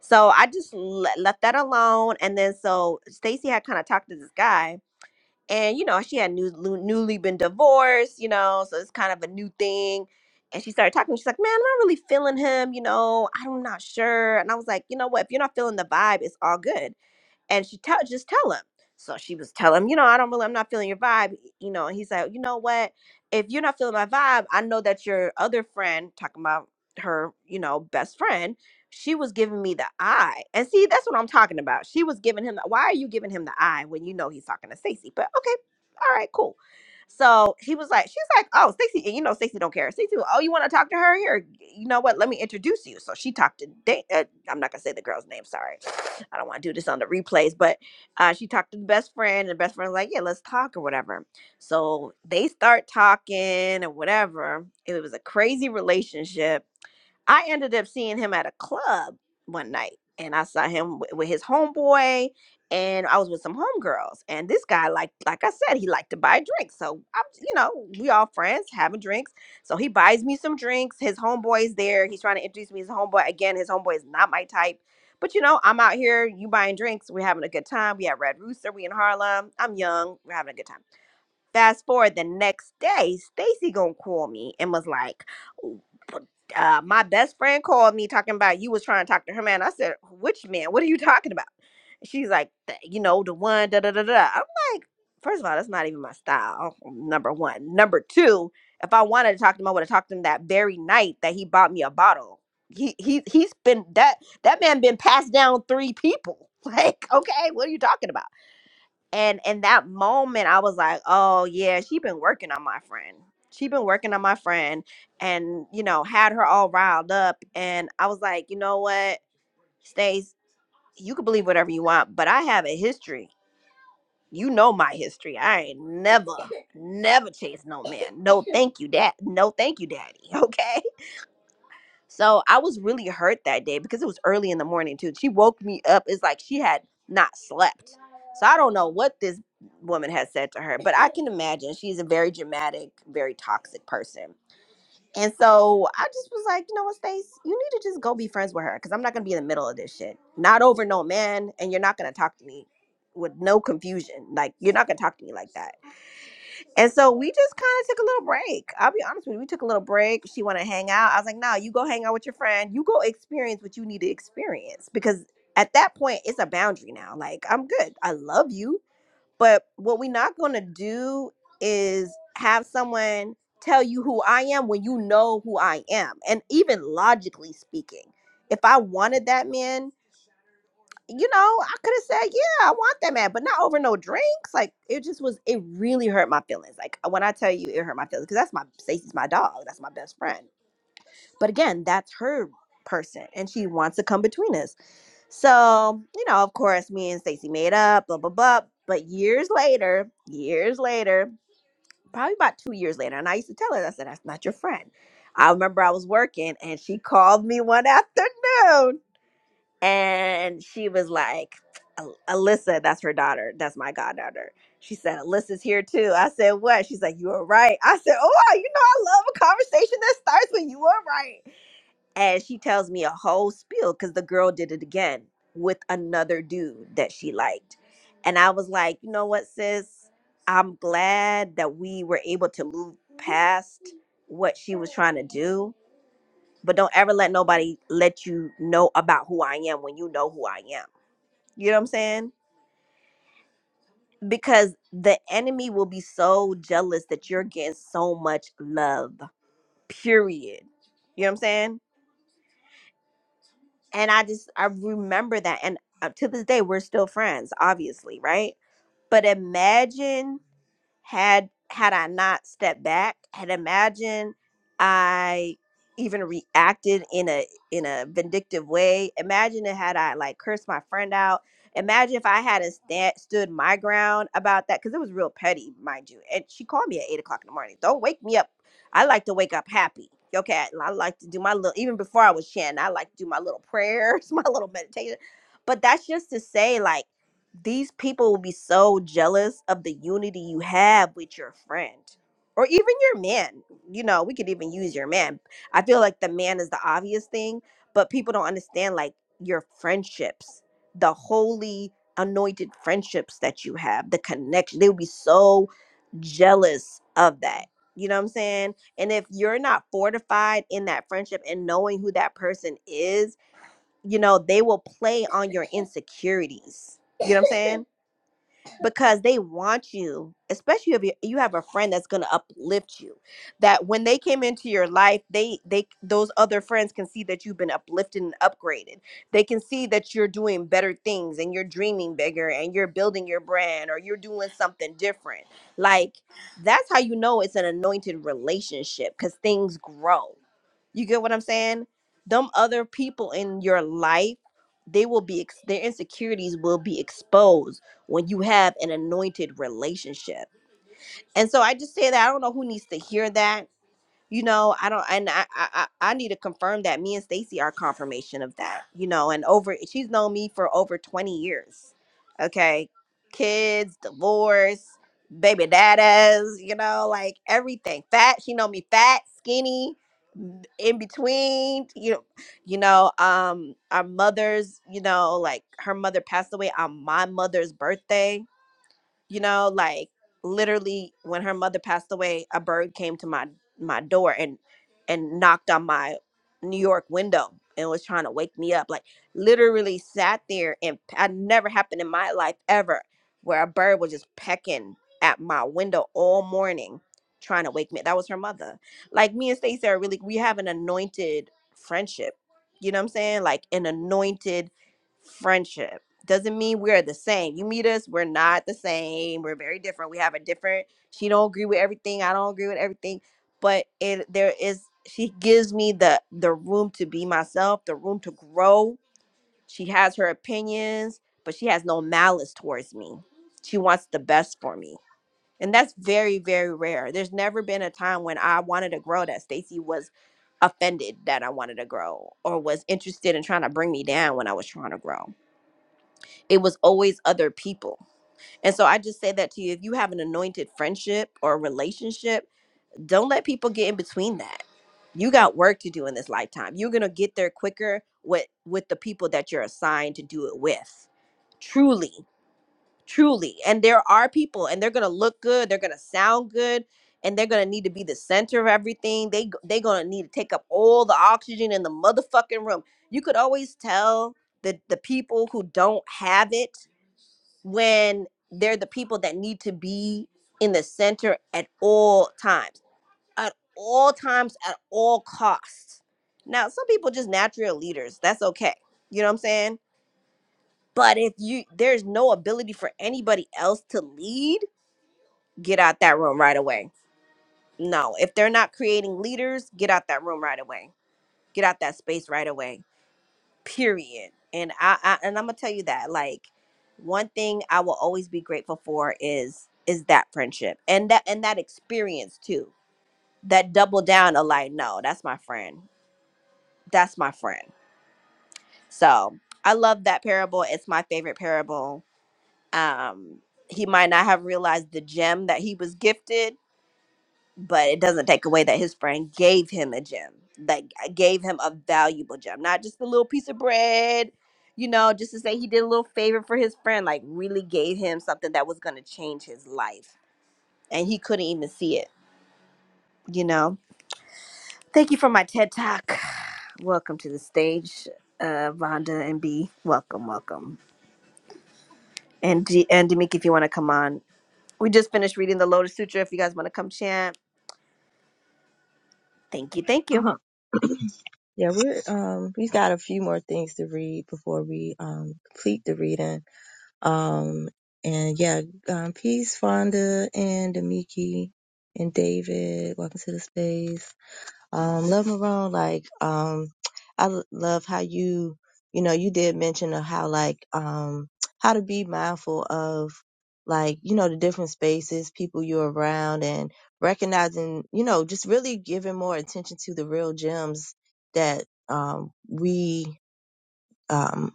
B: So I just let, left that alone. And then so Stacy had kind of talked to this guy, and you know she had new, lu- newly been divorced, you know, so it's kind of a new thing. And she started talking. She's like, "Man, I'm not really feeling him, you know. I'm not sure." And I was like, "You know what? If you're not feeling the vibe, it's all good." and she tell just tell him. So she was telling him, you know, I don't really, I'm not feeling your vibe, you know. And he's like, you know what? If you're not feeling my vibe, I know that your other friend, talking about her, you know, best friend, she was giving me the eye. And see, that's what I'm talking about. She was giving him the. Why are you giving him the eye when you know he's talking to Stacey? But okay, all right, cool. So he was like, she's like, oh, Stacey, and you know, Stacey don't care. Stacey, oh, you want to talk to her here? You know what? Let me introduce you. So she talked to. Da- uh, I'm not gonna say the girl's name. Sorry. I don't want to do this on the replays, but uh, she talked to the best friend, and the best friend was like, yeah, let's talk or whatever. So they start talking or whatever. It was a crazy relationship I ended up seeing him at a club one night, and I saw him wi- with his homeboy, and I was with some homegirls. And this guy, like like I said, he liked to buy drinks. So I'm, you know, we all friends having drinks. So he buys me some drinks. His homeboy's there. He's trying to introduce me to his homeboy. Again, his homeboy is not my type. But you know, I'm out here, you buying drinks, we're having a good time. We at Red Rooster, we in Harlem. I'm young, we're having a good time. Fast forward the next day, Stacy gonna call me and was like, uh, my best friend called me talking about you was trying to talk to her man. I said, which man? What are you talking about? She's like, "Th- you know, the one, da da da da. I'm like, first of all, that's not even my style. Number one. Number two, if I wanted to talk to him, I would have talked to him that very night that he bought me a bottle. He he he's been that that man been passed down three people. Like, okay, what are you talking about? and in that moment i was like oh yeah she been working on my friend she been working on my friend and you know had her all riled up and i was like you know what stace you can believe whatever you want but i have a history you know my history i ain't never never chased no man no thank you dad no thank you daddy okay so I was really hurt that day because it was early in the morning too. She woke me up. It's like she had not slept. So I don't know what this woman has said to her, but I can imagine she's a very dramatic, very toxic person. And so I just was like, you know what, Stace, you need to just go be friends with her because I'm not gonna be in the middle of this shit. Not over no man, and you're not gonna talk to me with no confusion. Like you're not gonna talk to me like that. And so we just kind of took a little break. I'll be honest with you. We took a little break. She wanted to hang out. I was like, no, you go hang out with your friend. You go experience what you need to experience. Because at that point, it's a boundary now. Like, I'm good. I love you. But what we're not going to do is have someone tell you who I am when you know who I am. And even logically speaking, if I wanted that man, you know, I could have said, yeah, I want that man, but not over no drinks. Like it just was, it really hurt my feelings. Like when I tell you it hurt my feelings, because that's my Stacey's my dog. That's my best friend. But again, that's her person and she wants to come between us. So, you know, of course, me and Stacey made up, blah, blah, blah. But years later, years later, probably about two years later, and I used to tell her, I said, that's not your friend. I remember I was working and she called me one afternoon and she was like, "Al- Alyssa, that's her daughter. That's my goddaughter. She said, Alyssa's here too. I said, what? She's like, you were right. I said, oh, you know, I love a conversation that starts with you were right. And she tells me a whole spiel because the girl did it again with another dude that she liked. And I was like, you know what, sis? I'm glad that we were able to move past what she was trying to do but don't ever let nobody let you know about who I am when you know who I am. You know what I'm saying? Because the enemy will be so jealous that you're getting so much love, period. You know what I'm saying? And I just, I remember that. And uh, to this day, we're still friends, obviously, right? But imagine had had I not stepped back, had imagine I even reacted in a in a vindictive way. Imagine it had I like cursed my friend out. Imagine if I hadn't stand, stood my ground about that because it was real petty, mind you. And she called me at eight o'clock in the morning. Don't wake me up. I like to wake up happy. Okay, I I like to do my little even before I was chanting. I like to do my little prayers, my little meditation. But that's just to say, like these people will be so jealous of the unity you have with your friend or even your man. You know, we could even use your man. I feel like the man is the obvious thing, but people don't understand like your friendships, the holy anointed friendships that you have, the connection. They will be so jealous of that. You know what I'm saying? And if you're not fortified in that friendship and knowing who that person is, you know, they will play on your insecurities. You know what I'm saying? because they want you especially if you you have a friend that's going to uplift you that when they came into your life they they those other friends can see that you've been uplifted and upgraded they can see that you're doing better things and you're dreaming bigger and you're building your brand or you're doing something different like that's how you know it's an anointed relationship because things grow you get what i'm saying them other people in your life they will be ex- their insecurities will be exposed when you have an anointed relationship. And so I just say that I don't know who needs to hear that. You know, I don't, and I, I, I I need to confirm that me and Stacy are confirmation of that. You know, and over she's known me for over twenty years. Okay, kids, divorce, baby daddas. You know, like everything. Fat. She know me fat, skinny, in between. You know, you know, um, our mothers. You know, like her mother passed away on my mother's birthday you know like literally when her mother passed away a bird came to my my door and and knocked on my new york window and was trying to wake me up like literally sat there and p- i never happened in my life ever where a bird was just pecking at my window all morning trying to wake me that was her mother like me and Stacey are really we have an anointed friendship you know what i'm saying like an anointed friendship doesn't mean we're the same. You meet us, we're not the same. We're very different. We have a different. She don't agree with everything. I don't agree with everything. But it there is she gives me the the room to be myself, the room to grow. She has her opinions, but she has no malice towards me. She wants the best for me. And that's very very rare. There's never been a time when I wanted to grow that Stacy was offended that I wanted to grow or was interested in trying to bring me down when I was trying to grow it was always other people. And so I just say that to you if you have an anointed friendship or relationship, don't let people get in between that. You got work to do in this lifetime. You're going to get there quicker with with the people that you're assigned to do it with. Truly, truly. And there are people and they're going to look good, they're going to sound good, and they're going to need to be the center of everything. They they're going to need to take up all the oxygen in the motherfucking room. You could always tell the the people who don't have it when they're the people that need to be in the center at all times, at all times, at all costs. Now, some people just naturally are leaders. That's okay. You know what I'm saying? But if you there's no ability for anybody else to lead, get out that room right away. No, if they're not creating leaders, get out that room right away. Get out that space right away period and I, I and i'm gonna tell you that like one thing i will always be grateful for is is that friendship and that and that experience too that double down of like no that's my friend that's my friend so i love that parable it's my favorite parable um he might not have realized the gem that he was gifted but it doesn't take away that his friend gave him a gem that g- uh, gave him a valuable gem not just a little piece of bread you know just to say he did a little favor for his friend like really gave him something that was going to change his life and he couldn't even see it you know thank you for my ted talk welcome to the stage uh vonda and b welcome welcome and D- and Demik, if you want to come on we just finished reading the lotus sutra if you guys want to come chant thank you thank you
A: Uh-huh. Yeah, we're um we've got a few more things to read before we um complete the reading. Um, and yeah, um, peace, Fonda and Demiki and David. Welcome to the space. Um, love Marone. Like, um, I l- love how you, you know, you did mention of how like, um, how to be mindful of like, you know, the different spaces, people you're around and recognizing, you know, just really giving more attention to the real gems that, um, we, um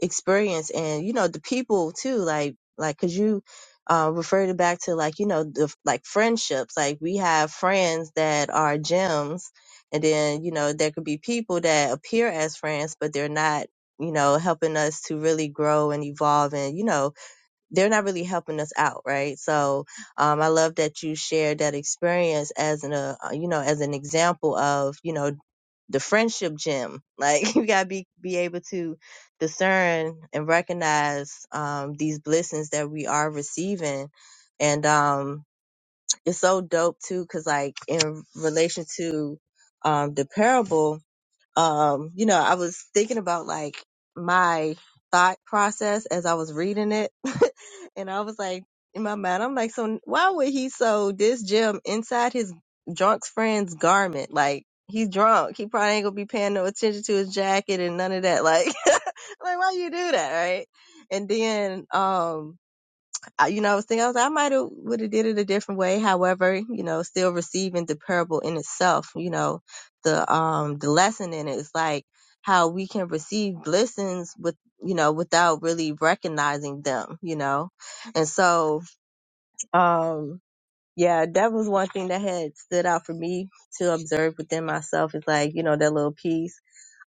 A: experience and you know the people too like like because you uh referred it back to like you know the like friendships like we have friends that are gems and then you know there could be people that appear as friends but they're not you know helping us to really grow and evolve and you know they're not really helping us out right so um i love that you shared that experience as an uh, you know as an example of you know the friendship gem. Like you gotta be be able to discern and recognize um, these blessings that we are receiving, and um, it's so dope too. Cause like in relation to um, the parable, um, you know, I was thinking about like my thought process as I was reading it. and I was like, in my mind, I'm like, so why would he sew this gem inside his drunk friend's garment? Like, he's drunk. He probably ain't gonna be paying no attention to his jacket and none of that. Like, like why you do that, right? And then, um, I, you know, I was thinking, I was, I might have would have did it a different way. However, you know, still receiving the parable in itself, you know, the um the lesson in it is like how we can receive blessings with you know without really recognizing them, you know, and so um yeah, that was one thing that had stood out for me to observe within myself is like, you know, that little piece.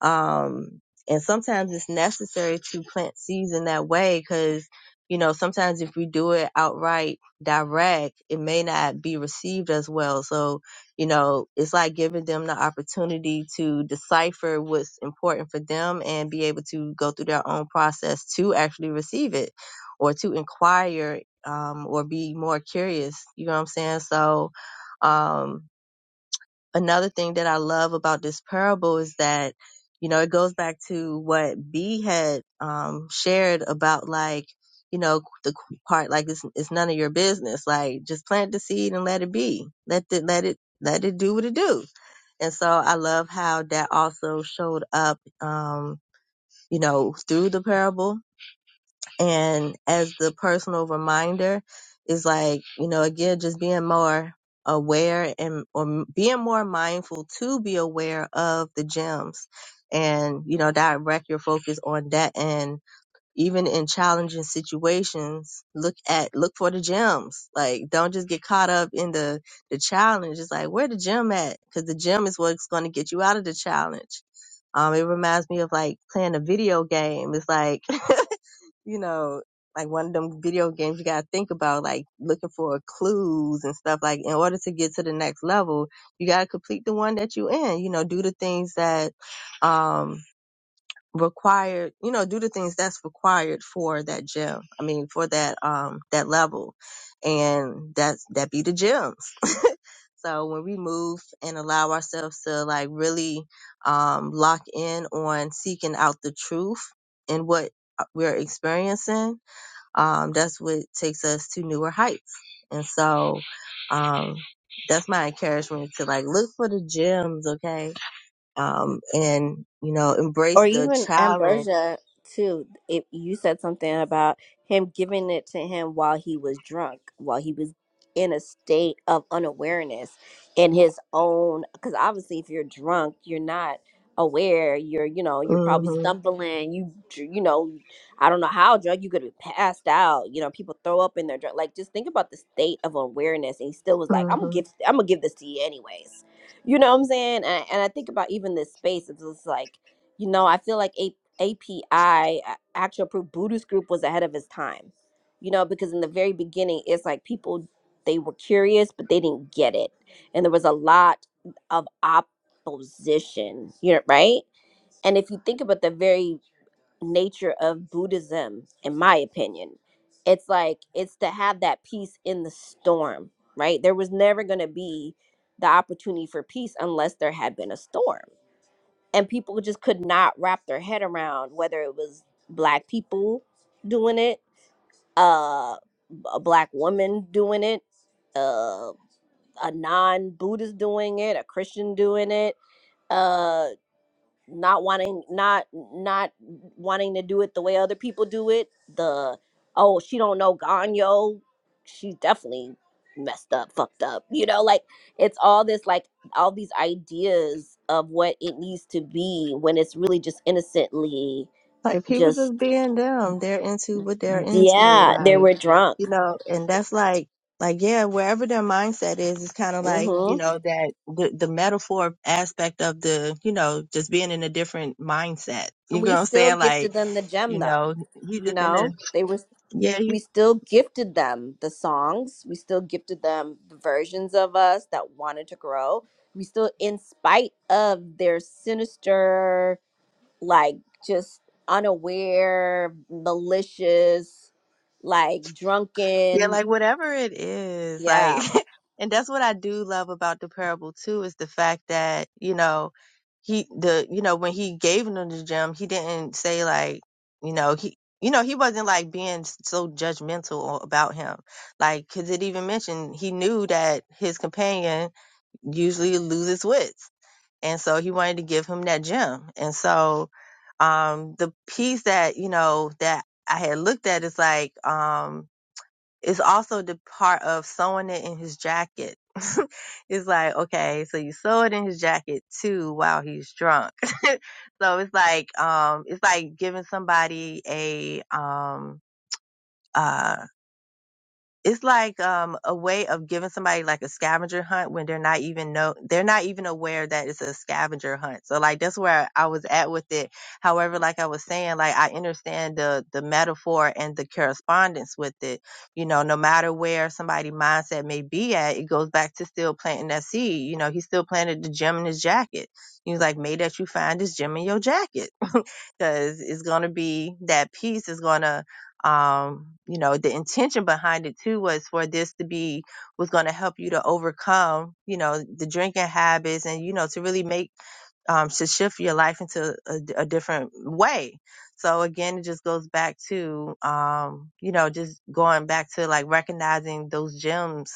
A: Um, and sometimes it's necessary to plant seeds in that way because, you know, sometimes if we do it outright direct, it may not be received as well. So, you know, it's like giving them the opportunity to decipher what's important for them and be able to go through their own process to actually receive it or to inquire um, or be more curious. You know what I'm saying? So, um, another thing that I love about this parable is that, you know, it goes back to what B had, um, shared about like, you know, the part, like it's, it's none of your business. Like just plant the seed and let it be. Let it, let it, let it do what it do. And so I love how that also showed up, um, you know, through the parable and as the personal reminder is like, you know, again, just being more aware and or being more mindful to be aware of the gems and, you know, direct your focus on that. And even in challenging situations, look at, look for the gems. Like, don't just get caught up in the, the challenge. It's like, where the gem at? Cause the gem is what's going to get you out of the challenge. Um, it reminds me of like playing a video game. It's like you know, like one of them video games you gotta think about, like looking for clues and stuff. Like in order to get to the next level, you gotta complete the one that you in. You know, do the things that um required. You know, do the things that's required for that gym. I mean, for that um that level, and that's that be the gyms. So when we move and allow ourselves to like really um, lock in on seeking out the truth in what uh, we're experiencing, um, that's what takes us to newer heights. And so, um, that's my encouragement to like look for the gems, okay? Um, and you know,
B: or
A: embrace the
B: even
A: challenge.
B: Ambrosia too. If you said something about him giving it to him while he was drunk, while he was in a state of unawareness in his own, because obviously if you're drunk, you're not aware. You're you know you're probably
A: hmm
B: stumbling. You dr- you know I don't know how drunk you could have passed out. You know people throw up in their drunk. Like just think about the state of awareness, and he still was like, I'm gonna
A: hmm
B: give I'm gonna give this to you anyways. You know what I'm saying? And, and I think about even this space. It's just like you know, I feel like A- API, a- Actual Proof Buddhist Group, was ahead of its time. You know, because in the very beginning, it's like people they were curious, but they didn't get it, and there was a lot of opposition. You know, right? And if you think about the very nature of Buddhism, in my opinion, it's like it's to have that peace in the storm. Right? There was never going to be the opportunity for peace unless there had been a storm and people just could not wrap their head around whether it was black people doing it uh a black woman doing it uh a non-buddhist doing it a christian doing it uh, not wanting not not wanting to do it the way other people do it the oh she don't know ganyo she's definitely messed up fucked up you know like it's all this like all these ideas of what it needs to be when it's really just innocently
A: Like people
B: just
A: just being them, they're into what they're into,
B: yeah they
A: like
B: were drunk
A: you know, and that's like. Like yeah, wherever their mindset is, it's kind of like you
B: hmm
A: know that the the metaphor aspect of the you know just being in a different mindset. You
B: and
A: know
B: we
A: what I'm
B: still
A: saying? Like
B: gifted them the
A: you
B: gem though
A: know he's
B: you
A: just in the
B: know they were
A: yeah he,
B: we still gifted them the songs we still gifted them the versions of us that wanted to grow we still in spite of their sinister like just unaware malicious like
A: yeah
B: drunken
A: like whatever it is like
B: yeah
A: and that's what i do love about the parable too is the fact that you know he the you know when he gave them the gem he didn't say like you know he you know he wasn't like being so judgmental about him like because it even mentioned he knew that his companion usually loses wits and so he wanted to give him that gem. And so um, the piece that you know that I had looked at is like um, it's also the part of sewing it in his jacket. it's like okay, so you sew it in his jacket too while he's drunk. so it's like um, it's like giving somebody a um, uh, it's like um a way of giving somebody like a scavenger hunt when they're not even know they're not even aware that it's a scavenger hunt. So like that's where I was at with it. However, like I was saying, like I understand the the metaphor and the correspondence with it. You know, no matter where somebody mindset may be at, it goes back to still planting that seed. You know, he still planted the gem in his jacket. He was like, "May that you find this gem in your jacket." because it's going to be that piece is going to um you know the intention behind it too was for this to be was going to help you to overcome you know the drinking habits and you know to really make um, to shift your life into a, a different way. So again, it just goes back to, um, you know, just going back to like recognizing those gems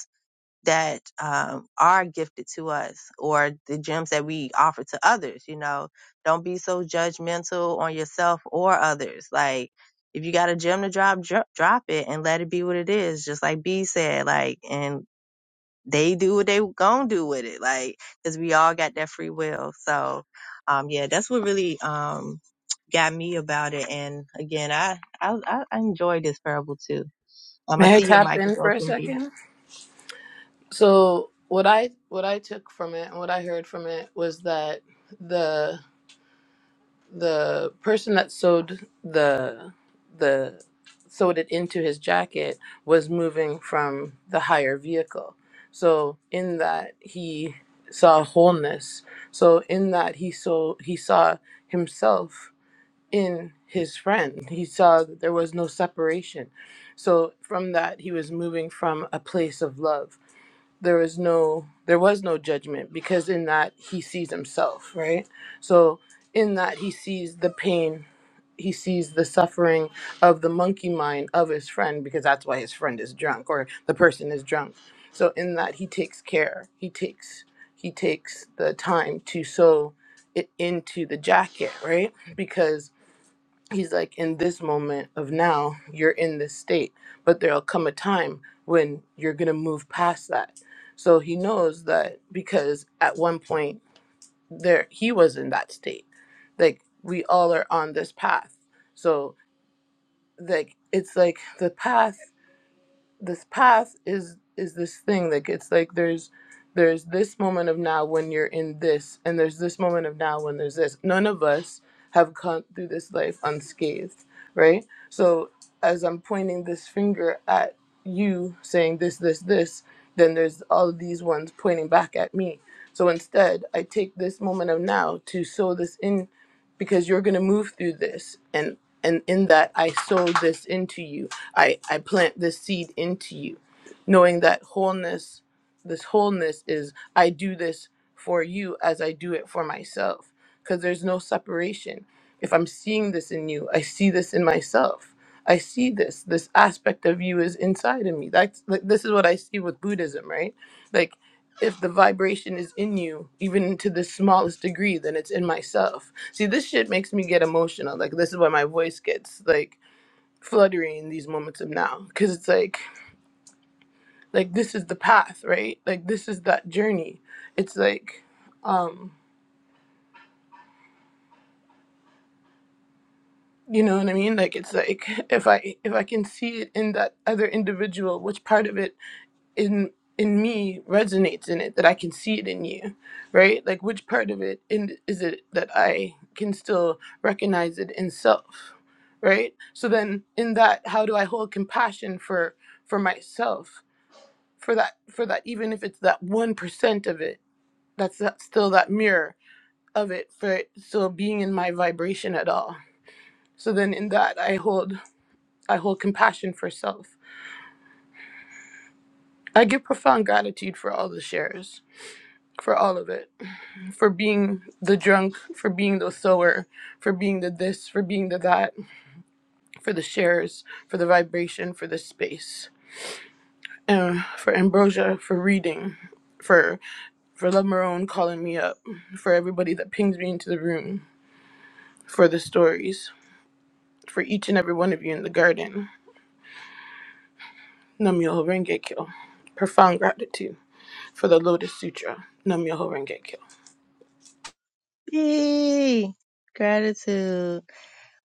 A: that um, are gifted to us or the gems that we offer to others. You know, don't be so judgmental on yourself or others. Like, if you got a gem to drop, dro- drop it and let it be what it is. Just like B said, like, and they do what they gonna do with it. Like, cause we all got that free will. So, um, yeah, that's what really, um, got me about it. And again, I, I, I I enjoy this parable too. Um, I
I: May I
A: see your
I: tap
A: mic is
I: in for a
A: open, B.
I: second? So what I what I took from it and what I heard from it was that the. the person that sewed the the sewed it into his jacket was moving from the higher vehicle so in that he saw wholeness so in that he saw he saw himself in his friend he saw that there was no separation so from that he was moving from a place of love there is no there was no judgment because in that he sees himself right so in that he sees the pain he sees the suffering of the monkey mind of his friend because that's why his friend is drunk or the person is drunk so in that he takes care he takes he takes the time to sew it into the jacket right because he's like in this moment of now you're in this state but there'll come a time when you're going to move past that so he knows that because at one point there he was in that state like we all are on this path so like it's like the path this path is is this thing that gets like there's there's this moment of now when you're in this and there's this moment of now when there's this none of us have come through this life unscathed right so as i'm pointing this finger at you saying this this this then there's all of these ones pointing back at me so instead i take this moment of now to sow this in because you're going to move through this and and in that i sow this into you I, I plant this seed into you, knowing that wholeness, this wholeness is I do this for you as I do it for myself, because there's no separation. If I'm seeing this in you, I see this in myself. I see this. This aspect of you is inside of me. That's like, this is what I see with Buddhism, right? Like if the vibration is in you, even to the smallest degree, then it's in myself. See, this shit makes me get emotional. Like this is why my voice gets like fluttering in these moments of now because it's like like this is the path right like this is that journey it's like um you know what i mean like it's like if i if i can see it in that other individual which part of it in in me resonates in it that i can see it in you right like which part of it in is it that i can still recognize it in self right so then in that how do i hold compassion for for myself for that for that even if it's that 1% of it that's that, still that mirror of it for it still being in my vibration at all so then in that i hold i hold compassion for self i give profound gratitude for all the shares for all of it for being the drunk for being the sower for being the this for being the that for the shares for the vibration for the space and for ambrosia for reading for for love marone calling me up for everybody that pings me into the room for the stories, for each and every one of you in the garden. Namyoho Renge Kyo. Profound gratitude for the Lotus Sutra. Namyoho Renge Kyo.
A: Yay! Gratitude.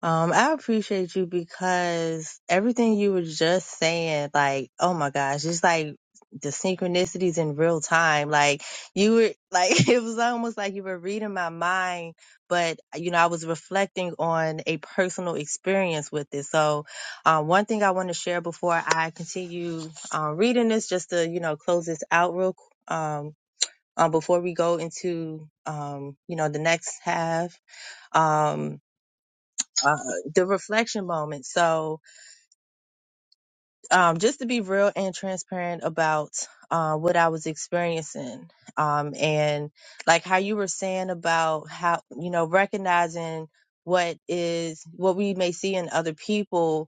A: Um, I appreciate you because everything you were just saying, like, oh my gosh, it's like the synchronicities in real time. Like you were like it was almost like you were reading my mind, but you know, I was reflecting on a personal experience with it. So um one thing I want to share before I continue um reading this just to, you know, close this out real quick. Um um, before we go into um, you know the next half um, uh, the reflection moment so um, just to be real and transparent about uh, what i was experiencing um, and like how you were saying about how you know recognizing what is what we may see in other people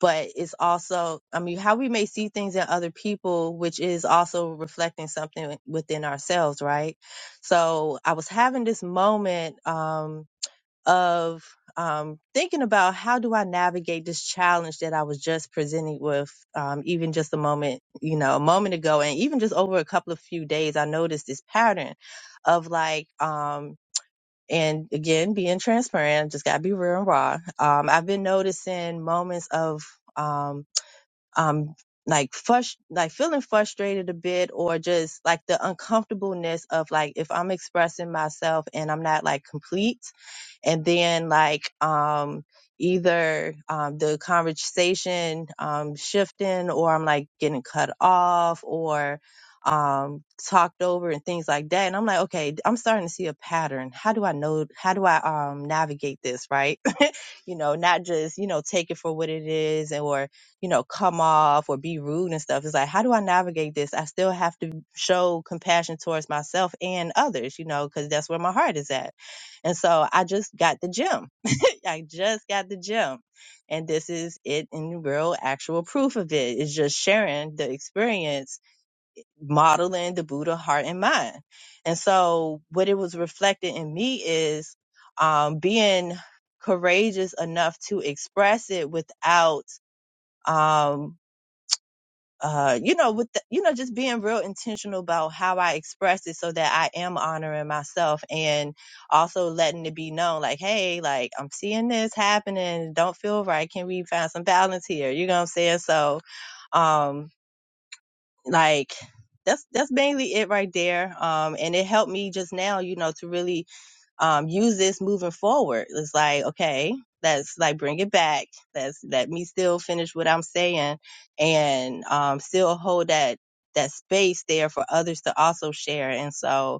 A: but it's also i mean how we may see things in other people which is also reflecting something within ourselves right so i was having this moment um of um thinking about how do i navigate this challenge that i was just presented with um even just a moment you know a moment ago and even just over a couple of few days i noticed this pattern of like um and again being transparent just gotta be real and raw um i've been noticing moments of um um like frust- like feeling frustrated a bit or just like the uncomfortableness of like if I'm expressing myself and I'm not like complete and then like um either um the conversation um shifting or I'm like getting cut off or um talked over and things like that and I'm like okay I'm starting to see a pattern how do I know how do I um navigate this right you know, not just, you know, take it for what it is and or, you know, come off or be rude and stuff. It's like, how do I navigate this? I still have to show compassion towards myself and others, you know, because that's where my heart is at. And so I just got the gym. I just got the gym. And this is it in real actual proof of it. It's just sharing the experience modeling the Buddha heart and mind. And so what it was reflected in me is um, being courageous enough to express it without, um, uh, you know, with the, you know, just being real intentional about how I express it, so that I am honoring myself and also letting it be known, like, hey, like I'm seeing this happening, don't feel right. Can we find some balance here? You know what I'm saying? So, um, like that's that's mainly it right there um and it helped me just now you know to really um use this moving forward it's like okay let's like bring it back let's let me still finish what i'm saying and um still hold that that space there for others to also share and so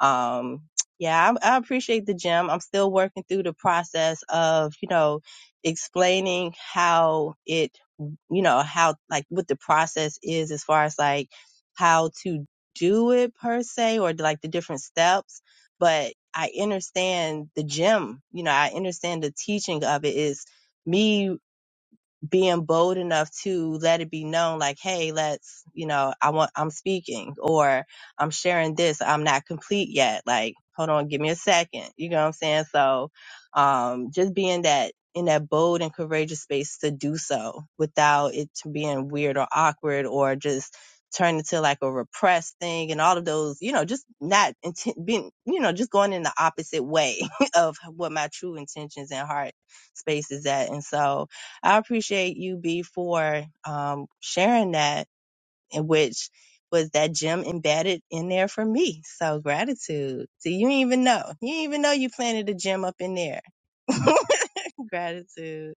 A: um, yeah, I, I appreciate the gym. I'm still working through the process of, you know, explaining how it, you know, how like what the process is as far as like how to do it per se or like the different steps. But I understand the gym, you know, I understand the teaching of it is me being bold enough to let it be known like hey let's you know i want i'm speaking or i'm sharing this i'm not complete yet like hold on give me a second you know what i'm saying so um just being that in that bold and courageous space to do so without it to being weird or awkward or just turn into like a repressed thing and all of those you know just not inten- being you know just going in the opposite way of what my true intentions and heart space is at and so I appreciate you, B, for um, sharing that, in which was that gem embedded in there for me. So gratitude. So you didn't even know. You didn't even know you planted a gem up in there. gratitude.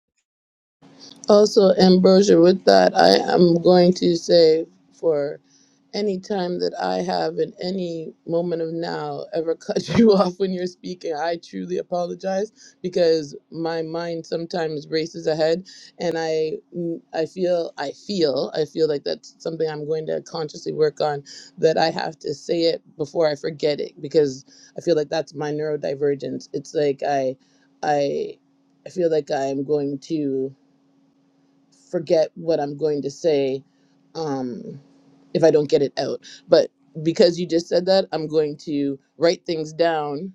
I: Also, Ambrosia, with that, I am going to say for any time that I have in any moment of now ever cut you off when you're speaking, I truly apologize because my mind sometimes races ahead, and I mm, I feel I feel I feel like that's something I'm going to consciously work on that I have to say it before I forget it because I feel like that's my neurodivergence. It's like I I I feel like I'm going to forget what I'm going to say. Um, if I don't get it out. But because you just said that, I'm going to write things down,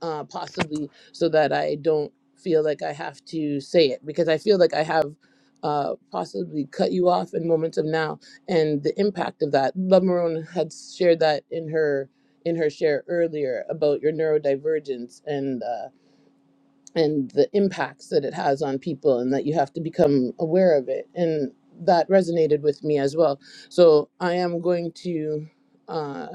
I: uh, possibly so that I don't feel like I have to say it because I feel like I have uh, possibly cut you off in moments of now and the impact of that. Love Marone had shared that in her in her share earlier about your neurodivergence and uh, and the impacts that it has on people and that you have to become aware of it and that resonated with me as well so i am going to uh,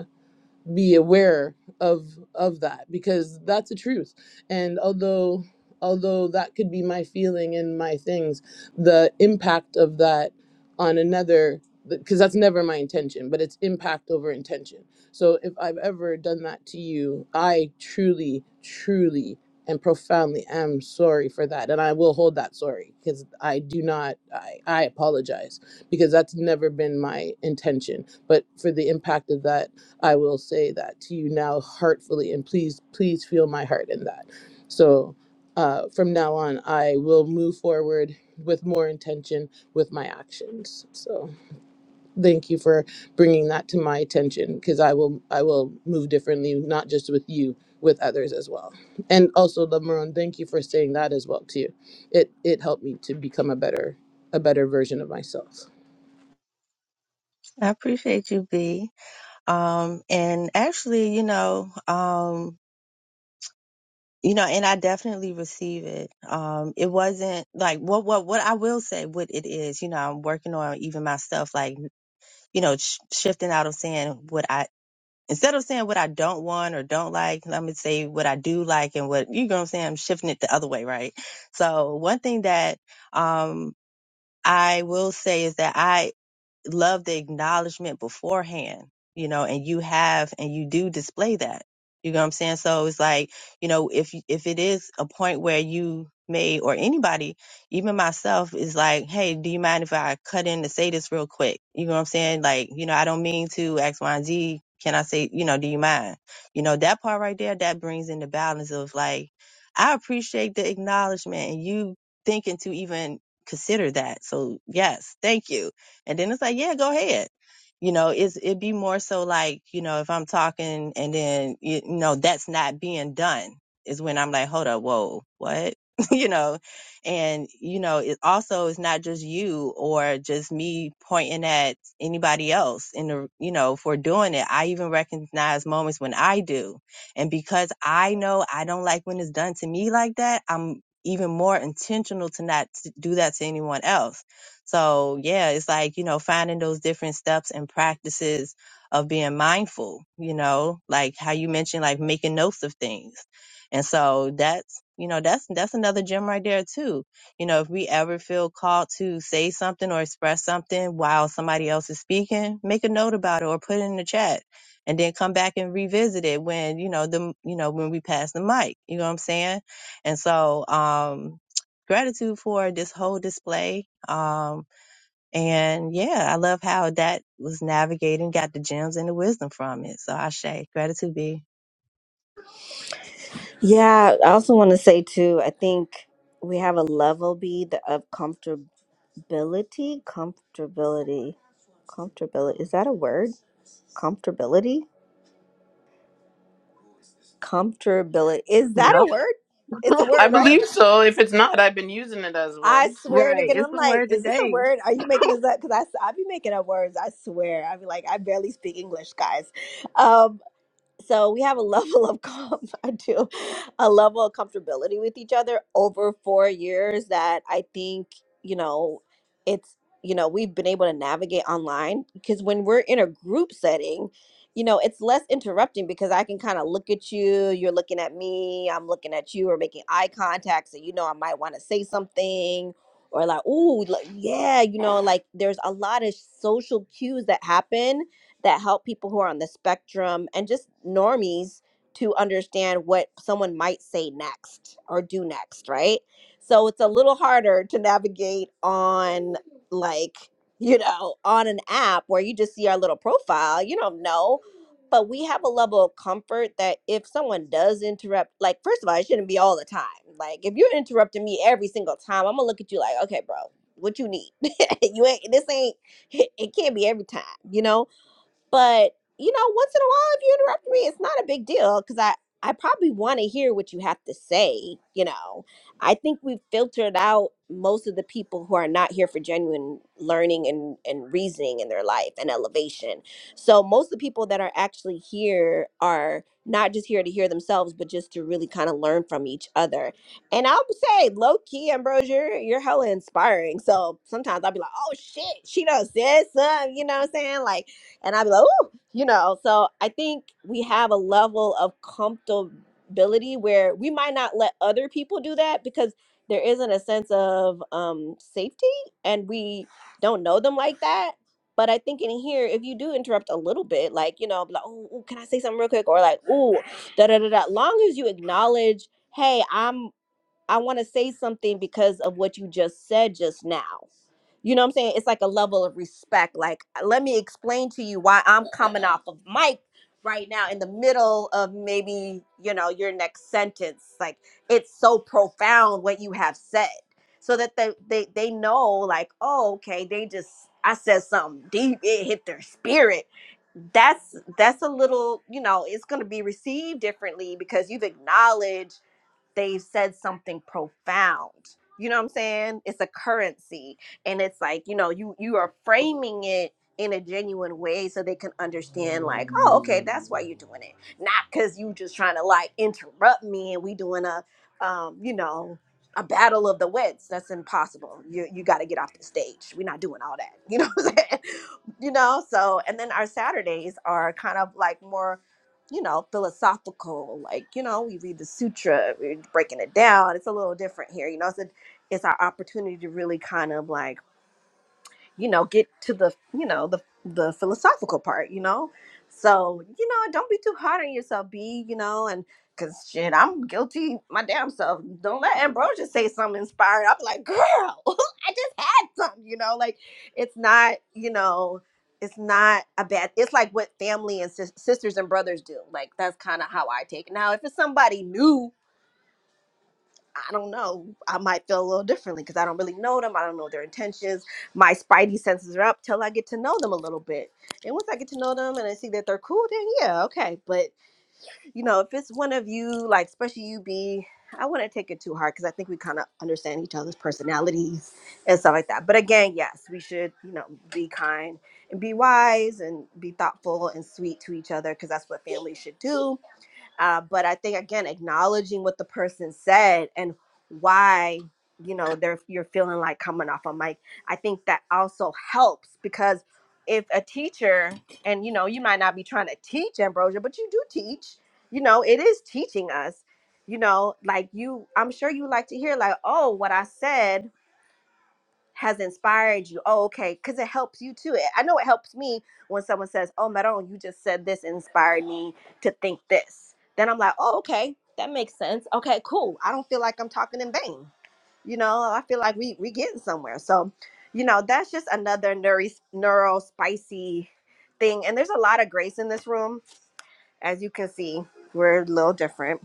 I: be aware of of that because that's the truth and although although that could be my feeling and my things the impact of that on another because that's never my intention but it's impact over intention so if i've ever done that to you i truly truly and profoundly am sorry for that and i will hold that sorry because i do not i i apologize because that's never been my intention but for the impact of that I will say that to you now heartfully, and please, please feel my heart in that. So uh, from now on, I will move forward with more intention with my actions. So thank you for bringing that to my attention because I will, I will move differently, not just with you, with others as well. And also, Lamaron, thank you for saying that as well too. It it helped me to become a better a better version of myself.
A: I appreciate you, B. Um, and actually, you know, um, you know, and I definitely receive it. Um, it wasn't like what, what, what I will say, what it is, you know, I'm working on even myself, like, you know, sh- shifting out of saying what I instead of saying what I don't want or don't like, let me say what I do like and what you know what I'm saying, I'm shifting it the other way, right? So one thing that um I will say is that I love the acknowledgement beforehand, you know, and you have and you do display that. You know what I'm saying? So it's like, you know, if if it is a point where you may or anybody, even myself, is like, hey, do you mind if I cut in to say this real quick? You know what I'm saying? Like, you know, I don't mean to X, Y, and Z. Can I say, you know, do you mind? You know, that part right there, that brings in the balance of like, I appreciate the acknowledgement and you thinking to even consider that. So yes, thank you. And then it's like, yeah, go ahead. You know, it's, it'd be more so like, you know, if I'm talking and then, you know, that's not being done is when I'm like, hold up, whoa, what? you know, and, you know, it also is not just you or just me pointing at anybody else in the, you know, for doing it. I even recognize moments when I do. And because I know I don't like when it's done to me like that, I'm even more intentional to not t- do that to anyone else so yeah, it's like, you know, finding those different steps and practices of being mindful, you know, like how you mentioned, like making notes of things. And so that's, you know, that's, that's another gem right there too. You know, if we ever feel called to say something or express something while somebody else is speaking, make a note about it or put it in the chat and then come back and revisit it when, you know, the, you know, when we pass the mic, you know what I'm saying? And so, um, gratitude for this whole display. Um, and yeah, I love how that was navigating, got the gems and the wisdom from it. So I say gratitude be.
B: yeah i also want to say too i think we have a level b the- of comfortability comfortability comfortability is that a word comfortability Comfortability. Is that
A: Yep.
B: a word? It's a
I: I
B: word, right?
I: believe so. If it's not, I've been using it as
B: I
I: one.
B: swear to
A: Right.
B: God,
A: It's
B: I'm
A: the
B: like,
A: word
B: is this a
A: today.
B: word? Are you making this up? Because I, I be making up words. I swear. I be like, I barely speak English, guys. Um, so we have a level of com- I do a level of comfortability with each other over four years that I think you know it's you know we've been able to navigate online because when we're in a group setting you know it's less interrupting because i can kind of look at you you're looking at me i'm looking at you or making eye contact so you know i might want to say something or like ooh like, yeah you know like there's a lot of social cues that happen that help people who are on the spectrum and just normies to understand what someone might say next or do next, right? So it's a little harder to navigate on like, you know, on an app where you just see our little profile, you don't know. But we have a level of comfort that if someone does interrupt, like, first of all, it shouldn't be all the time. Like, if you're interrupting me every single time, I'm gonna look at you like, okay, bro, what you need? you ain't, this ain't, it can't be every time, you know? But you know, once in a while, if you interrupt me, it's not a big deal because I I probably want to hear what you have to say. You know, I think we've filtered out most of the people who are not here for genuine learning and and reasoning in their life and elevation. So most of the people that are actually here are not just here to hear themselves, but just to really kind of learn from each other. And I'll say, low key, Ambrose, you're, you're hella inspiring. So sometimes I'll be like, oh shit, she does this, uh, you know what I'm saying? Like and I'd be like, oh, you know. So I think we have a level of comfortability where we might not let other people do that because there isn't a sense of um, safety and we don't know them like that. But I think in here, if you do interrupt a little bit, like, you know, be like, oh, ooh, can I say something real quick? Or like, ooh, da da da da. Long as you acknowledge, hey, I'm I want to say something because of what you just said just now. You know what I'm saying? It's like a level of respect. Like, "Uh, let me explain to you why I'm coming off of mic right now in the middle of maybe, you know, your next sentence. Like, it's so profound what you have said. So that they they, they know, like, oh, okay, they just I said something deep, it hit their spirit that's that's a little you know it's going to be received differently because you've acknowledged they've said something profound you know what i'm saying it's a currency and it's like you know you you are framing it in a genuine way so they can understand like oh okay that's why you're doing it not because you just trying to like interrupt me and we doing a um you know a battle of the wits that's impossible you you got to get off the stage we're not doing all that you know what i'm saying you know so and then our saturdays are kind of like more you know, philosophical. Like, you know, we read the sutra, we're breaking it down. It's a little different here. You know, it's a, it's our opportunity to really kind of like you know, get to the, you know, the the philosophical part, you know. So, you know, don't be too hard on yourself, be, you know, and cause shit, I'm guilty my damn self. Don't let Ambrosia say something inspired. I'm like, girl, I just had something, you know, like it's not, you know, it's not a bad it's like what family and sis- sisters and brothers do like that's kind of how i take it now if it's somebody new I don't know. I might feel a little differently because I don't really know them. I don't know their intentions. My spidey senses are up till I get to know them a little bit. And once I get to know them and I see that they're cool, then yeah, okay. But you know, if it's one of you, like especially you be, I wouldn't take it too hard because I think we kind of understand each other's personalities and stuff like that. But again, yes, we should, you know, be kind and be wise and be thoughtful and sweet to each other because that's what family should do uh, but I think again, acknowledging what the person said and why you know they're you're feeling like coming off a mic, I think that also helps because if a teacher and you know you might not be trying to teach ambrosia, but you do teach, you know it is teaching us. You know, like you, I'm sure you like to hear like, oh, what I said has inspired you. Oh, okay, because it helps you too. eh, I know it helps me when someone says, "Oh, Maron, you just said this inspired me to think this." Then I'm like, "Oh, okay, that makes sense. Okay, cool. I don't feel like I'm talking in vain. You know, I feel like we we getting somewhere." So, you know, that's just another neuro neuro spicy thing. And there's a lot of grace in this room as you can see, we're a little different.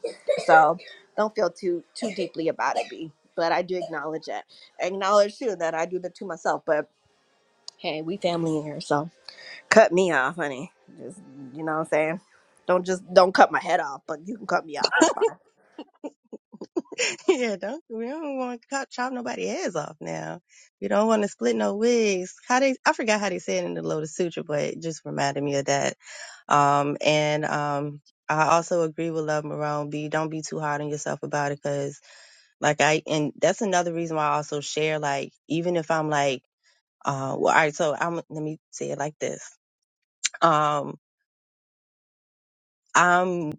B: So don't feel too too deeply about it, B. But I do acknowledge that. Acknowledge too that I do that to myself. But hey, we family in here, so cut me off, honey. Just you know what I'm saying? Don't just don't cut my head off, but you can cut me off. It's fine.
A: yeah, don't we don't want to chop, chop nobody heads off now. We don't want to split no wigs. How they I forgot how they said it in the Lotus Sutra, but it just reminded me of that. Um and um I also agree with Love Marone. Be don't be too hard on yourself about it, cause like I and that's another reason why I also share. Like even if I'm like Uh, well, all right. So I'm, let me say it like this. Um, I'm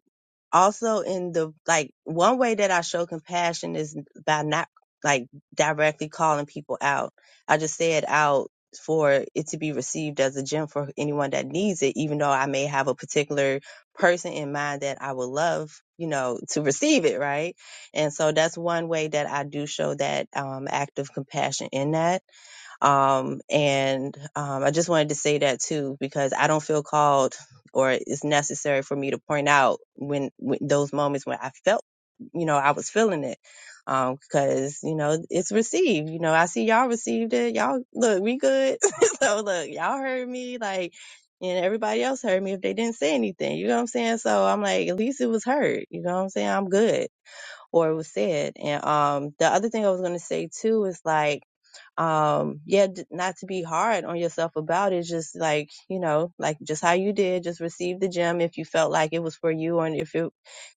A: also in the, like, one way that I show compassion is by not like directly calling people out. I just say it out for it to be received as a gem for anyone that needs it, even though I may have a particular person in mind that I would love, you know, to receive it. Right. And so that's one way that I do show that, um, act of compassion in that. Um, and um, I just wanted to say that too, because I don't feel called or it's necessary for me to point out when, when those moments when I felt, you know, I was feeling it. Um, because, you know, it's received, you know, I see y'all received it. Y'all look, we good. so look, y'all heard me like, and everybody else heard me if they didn't say anything, you know what I'm saying? So I'm like, at least it was heard, you know what I'm saying? I'm good or it was said. And, um, the other thing I was going to say too is like, um yeah d- not to be hard on yourself about it just like you know like just how you did just receive the gem if you felt like it was for you and if it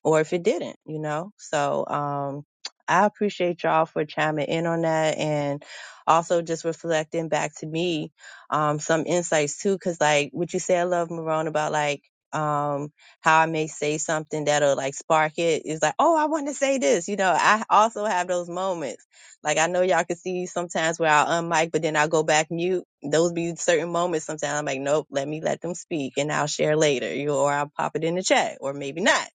A: or if it didn't you know so um i appreciate y'all for chiming in on that and also just reflecting back to me um some insights too because like what you said I love marone about like um how i may say something that'll like spark it? it is like oh i want to say this you know i also have those moments like I know y'all can see sometimes where I'll unmic, but then I'll go back mute. Those be certain moments sometimes I'm like, nope, let me let them speak and I'll share later. You know, or I'll pop it in the chat or maybe not.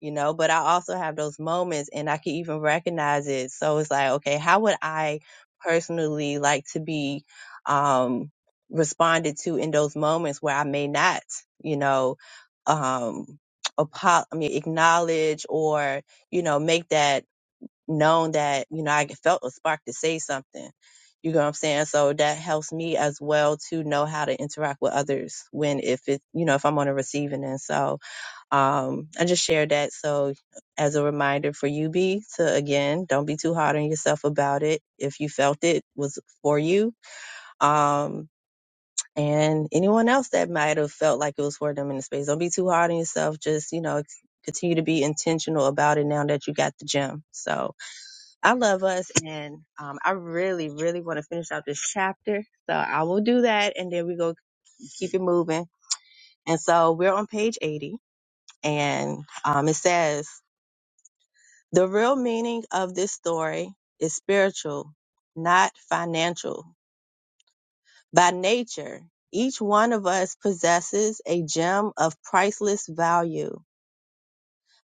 A: You know, but I also have those moments and I can even recognize it. So it's like, okay, how would I personally like to be um responded to in those moments where I may not, you know, um apo- I mean acknowledge or, you know, make that known that, you know, I felt a spark to say something. You know what I'm saying? So that helps me as well to know how to interact with others when, if it, you know, if I'm on the receiving end. So, um, I just shared that. So as a reminder for you, B, to again, don't be too hard on yourself about it. If you felt it was for you, um, and anyone else that might have felt like it was for them in the space, don't be too hard on yourself. Just, you know, continue to be intentional about it now that you got the gem. So, I love us, and um, I really, really want to finish out this chapter. So I will do that, and then we go keep it moving. And so we're on page 80, and um, it says the real meaning of this story is spiritual, not financial. By nature, each one of us possesses a gem of priceless value.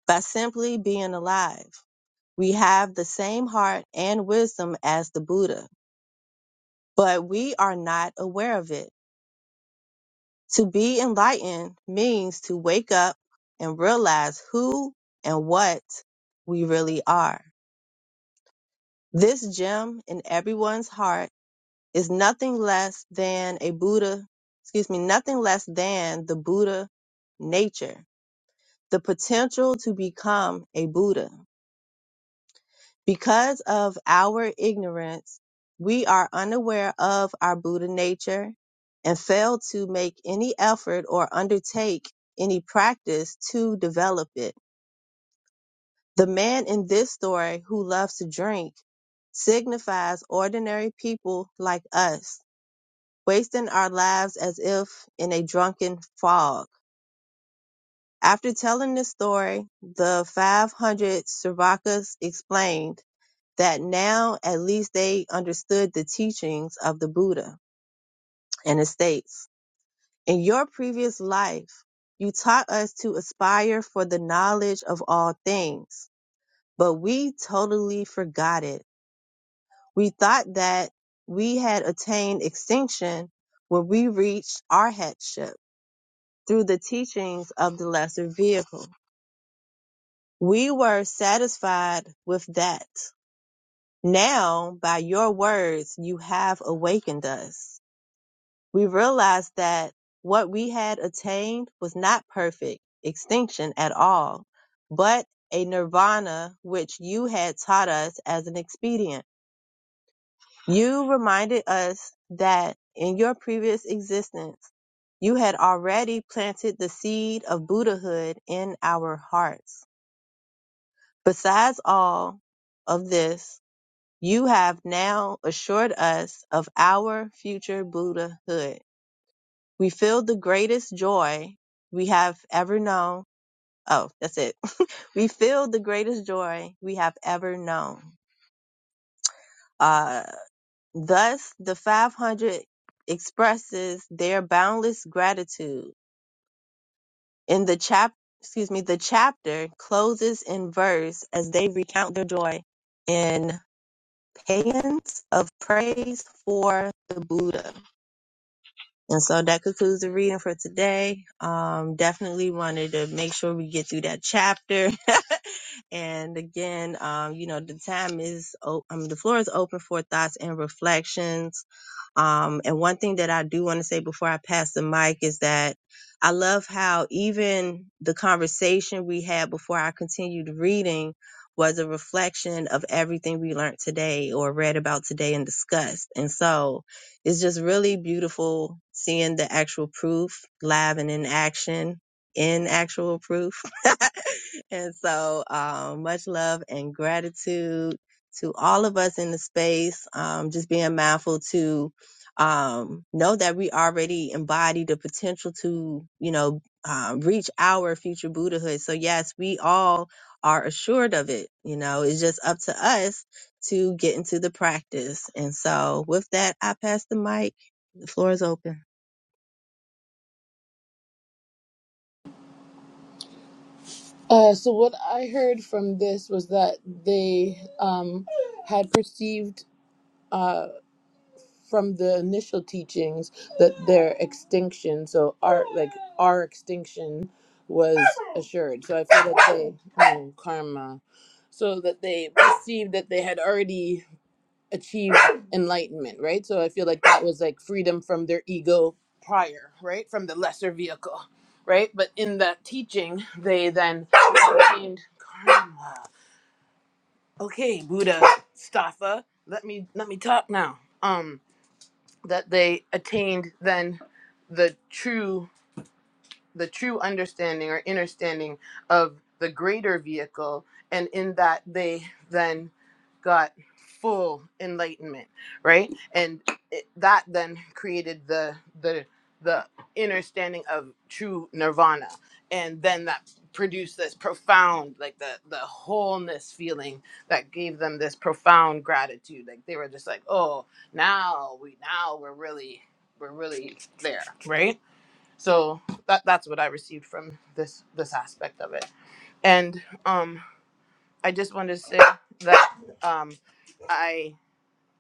A: By simply being alive, we have the same heart and wisdom as the Buddha, but we are not aware of it. To be enlightened means to wake up and realize who and what we really are. This gem in everyone's heart is nothing less than a Buddha, excuse me, nothing less than the Buddha nature, the potential to become a Buddha. Because of our ignorance, we are unaware of our Buddha nature and fail to make any effort or undertake any practice to develop it. The man in this story who loves to drink signifies ordinary people like us, wasting our lives as if in a drunken fog. After telling this story, the 500 Srivakas explained that now at least they understood the teachings of the Buddha. And it states, in your previous life, you taught us to aspire for the knowledge of all things, but we totally forgot it. We thought that we had attained extinction when we reached arhatship through the teachings of the lesser vehicle. We were satisfied with that. Now, by your words, you have awakened us. we realized that what we had attained was not perfect extinction at all, but a nirvana which you had taught us as an expedient. You reminded us that in your previous existence, you had already planted the seed of Buddhahood in our hearts. Besides all of this, you have now assured us of our future Buddhahood We feel the greatest joy we have ever known. Oh, that's it. we feel the greatest joy we have ever known. Uh, thus, the 500 expresses their boundless gratitude. In the chap, excuse me, the chapter closes in verse as they recount their joy in paeans of praise for the Buddha. And so that concludes the reading for today. Um, definitely wanted to make sure we get through that chapter. And again, um, you know, the time is, o- I mean, the floor is open for thoughts and reflections. Um, and one thing that I do want to say before I pass the mic is that I love how even the conversation we had before I continued reading was a reflection of everything we learned today or read about today and discussed. And so it's just really beautiful seeing the actual proof live and in action, in actual proof. and so, um, much love and gratitude to all of us in the space. Um, just being mindful to, um, know that we already embody the potential to, you know, um, reach our future Buddhahood. So yes, we all are assured of it. You know, it's just up to us to get into the practice. And so with that, I pass the mic. The floor is open.
I: Uh, so what I heard from this was that they um, had perceived uh, from the initial teachings that their extinction, so our like our extinction, was assured. So I feel that they oh, karma, so that they perceived that they had already achieved enlightenment, right? So I feel like that was like freedom from their ego prior, right, from the lesser vehicle, right? But in that teaching, they then obtained karma. okay buddha staffa let me let me talk now um that they attained then the true the true understanding or understanding of the greater vehicle and in that they then got full enlightenment right and it, that then created the the the understanding of true nirvana and then that produced this profound like the the wholeness feeling that gave them this profound gratitude like they were just like oh now we now we're really we're really there right so that that's what I received from this this aspect of it. And um, I just wanted to say that um, I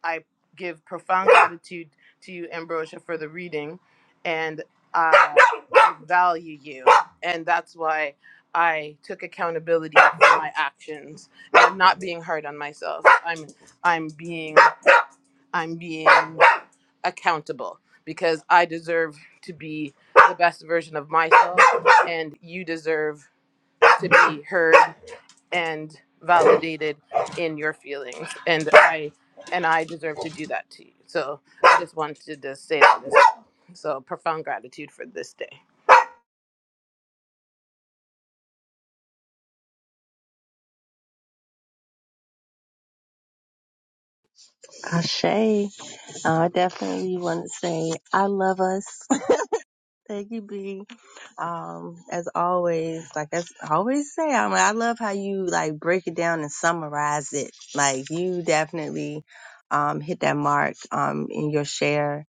I: I give profound gratitude to you, Ambrosia, for the reading, and I value you, and that's why I took accountability for my actions and I'm not being hard on myself. I'm I'm being I'm being accountable because I deserve to be the best version of myself, and you deserve to be heard and validated in your feelings, and I and I deserve to do that to you. So I just wanted to say that. So profound gratitude for this day.
A: Ashe, I definitely want to say I love us. Thank you, B. Um, as always, like as I s- always say, I'm I love how you like break it down and summarize it. Like you definitely um hit that mark um in your share.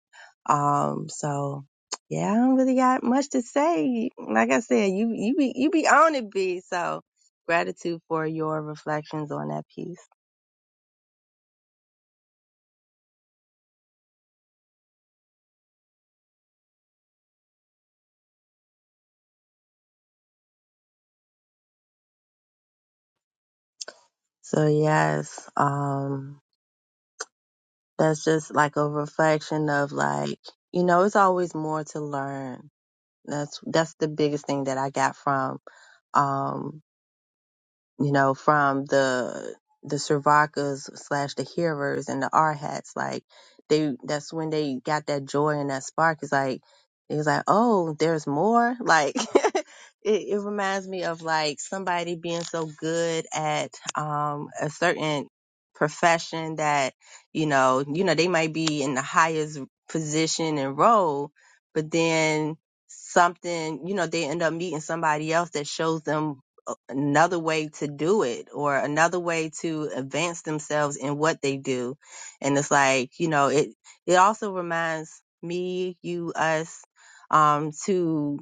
A: Um, so yeah, I don't really got much to say. Like I said, you you be you be on it, B. So gratitude for your reflections on that piece. So yes, um, that's just like a reflection of like you know, it's always more to learn That's that's the biggest thing that I got from um, you know, from the the Servakas slash the hearers and the arhats, Like they that's when they got that joy and that spark. It's like it was like, oh, there's more. Like it, it reminds me of like somebody being so good at um a certain profession that, you know, you know, they might be in the highest position and role, but then something, you know, they end up meeting somebody else that shows them a- another way to do it or another way to advance themselves in what they do. And it's like, you know, it it also reminds me, you, us, um, to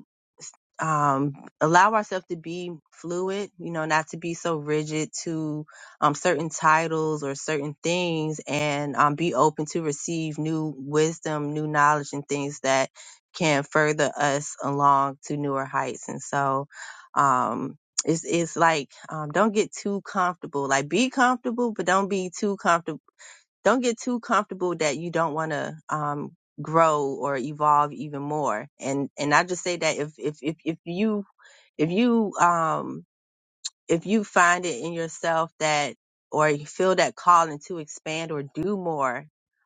A: um, allow ourselves to be fluid, you know, not to be so rigid to um, certain titles or certain things, and um, be open to receive new wisdom, new knowledge, and things that can further us along to newer heights. And so, um, it's it's like um, don't get too comfortable. Like be comfortable, but don't be too comfortable don't get too comfortable that you don't want to um, grow or evolve even more. And and I just say that if if if if you if you um if you find it in yourself that or you feel that calling to expand or do more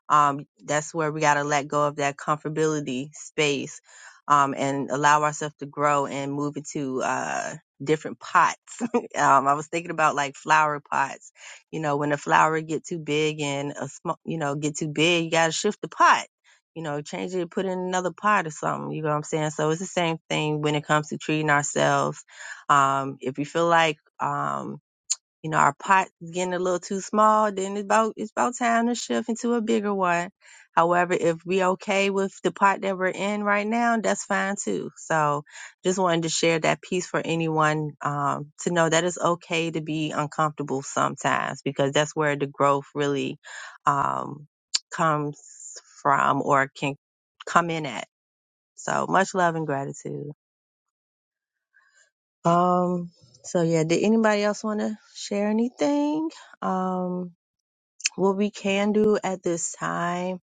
A: um, that's where we got to let go of that comfortability space um, and allow ourselves to grow and move into uh, different pots um, i was thinking about like flower pots you know when the flower get too big and a sm- you know get too big you got to shift the pot you know change it put in another pot or something you know what i'm saying so it's the same thing when it comes to treating ourselves um, if you feel like, um, you know, our pot is getting a little too small, then it's about, it's about time to shift into a bigger one. However, if we okay with the pot that we're in right now, that's fine too. So just wanted to share that piece for anyone, um, to know that it's okay to be uncomfortable sometimes because that's where the growth really, um, comes from or can come in at. So much love and gratitude. Um, so yeah, did anybody else want to share anything? Um, what we can do at this time,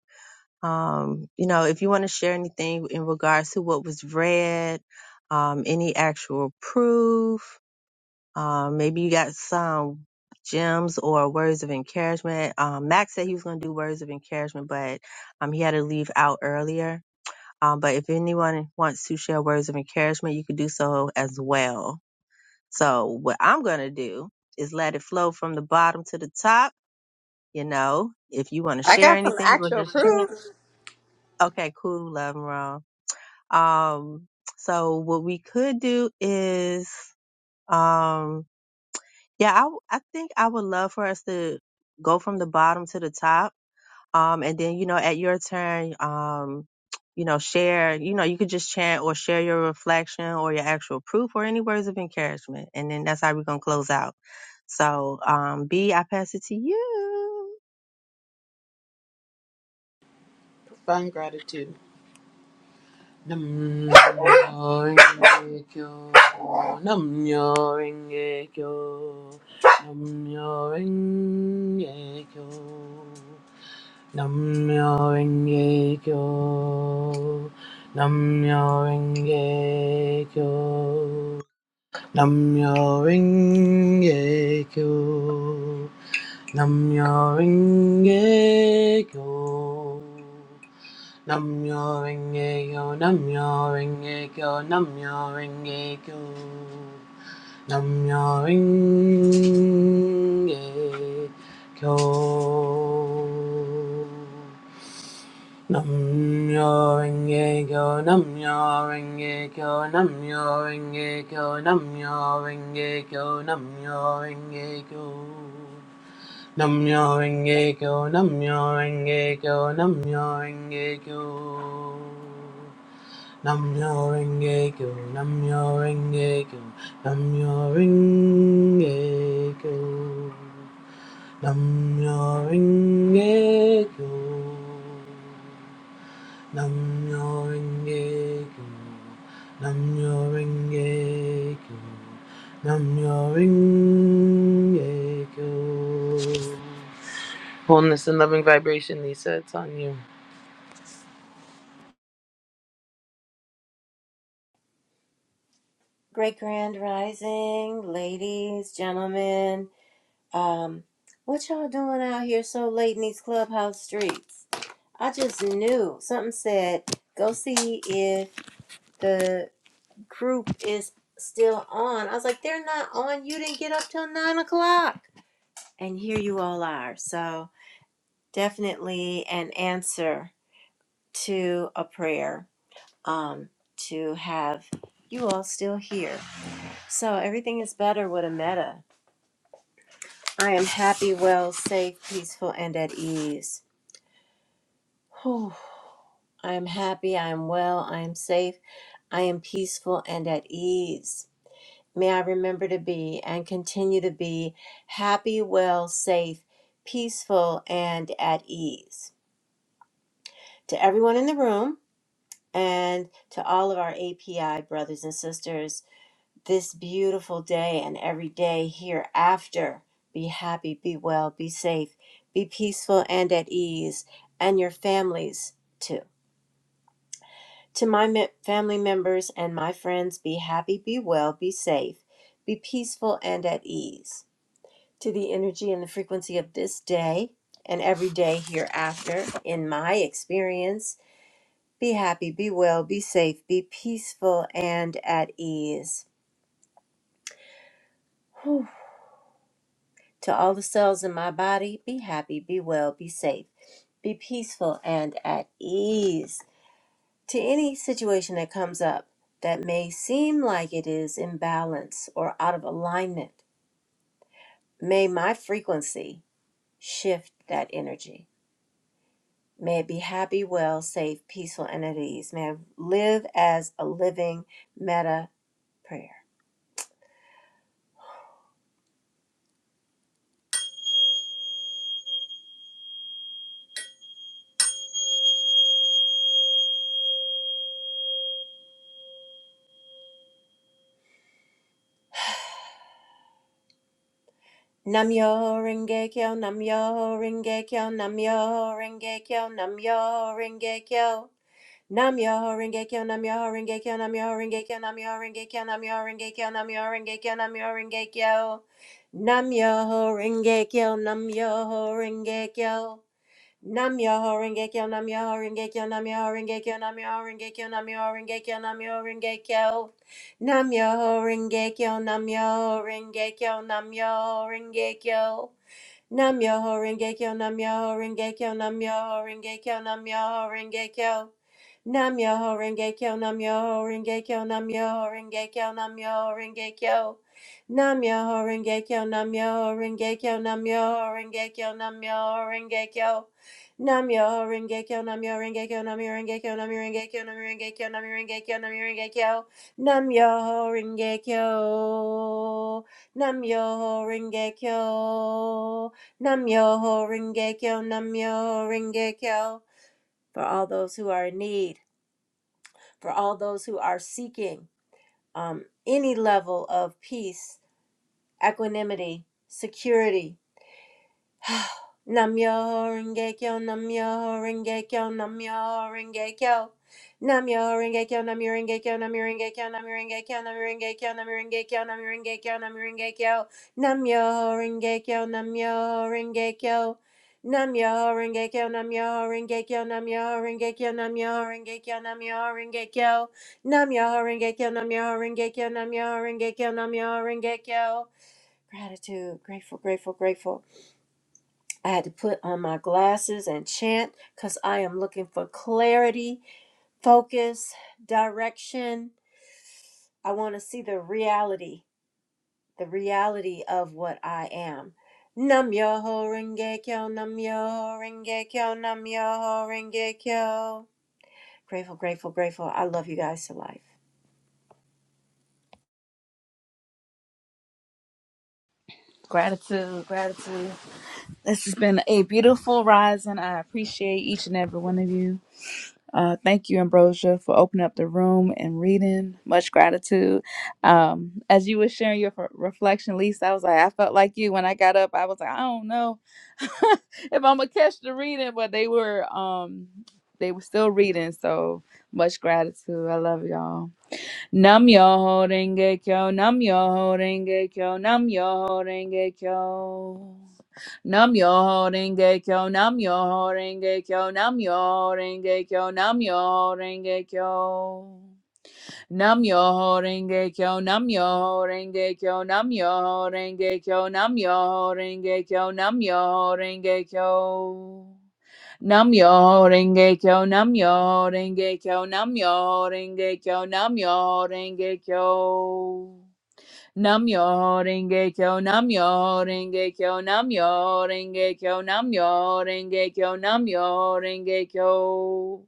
A: um, you know, if you want to share anything in regards to what was read, um, any actual proof, um, maybe you got some gems or words of encouragement. Um, Max said he was going to do words of encouragement, but um, he had to leave out earlier. Um, but if anyone wants to share words of encouragement, you could do so as well. So what I'm going to do is let it flow from the bottom to the top. You know, if you want to
B: I
A: share
B: got some
A: anything, we'll
B: actual
A: just chant.
B: proof.
A: Okay, cool. Love and wrong. Um, so what we could do is, um, yeah, I, I think I would love for us to go from the bottom to the top Um, and then, you know, at your turn, um, you know, share, you know, you could just chant or share your reflection or your actual proof or any words of encouragement. And then that's how we're going to close out. So, um, B, I pass it to you.
I: Profound gratitude. Nam myo renge kyo. Nam myo renge kyo. Nam myo renge kyo. Namyo Renge Kyo. Namyo Renge Kyo. Namyo Renge Kyo. Namyo Renge Kyo. Namyo Renge Kyo. Namyo Renge Kyo. Namyo Renge Kyo. Namyo Renge Kyo. Namyo Renge Kyo, Namyo Renge Kyo, Namyo Renge Kyo, Namyo Renge Kyo, Namyo Renge Kyo. Namyo Renge Kyo, Namyo Renge Kyo, Namyo Renge Kyo. Namyo Renge Kyo, Namyo Renge Kyo, Namyo Renge Kyo. Namyo Renge Kyo. Namyo Renge Kyo. Namyo Renge Kyo. Namyo Renge Kyo. Wholeness and loving vibration, Lisa. It's on you.
J: Great Grand Rising, ladies, gentlemen. Um, what y'all doing out here so late in these clubhouse streets? I just knew something said go see if the group is still on. I was like, they're not on. You didn't get up till nine o'clock, and here you all are. So definitely an answer to a prayer um, to have you all still here. So everything is better with a meta. I am happy, well, safe, peaceful, and at ease. Whew. I am happy, I am well, I am safe, I am peaceful and at ease. May I remember to be and continue to be happy, well, safe, peaceful, and at ease. To everyone in the room and to all of our API brothers and sisters, this beautiful day and every day hereafter. Be happy, be well, be safe, be peaceful and at ease, and your families too. To my me- family members and my friends, be happy, be well, be safe, be peaceful and at ease. To the energy and the frequency of this day and every day hereafter, in my experience, be happy, be well, be safe, be peaceful and at ease. Whew. To all the cells in my body, be happy, be well, be safe, be peaceful, and at ease. To any situation that comes up that may seem like it is imbalanced or out of alignment, may my frequency shift that energy. May it be happy, well, safe, peaceful, and at ease. May I live as a living meta prayer. Namyo Rengekyo, Namyo Rengekyo, Namyo Rengekyo, Namyo Rengekyo. Nam Yoho Rengekyo, Nam Yoho Rengekyo, Nam Yoho Rengekyo, Nam Yoho Rengekyo, Nam Yoho Rengekyo, Nam Yoho Rengekyo, Nam Yoho Rengekyo. Nam Yoho Rengekyo, Nam Yoho Rengekyo. Nam Yoho Rengekyo, Nam Yoho Rengekyo, Nam Yoho Rengekyo, Nam Yoho Rengekyo, Nam Yoho Rengekyo, Nam Yoho Rengekyo. Nam Yoho Rengekyo, Nam Yoho Rengekyo, Nam Yoho Rengekyo. Nam Yoho Rengekyo, Nam Yoho Rengekyo, Nam Yoho Rengekyo, Nam Yoho Rengekyo. Nam Yoho Renge Kyo, Nam Yoho Renge Kyo, Nam Yoho Renge Kyo, Nam Yoho Renge Kyo. Nam Yoho Renge Kyo, Nam Yoho Renge Kyo, Nam Yoho Renge Kyo, Nam Yoho Renge Kyo. Nam Yoho Renge Kyo, Nam Yoho Renge Kyo, Nam Yoho Renge Kyo, Nam Yoho Renge Kyo, Nam Yoho Renge Kyo, Nam Yoho Renge Kyo, Nam Yoho Renge Kyo. Nam Yoho Renge Kyo. Nam Yoho Renge Kyo. Nam Yoho Renge Kyo, Nam Yoho Renge Kyo. For all those who are in need for all those who are seeking um, any level of peace, equanimity, security, Namyo Rengekyo, Namyo Rengekyo, Namyo Rengekyo. Namyo Rengekyo, Namyo Rengekyo, Namyo Rengekyo, Namyo Rengekyo, Namyo Rengekyo, Namyo Rengekyo, Namyo Rengekyo, Namyo Rengekyo. Namyo Rengekyo, Namyo Rengekyo. Namyo Rengekyo, Namyo Rengekyo, Namyo Rengekyo, Namyo Rengekyo, Namyo Rengekyo. Namyo Rengekyo, Namyo Rengekyo, Namyo Rengekyo, Namyo Rengekyo. Gratitude, grateful, grateful, grateful. I had to put on my glasses and chant because I am looking for clarity, focus, direction. I want to see the reality, the reality of what I am. Nam yo ho renge kyo, nam yo ho renge kyo, nam yo ho renge kyo. Grateful, grateful, grateful. I love you guys to life.
G: Gratitude, gratitude. This has been a beautiful rising. I appreciate each and every one of you. Uh, thank you, Ambrosia, for opening up the room and reading. Much gratitude. Um, as you were sharing your f- reflection, Lisa, I was like, I felt like you when I got up. I was like, I don't know if I'm gonna catch the reading, but they were, um, they were still reading. So much gratitude. I love y'all. Nam Yoho Renge Kyo, Nam Yoho Renge Kyo, Nam Yoho Renge Kyo. Nam Yoho Renge Kyo, Nam Yoho Renge Kyo, Nam Yoho Renge Kyo, Nam Yoho Renge Kyo. Nam Yoho Renge Kyo, Nam Yoho Renge Kyo, Nam Yoho Renge Kyo, Nam Yoho Renge Kyo, Nam Yoho Renge Kyo. Namyo Renge Kyo, Namyo Renge Kyo, Namyo Renge Kyo, Namyo Renge Kyo. Namyo Renge Kyo, Namyo Renge Kyo, Namyo Renge Kyo, Namyo Renge Kyo, Namyo Renge Kyo.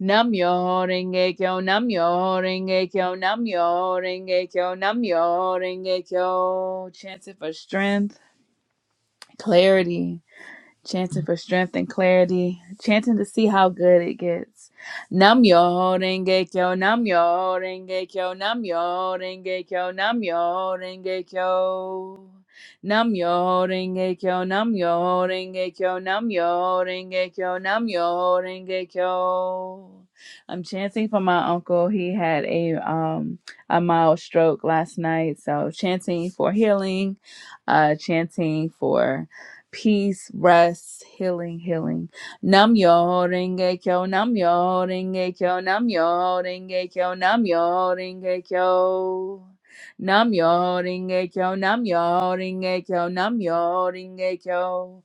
G: Namyo Renge Kyo, Namyo Renge Kyo, Namyo Renge Kyo, Namyo Renge Kyo. Chance it for strength, clarity chanting for strength and clarity, chanting to see how good it gets. Nam yo renge kyo, nam yo renge kyo, nam yo renge kyo, nam yo renge kyo. Nam yo renge kyo, nam yo renge kyo, nam yo renge kyo, nam yo renge kyo. I'm chanting for my uncle. He had a um a mild stroke last night, so chanting for healing, uh chanting for peace, rest, healing, healing. Nam yo renge kyo, nam yo renge kyo, nam yo renge kyo, nam yo renge kyo. Nam yo renge kyo, nam yo renge kyo, nam yo renge kyo.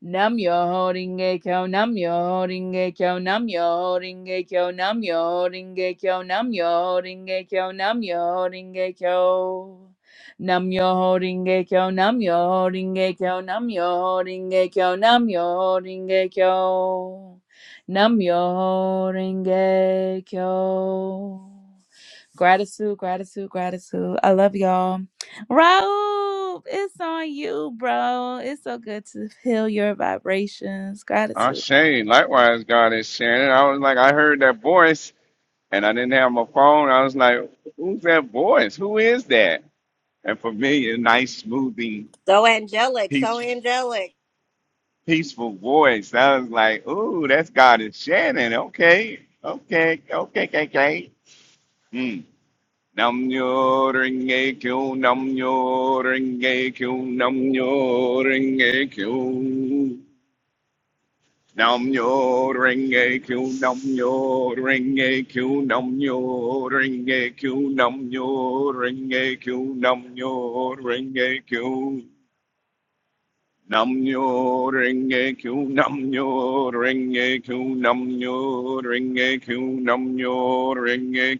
G: Nam yo holding a kyo, nam yo holding a kyo, nam yo holding a kyo, nam yo holding a kyo, nam yo holding a kyo, nam yo holding a kyo. Nam yo holding a kyo, nam yo holding a kyo, nam yo holding a kyo, nam yo holding a kyo. Nam yo holding a kyo. Gratitude, gratitude, gratitude. I love y'all. Raul, it's on you, bro. It's so good to feel your vibrations.
H: I
G: Gratitude.
H: Likewise, God is Shannon. I was like, I heard that voice and I didn't have my phone. I was like, who's that voice? Who is that? And for me, a nice, smoothing,
B: So angelic, so
H: peace,
B: angelic.
H: peaceful voice. I was like, ooh, that's God is Shannon. Okay. Okay. Okay. Okay. okay. Hmm. Nam nyo ring a q. nam nyo ring a q. nam nyo ring a q. Nam nyo ring a q. nam nyo ring a q. nam nyo ring a q. nam nyo ring a q. nam nyo ring a q. Nam nyo ring a q. nam nyo ring a q. nam nyo ring a q. nam nyo ring a q.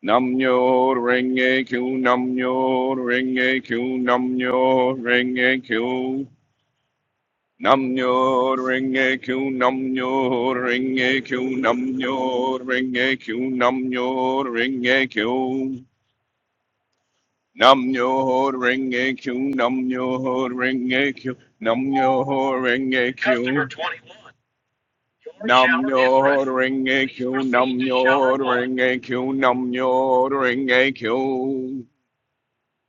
H: Namnyo Renge Kyo Namnyo Renge Kyo Namnyo Renge Kyo Namnyo Renge Kyo Namnyo Renge Kyo Namnyo Renge Kyo Namnyo Renge Kyo Namnyo Renge Kyo Namnyo Renge Kyo Namnyo Renge Kyo Namnyo Renge Kyo Namnyo Renge Kyo Namnyo Renge Kyo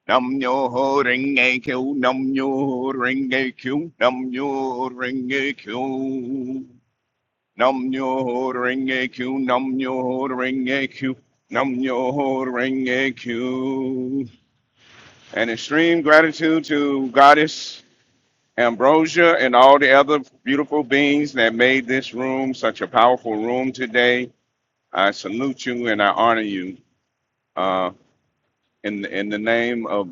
H: Nam yo ho ring a q. Nam yo ho ring a q. Nam yo ho ring a q. Nam yo ho ring a q. Nam yo ho ring a q. Nam yo ho ring a q. And extreme gratitude to Goddess Ambrosia and all the other beautiful beings that made this room such a powerful room today. I salute you and I honor you. Uh, in in the name of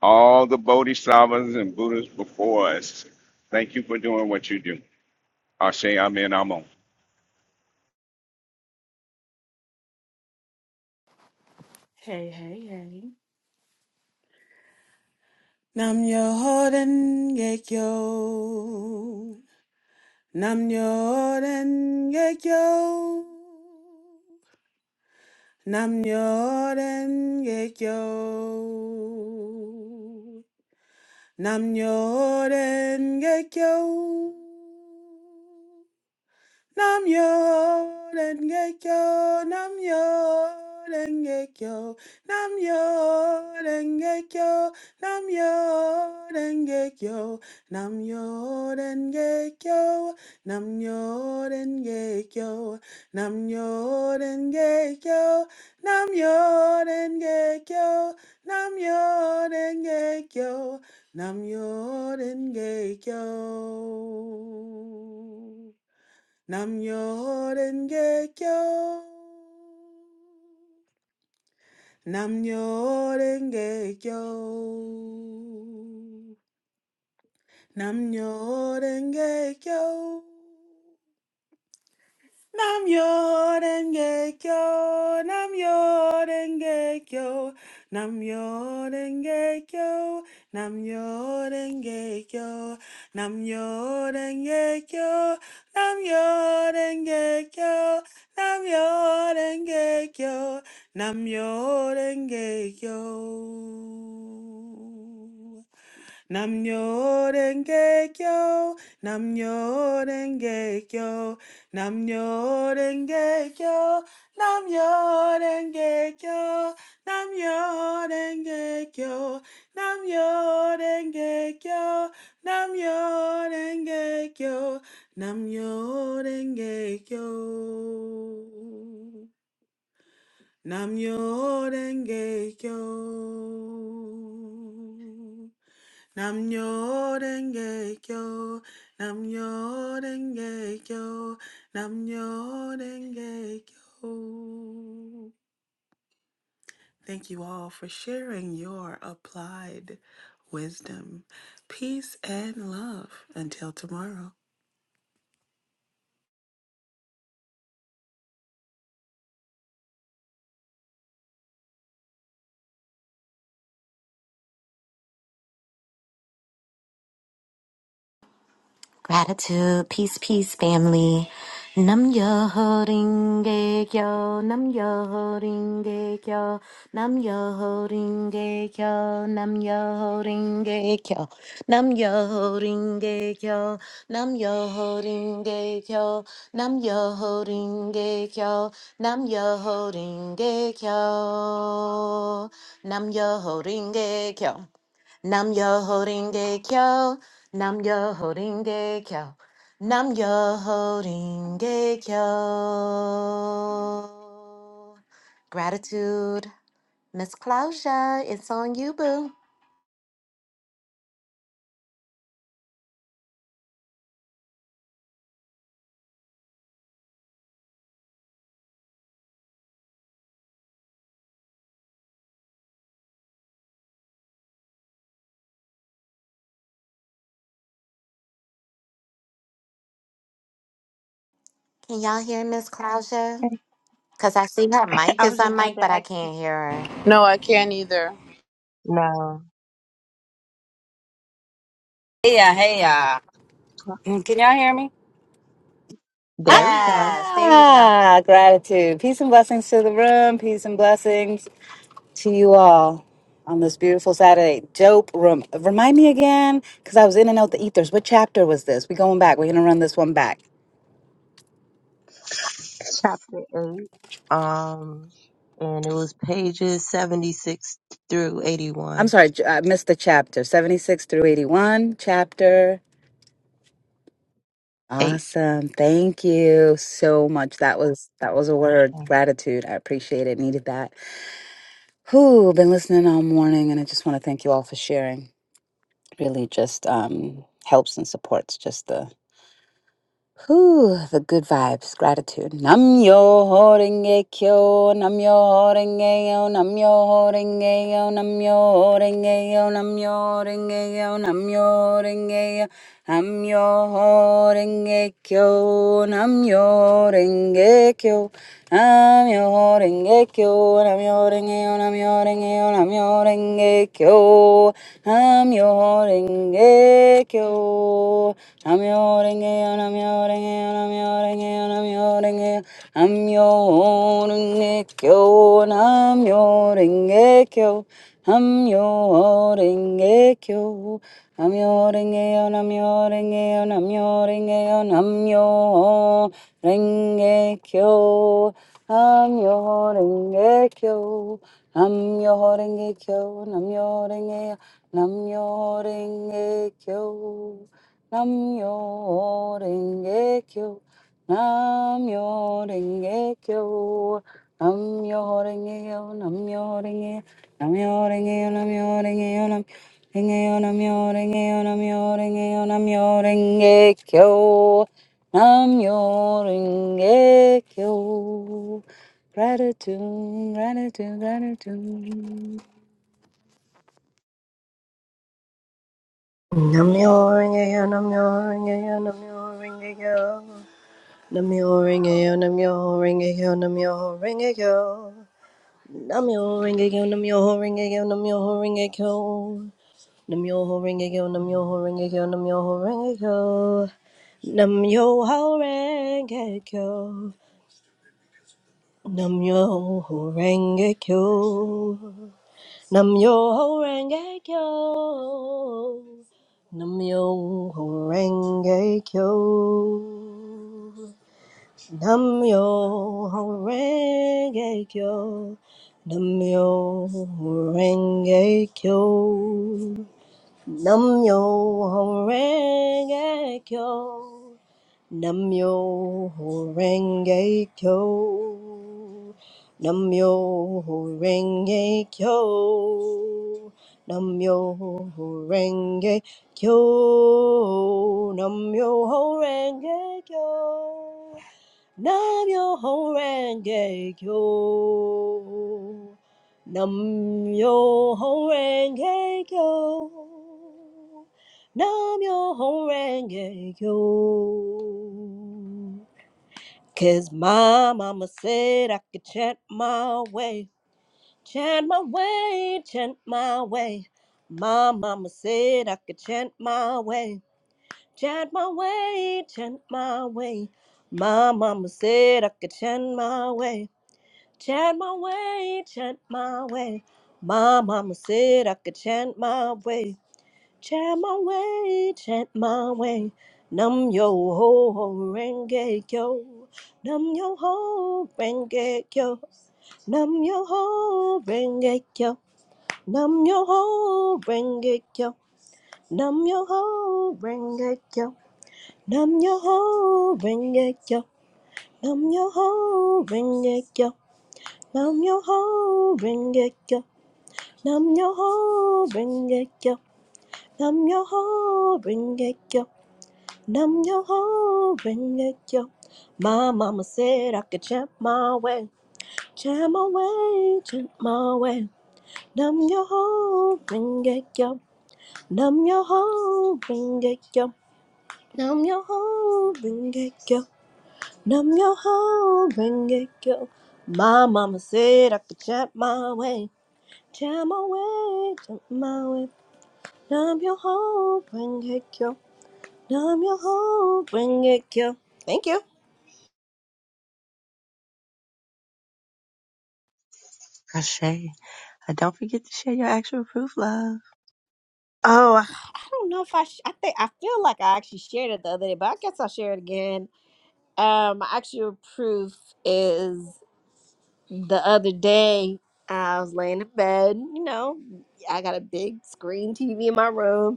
H: all the bodhisattvas and Buddhas before us. Thank you for doing what you do. Ashe Amen Amo.
K: Hey, hey, hey. Nam Yoden Gekyo. Nam Yoden Gekyo. Nam Yoden Gekyo. Nam Yoden Gekyo. Nam yo denge kyo, nam yo denge kyo, nam yo denge kyo, nam yo denge kyo, nam yo denge kyo, nam yo denge kyo, nam yo denge kyo, nam yo denge kyo, nam yo denge kyo, nam yo denge kyo. Namyo Renge Kyo. Namyo Renge Kyo. Namyo Renge Kyo. Nam yo denge kyo, nam yo denge kyo, nam yo denge kyo, nam yo denge kyo, nam yo denge kyo, nam yo denge kyo, nam yo denge kyo, nam yo denge kyo. Namnyo denge kyo, namnyo denge kyo, namnyo denge kyo, namnyo denge kyo, namnyo denge kyo, namnyo denge kyo, namnyo denge kyo, namnyo denge kyo, namnyo denge kyo. Nam Namnyo denge kyo, Nam namnyo denge kyo, Nam namnyo denge kyo. Thank you all for sharing your applied wisdom. Peace and love until tomorrow.
L: Gratitude, peace, peace, family. Nam yo holding yo, nam yo holding yo, nam yo holding yo, nam yo holding yo, nam yo holding yo, nam yo holding yo, nam yo holding yo, nam yo holding yo, nam yo holding yo. Nam yo horinge kyo, nam yo horinge kyo, nam yo horinge kyo. Gratitude, Miss Clausia, it's on you, boo. Can y'all hear Miss Clausia? Cause I see her mic
A: I
L: is
A: was just
L: on
A: about
L: mic,
A: to
L: but I
A: ask.
L: can't hear her.
I: No, I can't either.
A: No,
F: Hey, yeah, hey, yeah. Mm, Can y'all hear me?
A: there we go.
L: Yes, there you go.
F: Ah, gratitude. Peace and blessings to the room. Peace and blessings to you all on this beautiful Saturday. Dope room. Remind me again, because I was in and out the ethers. What chapter was this? We going back. We're going to run this one back.
A: Chapter eight. Um, and it was pages 76 through
F: I'm
A: 81.
F: sorry, j- I missed the chapter. 76 through 81, chapter.
A: Eight.
F: Awesome. Thank you so much. That was that was a word.
A: Ashe.
F: Gratitude. I appreciate it. Needed that. Who been listening all morning and I just want to thank you all for sharing. Really just um helps and supports just the Whew, the good vibes, gratitude. Nam yo horenge kyo, nam yo horenge yo, nam yo horenge yo, nam yo horenge yo, nam yo horenge yo, nam yo horenge yo, nam yo horenge kyo, nam yo horenge kyo. Namyo Renge Kyo, Namyo Renge Yo, Namyo Renge Yo, Namyo Renge Kyo, Namyo Renge Kyo, Namyo Renge Yo, Namyo Renge Yo, Namyo Renge Yo, Namyo Renge Yo, Namyo Renge Kyo, Namyo Renge Kyo. Namyo renge kyo. Namyo renge yo, namyo renge yo, namyo renge yo, namyo renge kyo. Namyo renge kyo. Namyo renge kyo, namyo renge yo, namyo renge kyo. Namyo Renge Kyo. Namyo Renge Kyo. Namyo Renge Kyo. Namyo Renge Kyo, Namyo Renge Kyo, Namyo Renge Kyo, Namyo Renge Kyo, Namyo Renge Kyo, Namyo Renge Kyo. Namyo Renge Kyo. Gratitude, gratitude, gratitude.
B: Namyo-renge-kyo, namyo-renge-kyo, namyo-renge-kyo. Namyo-renge-kyo, namyo-renge-kyo, namyo-renge-kyo. Namyo Rengekyo, Namyo Rengekyo, Namyo Rengekyo. Namyo Rengekyo, Namyo Rengekyo, Namyo Rengekyo. Namyo Rengekyo. Namyo Rengekyo. Namyo Rengekyo. Namyo Rengekyo. Nam yo renge kyo. Nam yo renge kyo. Nam yo renge kyo. Nam yo renge kyo. Nam yo renge kyo. Nam yo renge kyo. Nam yo renge kyo. Nam yo ho renge kyo. Nam yo ho renge kyo. Nam yo ho renge kyo. Cause my mama said I could chant my way. Chant my way, chant my way. My mama said I could chant my way. Chant my way, chant my way. My mama said I could chant my way. Chant my way, chant my way. My mama said I could chant my way. Chant my way, chant my way. Num yo ho ho renge yo. Num yo ho renge yo. Num yo ho renge yo. Num yo ho renge yo. Num yo ho renge yo. Nam yo ho, bring it yo. Nam yo ho, bring it yo. Nam yo ho, bring it yo. Nam yo ho, bring it yo. Nam yo ho, bring it yo. Nam yo ho, bring it yo. My mama said I could chant my way, chant my way, chant my way. Nam yo ho, bring it yo. Nam yo ho, bring it yo. Nam yo ho, bring it yo. Numb your whole ring go. My mama said I could chant my way. Chant my way, chant my way. Numb your whole ring go. Numb your whole ring go. Thank you.
A: Ashe. And don't forget to share your actual proof, love.
B: Oh, I I don't know if I. Sh- I think I feel like I actually shared it the other day, but I guess I'll share it again. Um, my actual proof is the other day I was laying in bed. You know, I got a big screen TV in my room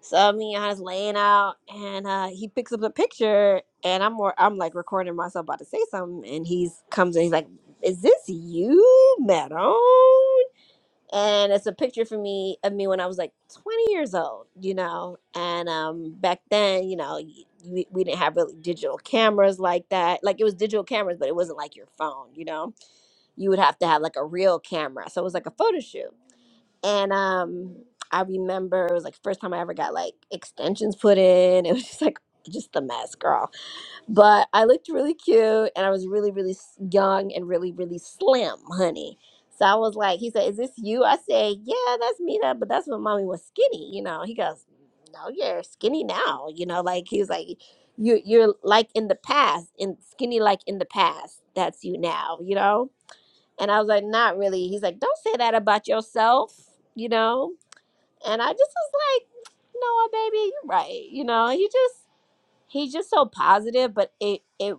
B: So me and I was laying out, and uh, he picks up a picture, and I'm more, I'm like recording myself about to say something, and he's comes and he's like, "Is this you, madam?" And it's a picture for me of me when I was like 20 years old, you know. And um, back then, you know, y- we, we didn't have really digital cameras like that. Like it was digital cameras, but it wasn't like your phone, you know. You would have to have like a real camera, so it was like a photo shoot. And um, I remember it was like first time I ever got like extensions put in. It was just like just a mess, girl. But I looked really cute, and I was really, really s- young and really, really slim, honey. So I was like, he said, "Is this you?" I said, "Yeah, that's me." That, but that's when mommy was skinny, you know. He goes, "No, you're skinny now," you know. Like he was like, "You, you're like in the past, and skinny like in the past. That's you now," you know and I was like, not really. He's like, don't say that about yourself, you know? And I just was like, no, baby, you're right. You know, he just he's just so positive, but it it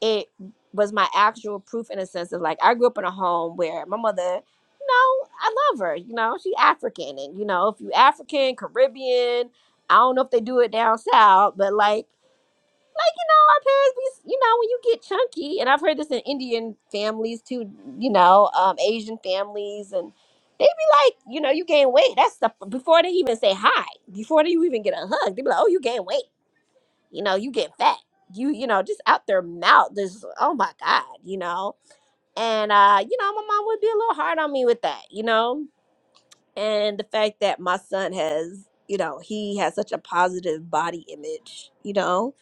B: it was my actual proof in a sense of like I grew up in a home where my mother, you know, I love her, you know, she's African and you know, if you African, Caribbean, I don't know if they do it down south, but like my parents be, you know, when you get chunky, and I've heard this in Indian families too, you know, um, Asian families, and they be like, you know, you gain weight. That's stuff before they even say hi, before they even get a hug, they be like, oh, you gain weight. You know, you get fat. You, you know, just out their mouth. This, oh my God, you know. And uh, you know, my mom would be a little hard on me with that, you know, and the fact that my son has, you know, he has such a positive body image, you know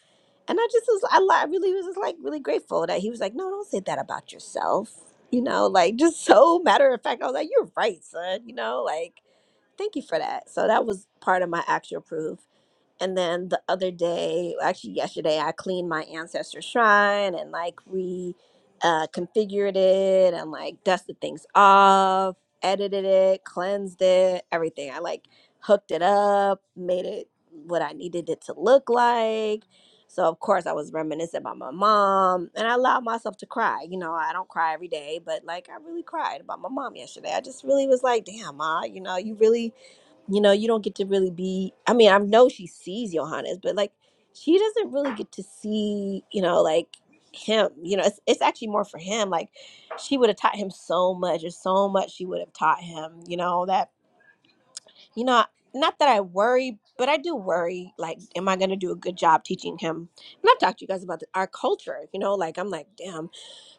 B: and I just was, I, li- I really was just like really grateful that he was like, no, don't say that about yourself. You know, like just so matter of fact, I was like, you're right, son. You know, like, thank you for that. So that was part of my actual proof and then the other day actually yesterday i cleaned my ancestor shrine and like re uh, configured it and like dusted things off edited it cleansed it everything i like hooked it up made it what i needed it to look like so of course i was reminiscent about my mom and i allowed myself to cry you know i don't cry every day but like i really cried about my mom yesterday i just really was like damn ma you know you really you know, you don't get to really be. I mean, I know she sees Johannes, but like, she doesn't really get to see, you know, like him. You know, it's, it's actually more for him. Like, she would have taught him so much. There's so much she would have taught him, you know, that, you know, not that I worry, but I do worry. Like, am I going to do a good job teaching him? And I've talked to you guys about the, our culture, you know, like, I'm like, damn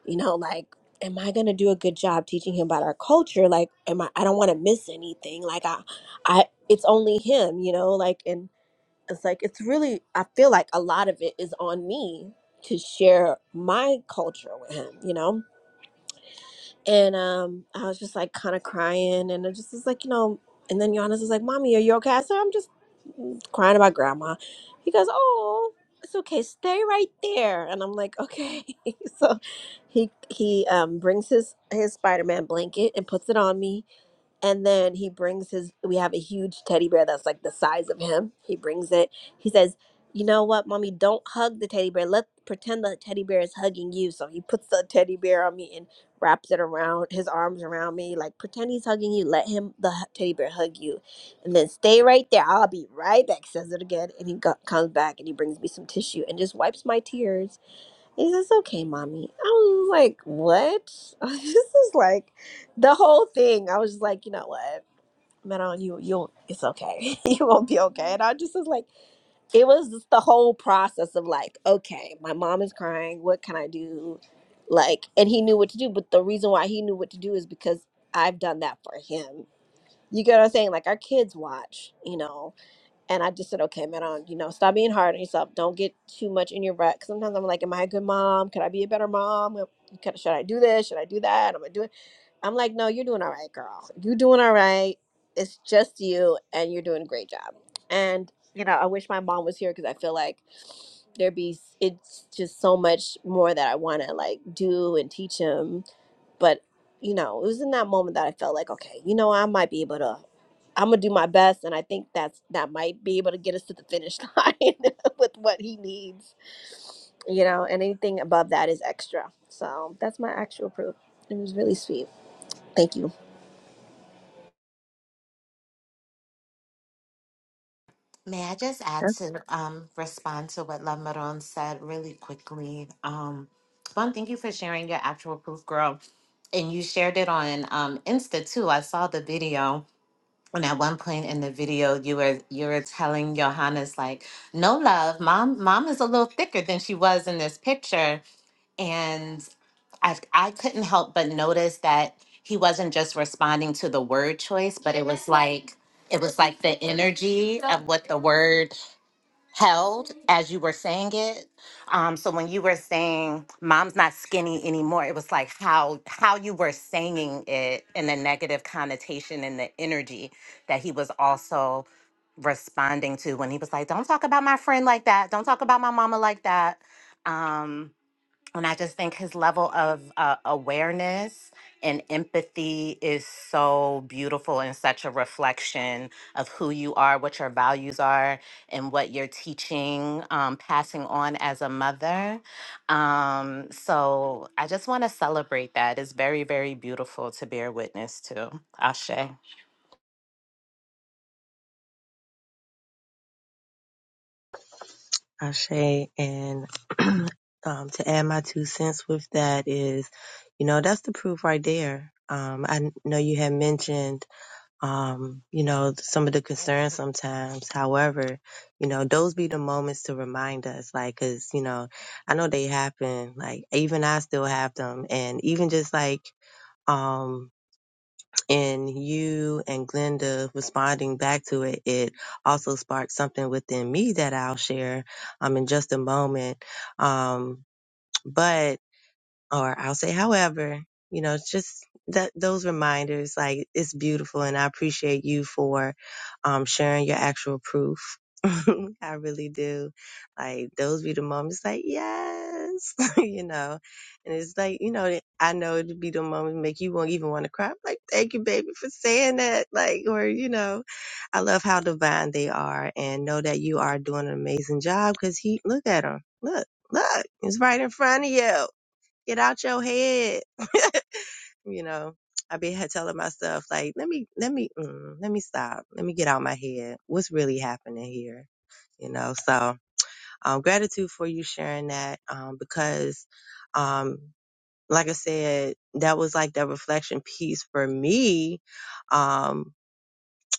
B: you know like am i going to do a good job teaching him about our culture like am i i don't want to miss anything like i i it's only him you know like and it's like it's really i feel like a lot of it is on me to share my culture with him you know and um, I was just like kind of crying, and I just was like, you know. And then Giannis was like, "Mommy, are you okay?" I said, "I'm just crying about Grandma." He goes, "Oh, it's okay. Stay right there." And I'm like, "Okay." so he he um brings his his Spider Man blanket and puts it on me, and then he brings his, we have a huge teddy bear that's like the size of him. He brings it. He says, You know what, mommy, don't hug the teddy bear. Let pretend the teddy bear is hugging you. So he puts the teddy bear on me and wraps it around his arms around me. Like, pretend he's hugging you. Let him, the hu- teddy bear, hug you. And then stay right there. I'll be right back, says it again. And he go- comes back and he brings me some tissue and just wipes my tears he says, okay, mommy. I was like, what? this is like the whole thing. I was just like, you know what? Manon, you you it's okay. you won't be okay. And I just was like, it was just the whole process of like, okay, my mom is crying, what can I do? Like, and he knew what to do, but the reason why he knew what to do is because I've done that for him. You get what I'm saying? Like our kids watch, you know and I just said, okay, man, um, you know, stop being hard on yourself. Don't get too much in your rut. 'Cause Sometimes I'm like, am I a good mom? Could I be a better mom? Am- could- Should I do this? Should I do that? Am I doing? I'm like, no, you're doing all right, girl. You're doing all right. It's just you, and you're doing a great job. And you know, I wish my mom was here because I feel like there'd be it's just so much more that I want to like do and teach him but, you know, it was in that moment that I felt like, okay, you know, I might be able to I'm gonna do my best, and I think that's that might be able to get us to the finish line with what he needs, you know. And anything above that is extra. So that's my actual proof. It was really sweet. Thank you.
L: May I just add to um, respond to what Love Maron said really quickly? Um, one, thank you for sharing your actual proof, girl. And you shared it on um, Insta too. I saw the video, and at one point in the video, you were you were telling Johannes like, "No love, mom. Mom is a little thicker than she was in this picture." And I I couldn't help but notice that he wasn't just responding to the word choice, but it was like it was like the energy of what the word held as you were saying it. Um, so when you were saying mom's not skinny anymore, it was like how how you were saying it and the negative connotation and the energy that he was also responding to when he was like, Don't talk about my friend like that, don't talk about my mama like that. Um, and I just think his level of uh, awareness and empathy is so beautiful and such a reflection of who you are, what your values are, and what you're teaching, um, passing on as a mother. Um, so I just want to celebrate that. It's very, very beautiful to bear witness to. Ashe.
A: Ashe, and um, to add my two cents with that is, you know, that's the proof right there. Um, I n- know you had mentioned, um, you know, some of the concerns sometimes. However, you know, those be the moments to remind us, like, cause, you know, I know they happen. Like, even I still have them. And even just like, um, and you and Glenda responding back to it, it also sparked something within me that I'll share um, in just a moment. Um, but or I'll say however, you know, it's just that those reminders, like it's beautiful and I appreciate you for um sharing your actual proof. I really do. Like those be the moments like, yes, you know. And it's like, you know, I know it'd be the moment make you won't even want to cry. I'm like, thank you, baby, for saying that. Like, or, you know, I love how divine they are and know that you are doing an amazing job because he, look at him. Look, look, it's right in front of you. Get out your head. you know, I be had telling myself like, let me, let me, mm, let me stop. Let me get out my head. What's really happening here? You know, so um, gratitude for you sharing that um, because, um, like I said, that was like the reflection piece for me um,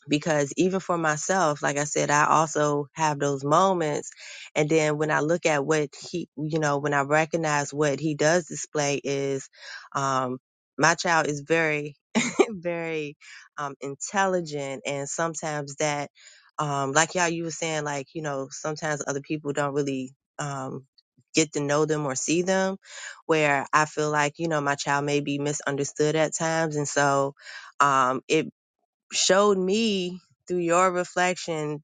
A: because even for myself like i said i also have those moments and then when i look at what he you know when i recognize what he does display is um my child is very very um intelligent and sometimes that um like y'all you were saying like you know sometimes other people don't really um get to know them or see them where i feel like you know my child may be misunderstood at times and so um, it showed me through your reflection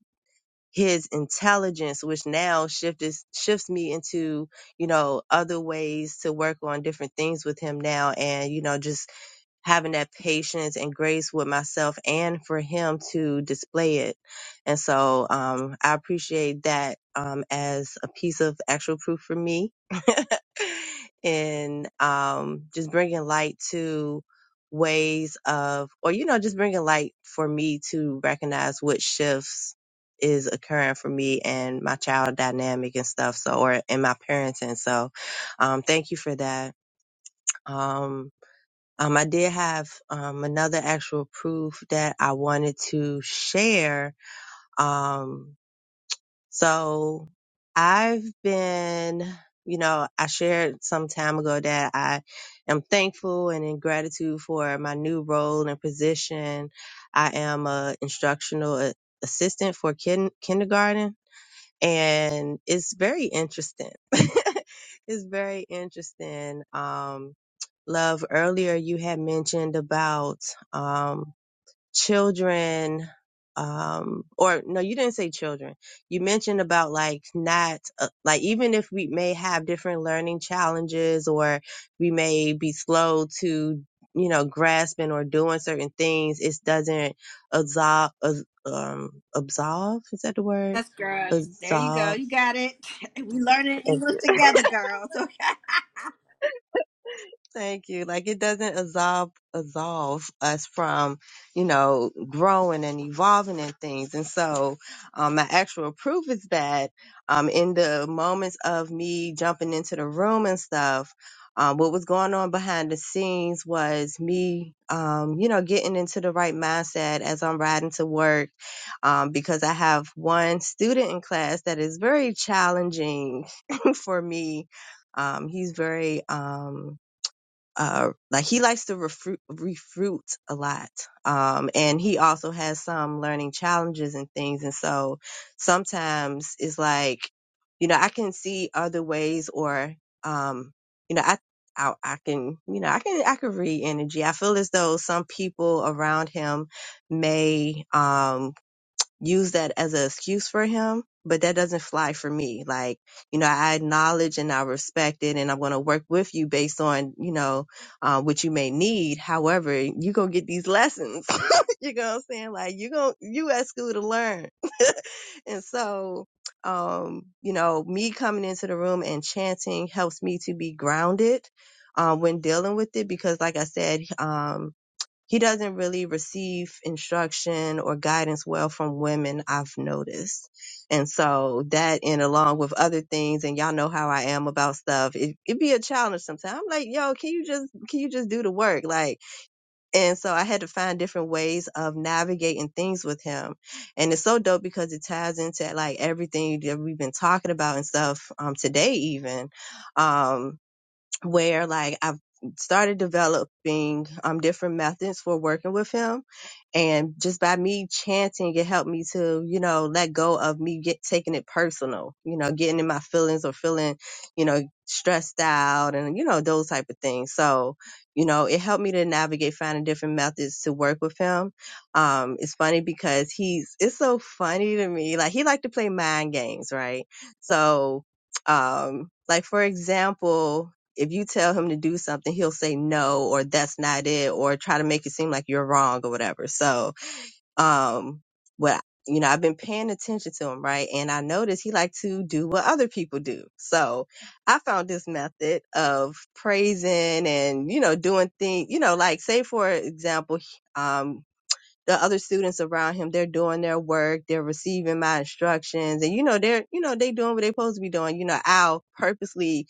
A: his intelligence which now shifted shifts me into you know other ways to work on different things with him now and you know just having that patience and grace with myself and for him to display it and so um i appreciate that um as a piece of actual proof for me and um, just bringing light to ways of, or you know, just bringing light for me to recognize what shifts is occurring for me and my child dynamic and stuff. So, or in my parenting. So, um, thank you for that. Um, um, I did have um, another actual proof that I wanted to share. Um, so I've been, you know, I shared some time ago that I am thankful and in gratitude for my new role and position. I am a instructional a- assistant for kin- kindergarten and it's very interesting. it's very interesting. Um, love earlier you had mentioned about, um, children um or no you didn't say children you mentioned about like not uh, like even if we may have different learning challenges or we may be slow to you know grasping or doing certain things it doesn't absolve um absolve is that the word
B: Yes, girl. There you go.
A: absolve
B: You got it. We learning English together, girls. Okay.
A: Thank you. Like it doesn't absolve absolve us from, you know, growing and evolving and things. And so, um, my actual proof is that, um, in the moments of me jumping into the room and stuff, um, what was going on behind the scenes was me, um, you know, getting into the right mindset as I'm riding to work, um, because I have one student in class that is very challenging for me. Um, he's very, um, uh like he likes to refru- refruit a lot um and he also has some learning challenges and things and so sometimes it's like you know i can see other ways or um you know i I, I can, you know, I can, I can read energy. I feel as though some people around him may, um, use that as an excuse for him, but that doesn't fly for me. Like, you know, I acknowledge and I respect it, and I'm going to work with you based on, you know, uh, what you may need. However, you going to get these lessons. you know what I'm saying? Like, you going to you at school to learn. and so, um, you know, me coming into the room and chanting helps me to be grounded. Um, when dealing with it, because like I said, um, he doesn't really receive instruction or guidance well from women i've noticed and so that and along with other things and y'all know how i am about stuff it, it be a challenge sometimes i'm like yo can you just can you just do the work like and so i had to find different ways of navigating things with him and it's so dope because it ties into like everything that we've been talking about and stuff um today even Um where like I've started developing um different methods for working with him and just by me chanting it helped me to you know let go of me get taking it personal you know getting in my feelings or feeling you know stressed out and you know those type of things so you know it helped me to navigate finding different methods to work with him um it's funny because he's it's so funny to me like he like to play mind games right so um like for example if you tell him to do something, he'll say no, or that's not it, or try to make it seem like you're wrong or whatever. So, um, what, you know, I've been paying attention to him, right? And I noticed he like to do what other people do. So I found this method of praising and, you know, doing things, you know, like say, for example, um, the other students around him, they're doing their work, they're receiving my instructions, and you know, they're, you know, they doing what they're supposed to be doing. You know, I'll purposely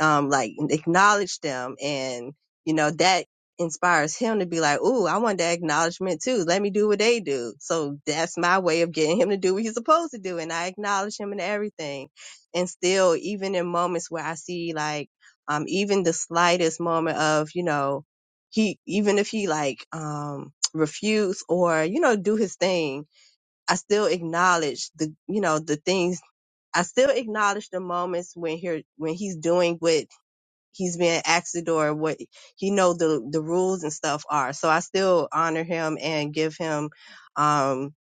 A: um, like acknowledge them. And, you know, that inspires him to be like, Ooh, I want that acknowledgement too. Let me do what they do. So that's my way of getting him to do what he's supposed to do. And I acknowledge him in everything. And still, even in moments where I see like, um, even the slightest moment of, you know, he, even if he like, um, refuse or, you know, do his thing, I still acknowledge the, you know, the things I still acknowledge the moments when he when he's doing what he's been asked the door what he know the the rules and stuff are. So I still honor him and give him um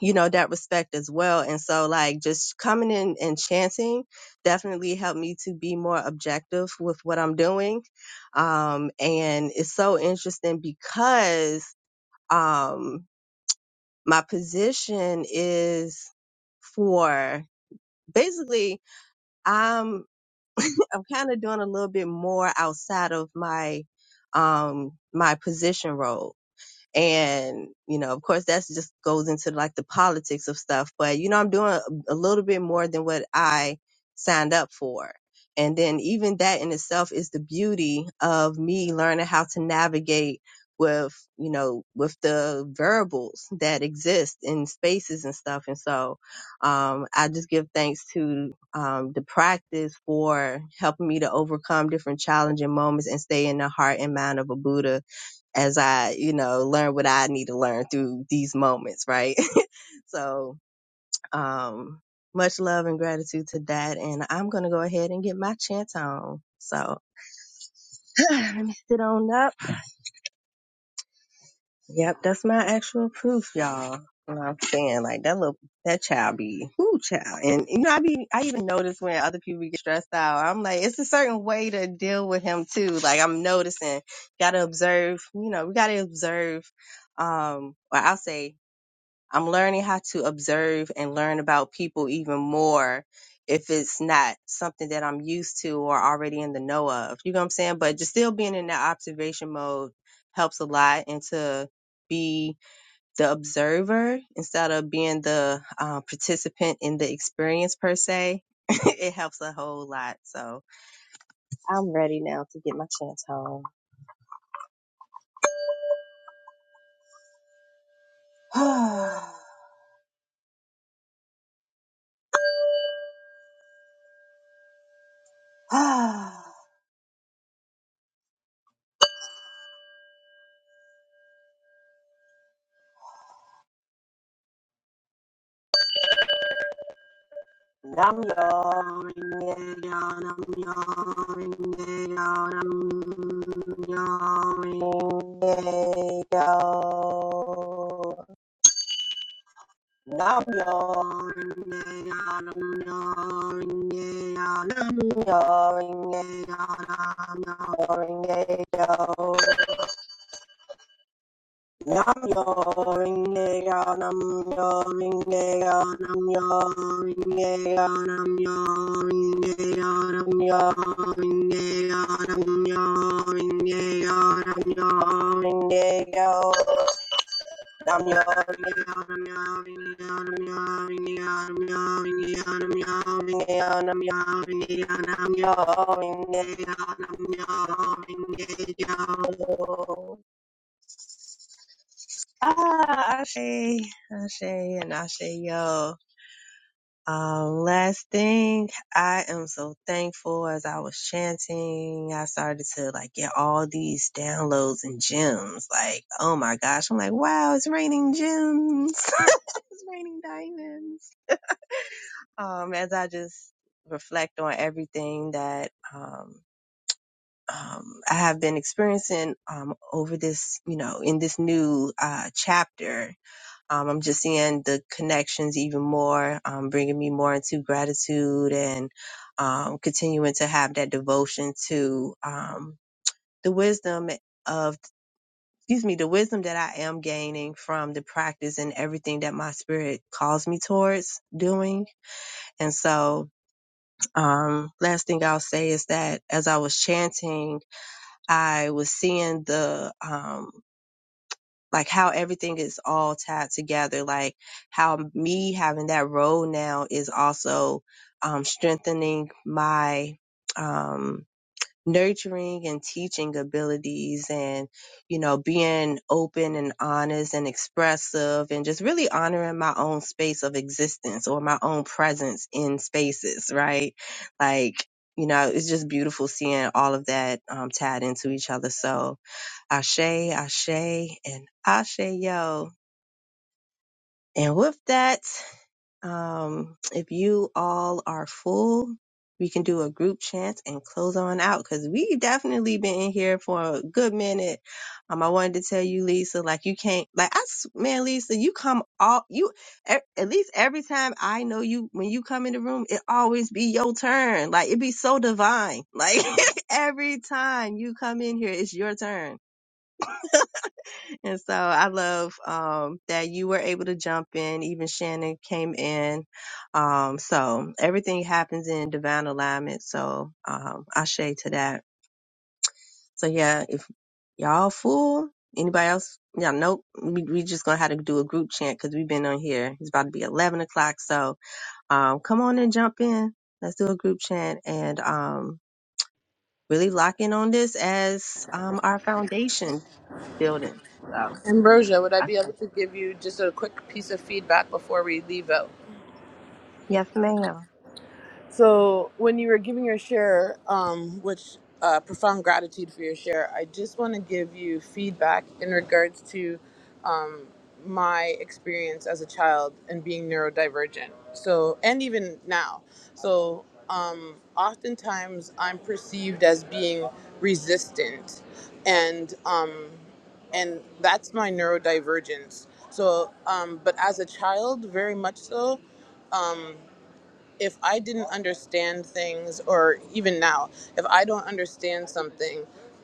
A: you know that respect as well. And so like just coming in and chanting definitely helped me to be more objective with what I'm doing. Um and it's so interesting because um my position is for basically I'm. I'm kind of doing a little bit more outside of my um my position role. And, you know, of course, that's just goes into like the politics of stuff. But, you know, I'm doing a, a little bit more than what I signed up for. And then even that in itself is the beauty of me learning how to navigate with, you know, with the variables that exist in spaces and stuff. And so, um, I just give thanks to, um, the practice for helping me to overcome different challenging moments and stay in the heart and mind of a Buddha as I, you know, learn what I need to learn through these moments, right? so, um, much love and gratitude to that. And I'm going to go ahead and get my chant on. So, let me sit on up. Yep, that's my actual proof, y'all. You know what I'm saying? Like that little, that child be, ooh, child. And, you know, I be, I even notice when other people get stressed out, I'm like, it's a certain way to deal with him too. Like I'm noticing, gotta observe, you know, we gotta observe, um, or I'll say I'm learning how to observe and learn about people even more if it's not something that I'm used to or already in the know of. You know what I'm saying? But just still being in that observation mode helps a lot and to be the observer instead of being the uh, participant in the experience per se. it helps a whole lot. So I'm ready now to get my chance home. Nam yo ringe yo nam yo ringe yo nam yo ringe yo Nam yo ringe yo nam yo ringe yo nam yo ringe yo Nam yo ringe yo nam yo ringe yo nam yo ringe yo nam yo ringe yo nam yo ringe yo nam yo ringe yo nam yo ringe yo nam yo ringe yo nam yo ringe yo nam yo ringe yo nam yo ringe yo nam yo ringe yo nam yo ringe yo nam yo ringe yo nam yo ringe yo Ah, Ashe, Ashe, and Ashe, yo. Um, last thing, I am so thankful as I was chanting, I started to like get all these downloads and gems. Like, oh my gosh, I'm like, wow, it's raining gems. it's raining diamonds. Um, as I just reflect on everything that, um, um, I have been experiencing, um, over this, you know, in this new, uh, chapter Um, I'm just seeing the connections even more, um, bringing me more into gratitude and um, continuing to have that devotion to um, the wisdom of, excuse me, the wisdom that I am gaining from the practice and everything that my spirit calls me towards doing. And so, um, last thing I'll say is that as I was chanting, I was seeing the, um, like how everything is all tied together like how me having that role now is also um, strengthening my um, nurturing and teaching abilities and you know being open and honest and expressive and just really honoring my own space of existence or my own presence in spaces right like you know it's just beautiful seeing all of that um, tied into each other so Ashe, Ashe, and Ashe Yo. And with that, um, if you all are full, we can do a group chant and close on out because we definitely been in here for a good minute. Um, I wanted to tell you, Lisa, like you can't, like I, s- man, Lisa, you come all you e- at least every time I know you when you come in the room, it always be your turn. Like it be so divine. Like every time you come in here, it's your turn And so I love um, that you were able to jump in. Even Shannon came in. Um, so everything happens in divine alignment. So um, I shade to that. So yeah, if y'all full, anybody else? Yeah, nope. We, we just gonna have to do a group chant because we've been on here. It's about to be eleven o'clock. So um, come on and jump in. Let's do a group chant and um, really lock in on this as um, our foundation building. So
I: Ambrosia, would I
A: I
I: be
A: say
I: able to give you just a quick piece of feedback before we leave out?
A: yes, ma'am.
I: So when you were giving your share, um, which uh, profound gratitude for your share, I just want to give you feedback in regards to um, my experience as a child and being neurodivergent. So and even now, so um, oftentimes I'm perceived as being resistant, and um, and that's my neurodivergence. So, um, but as a child, very much so. Um, if I didn't understand things, or even now, if I don't understand something,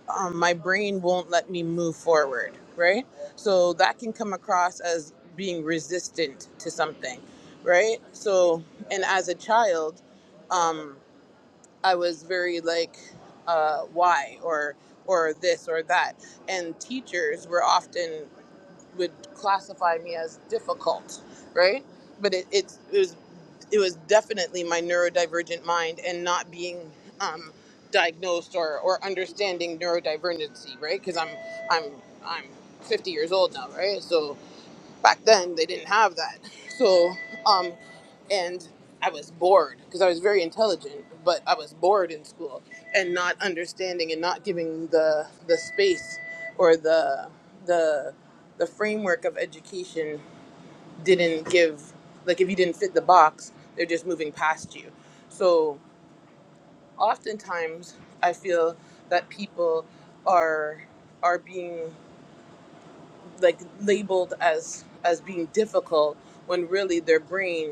I: um, my brain won't let me move forward, right? So that can come across as being resistant to something, right? So, and as a child, um, I was very like, uh, why or or this or that, and teachers were often would classify me as difficult, right? But it, it's- it was it was definitely my neurodivergent mind and not being um, diagnosed or, or understanding neurodivergency, right? Because I'm I'm I'm 50 years old now, right? So back then they didn't have that. So um, and I was bored because I was very intelligent, but I was bored in school and not understanding and not giving the the space or the the the framework of education didn't give like if you didn't fit the box they're just moving past you so oftentimes i feel that people are are being like labeled as as being difficult when really their brain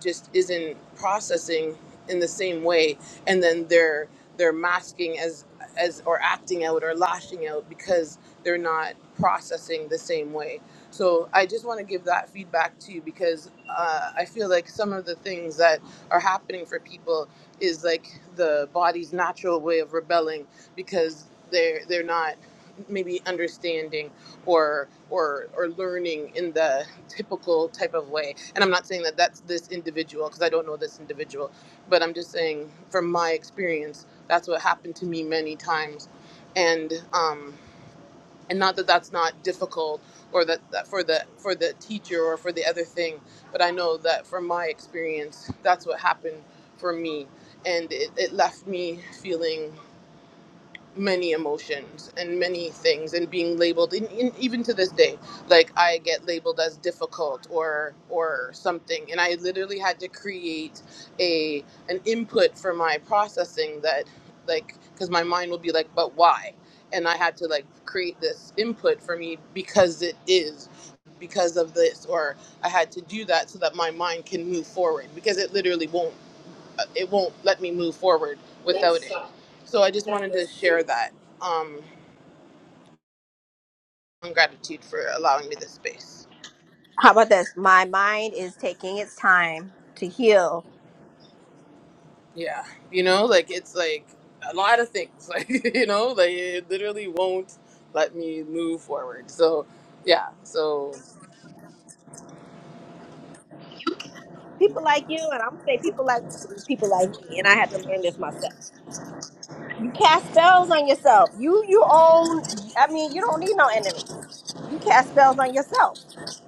I: just isn't processing in the same way and then they're they're masking as as or acting out or lashing out because they're not processing the same way so i just want to give that feedback too because uh, i feel like some of the things that are happening for people is like the body's natural way of rebelling because they're they're not maybe understanding or or or learning in the typical type of way and i'm not saying that that's this individual because i don't know this individual but i'm just saying from my experience that's what happened to me many times and um and not that that's not difficult or that, that for the for the teacher or for the other thing but i know that from my experience that's what happened for me and it, it left me feeling many emotions and many things and being labeled in, in, even to this day like i get labeled as difficult or or something and i literally had to create a an input for my processing that like because my mind will be like but why and i had to like create this input for me because it is because of this or i had to do that so that my mind can move forward because it literally won't uh, it won't let me move forward without it. So I just wanted to share that um, on gratitude for allowing me this space.
B: How about this? My mind is taking its time to heal.
I: Yeah, you know, like it's like a lot of things, like you know, like it literally won't let me move forward. So yeah, so
B: People like you, and I'm gonna say people like you because people like me, and I had to learn this myself. You cast spells on yourself. You you own. I mean, you don't need no enemies. You cast spells on yourself.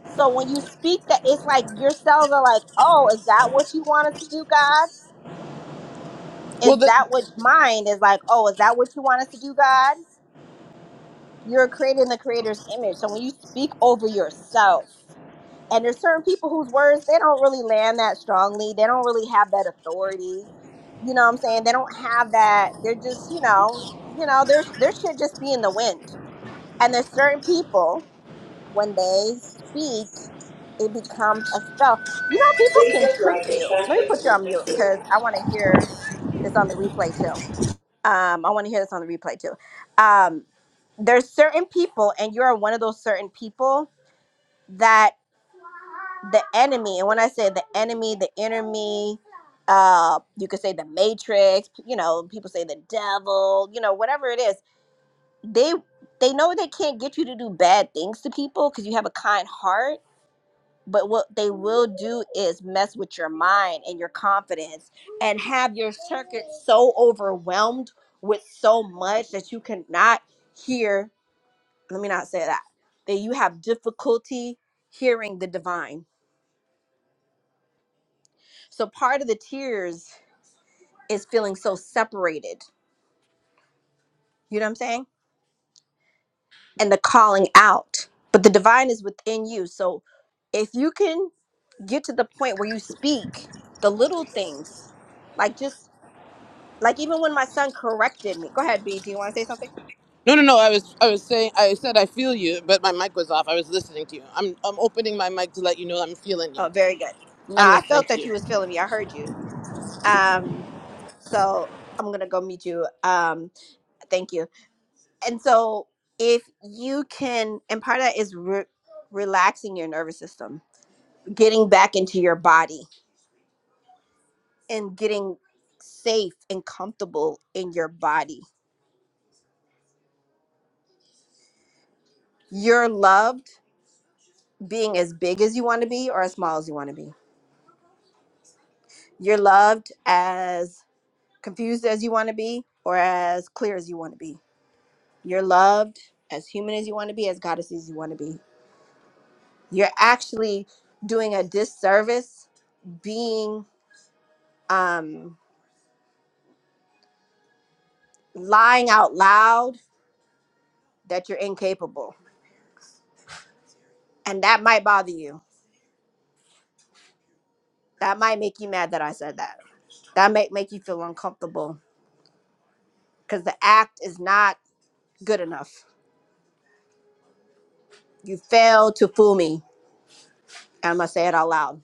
B: So when you speak, that it's like your cells are like, oh, is that what you want us to do, God?
I: well,
B: Is
I: the,
B: that what mine is like? Oh, is that what you want us to do, God? You're creating the Creator's image. So when you speak over yourself. and there's certain people whose words they don't really land that strongly they don't really have that authority you know what i'm saying they don't have that they're just you know you know their their shit just be in the wind and there's certain people when they speak it becomes a spell you know people can trick you let me put you on mute because i want to hear this on the replay too um i want to hear this on the replay too um there's certain people and you're one of those certain people that the enemy and when i say the enemy the enemy uh you could say the matrix you know people say the devil you know whatever it is they they know they can't get you to do bad things to people because you have a kind heart but what they will do is mess with your mind and your confidence and have your circuit so overwhelmed with so much that you cannot hear let me not say that that you have difficulty hearing the divine so part of the tears is feeling so separated. You know what I'm saying? And the calling out. But the divine is within you. So if you can get to the point where you speak the little things, like just like even when my son corrected me. Go ahead, B. Do you want to say something?
I: no, no, no. I was, I was saying, I said I feel you, but my mic was off. I was listening to you. I'm, I'm opening my mic to let you know I'm feeling you.
B: Oh, very good.
I: I'm
B: Nah, I
I: listening
B: felt
I: to
B: that
I: you.
B: you was feeling me. I heard you. Um, so I'm gonna go meet you. Um, thank you. And so if you can, and part of that is re- relaxing your nervous system, getting back into your body and getting safe and comfortable in your body. You're loved being as big as you want to be or as small as you want to be. You're loved as confused as you want to be or as clear as you want to be. You're loved as human as you want to be, as goddess as you want to be. You're actually doing a disservice being um lying out loud that you're incapable. And that might bother you. That might make you mad that I said that. That might make you feel uncomfortable because the act is not good enough. You failed to fool me. And I'm going to say it out loud.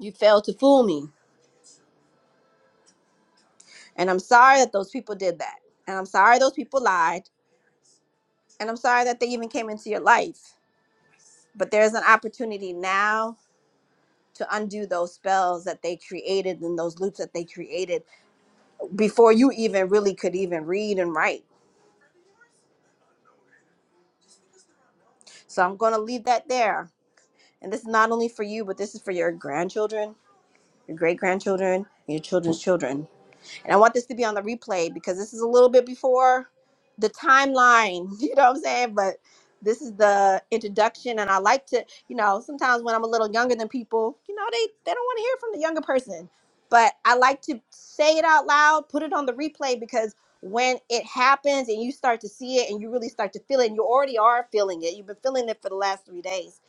B: You failed to fool me. And I'm sorry that those people did that. And I'm sorry those people lied. And I'm sorry that they even came into your life. But there's an opportunity now to undo those spells that they created and those loops that they created before you even really could even read and write. So I'm going to leave that there. And this is not only for you, but this is for your grandchildren, your great grandchildren, your children's children and I want this to be on the replay because this is a little bit before the timeline, you know what I'm saying? But this is the introduction, and I like to, you know, sometimes when I'm a little younger than people, you know, they they don't want to hear from the younger person, but I like to say it out loud, put it on the replay because when it happens and you start to see it and you really start to feel it, and you already are feeling it, you've been feeling it for the last three days.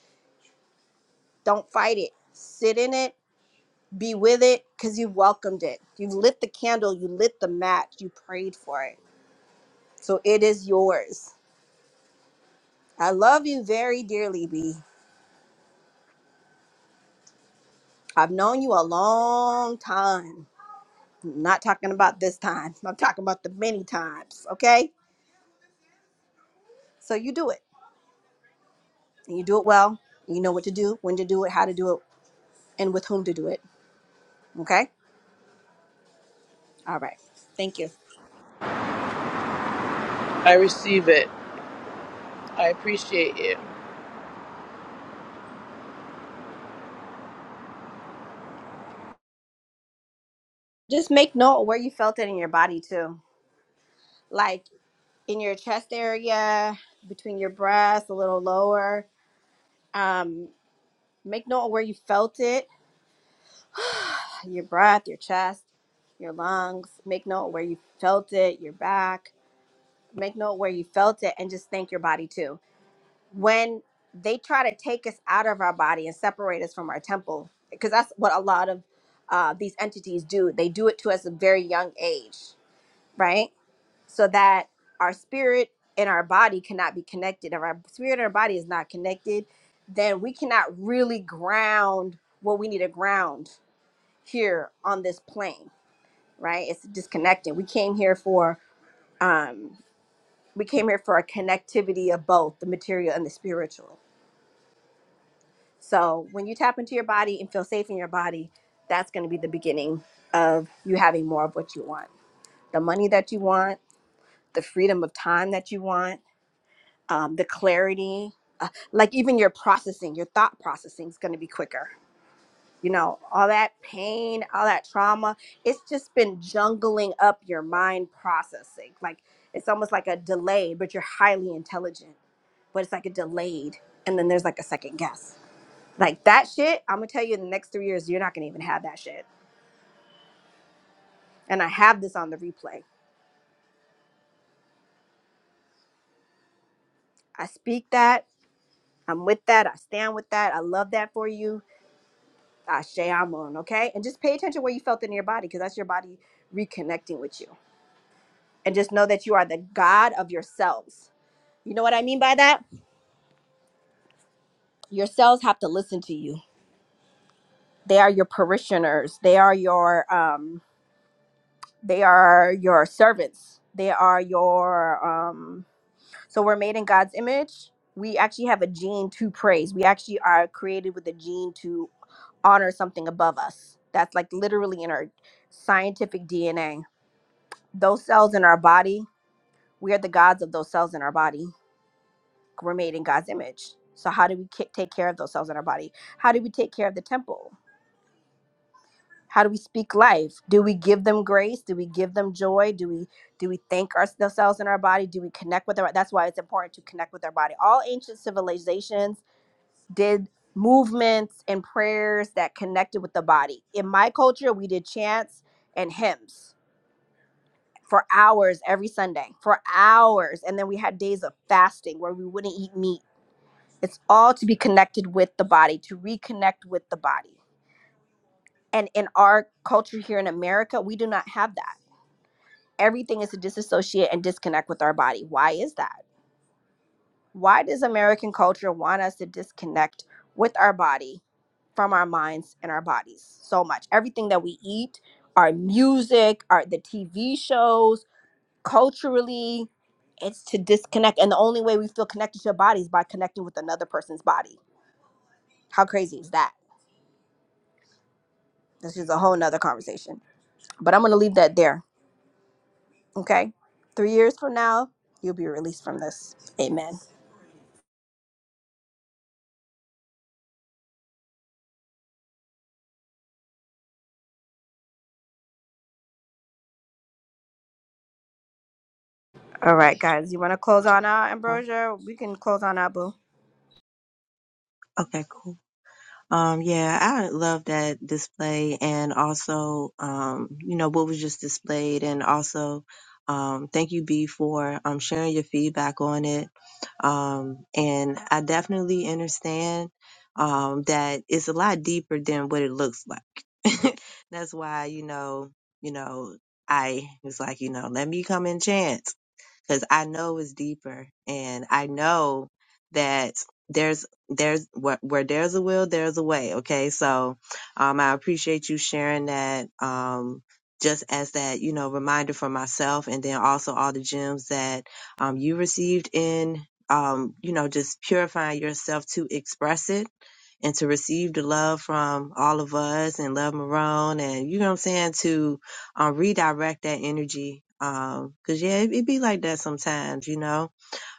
B: Don't fight it. Sit in it be with it because you welcomed it. You lit the candle, you lit the match, you prayed for it. So it is yours. I love you very dearly, B. I've known you a long time. I'm not talking about this time. I'm talking about the many times, okay? So you do it. And you do it well. And you know what to do, when to do it, how to do it, and with whom to do it. Okay? All right. Thank you.
I: I receive it. I appreciate you.
B: Just make note of where you felt it in your body too. Like in your chest area, between your breasts, a little lower Um, make note of where you felt it, your breath, your chest, your lungs. Make note of where you felt it, your back. Make note of where you felt it, and just thank your body too. When they try to take us out of our body and separate us from our temple, because that's what a lot of uh, these entities do. They do it to us at a very young age, right? so that our spirit and our body cannot be connected. If our spirit and our body is not connected, then we cannot really ground what we need to ground here on this plane, right? It's disconnected. We came here for um we came here for a connectivity of both the material and the spiritual. So when you tap into your body and feel safe in your body, that's going to be the beginning of you having more of what you want. The money that you want, the freedom of time that you want, um, the clarity, uh, like even your processing, your thought processing is going to be quicker. You know, all that pain, all that trauma, it's just been jungling up your mind processing. Like it's almost like a delay, but you're highly intelligent, but it's like a delayed. And then there's like a second guess. Like that shit, I'm going to tell you in the next three years, you're not going to even have that shit. And I have this on the replay. I speak that. I'm with that. I stand with that. I love that for you Ashe Amun, okay? And just pay attention where you felt in your body because that's your body reconnecting with you. And just know that you are the God of your cells. You know what I mean by that? Your cells have to listen to you. They are your parishioners. They are your um they are your servants. They are your um so we're made in God's image. We actually have a gene to praise. We actually are created with a gene to honor something above us. That's like literally in our scientific DNA those cells in our body, we are the gods of those cells in our body. We're made in God's image. So, how do we ca- take care of those cells in our body? How do we take care of the temple? How do we speak life? Do we give them grace? Do we give them joy? Do we do we thank our, the cells in our body? Do we connect with our? That's why it's important to connect with our body. All ancient civilizations did movements and prayers that connected with the body. In my culture, we did chants and hymns for hours every Sunday, for hours. And then we had days of fasting where we wouldn't eat meat. It's all to be connected with the body, to reconnect with the body. And in our culture here in America, we do not have that. Everything is to disassociate and disconnect with our body. Why is that? Why does American culture want us to disconnect with our body from our minds and our bodies so much? Everything that we eat, our music, our the TV shows, culturally it's to disconnect and the only way we feel connected to your body is by connecting with another person's body how crazy is that this is a whole nother conversation but i'm gonna leave that there okay three years from now you'll be released from this amen all right guys you want to close on out ambrosia we can close on out boo
A: Okay, cool. Um, yeah, I love that display and also, um, you know, what was just displayed and also, um, thank you, B, for, um, sharing your feedback on it. Um, and I definitely understand, um, that it's a lot deeper than what it looks like. That's why, you know, you know, I was like, you know, let me come and chant because I know it's deeper, and I know that there's there's where, where there's a will, there's a way. Okay, so um, I appreciate you sharing that. Um, just as that, you know, reminder for myself, and then also all the gems that um, you received in, um, you know, just purifying yourself to express it and to receive the love from all of us and love Marone, and you know what I'm saying to uh, redirect that energy. Um, 'cause yeah, it, it be like that sometimes, you know.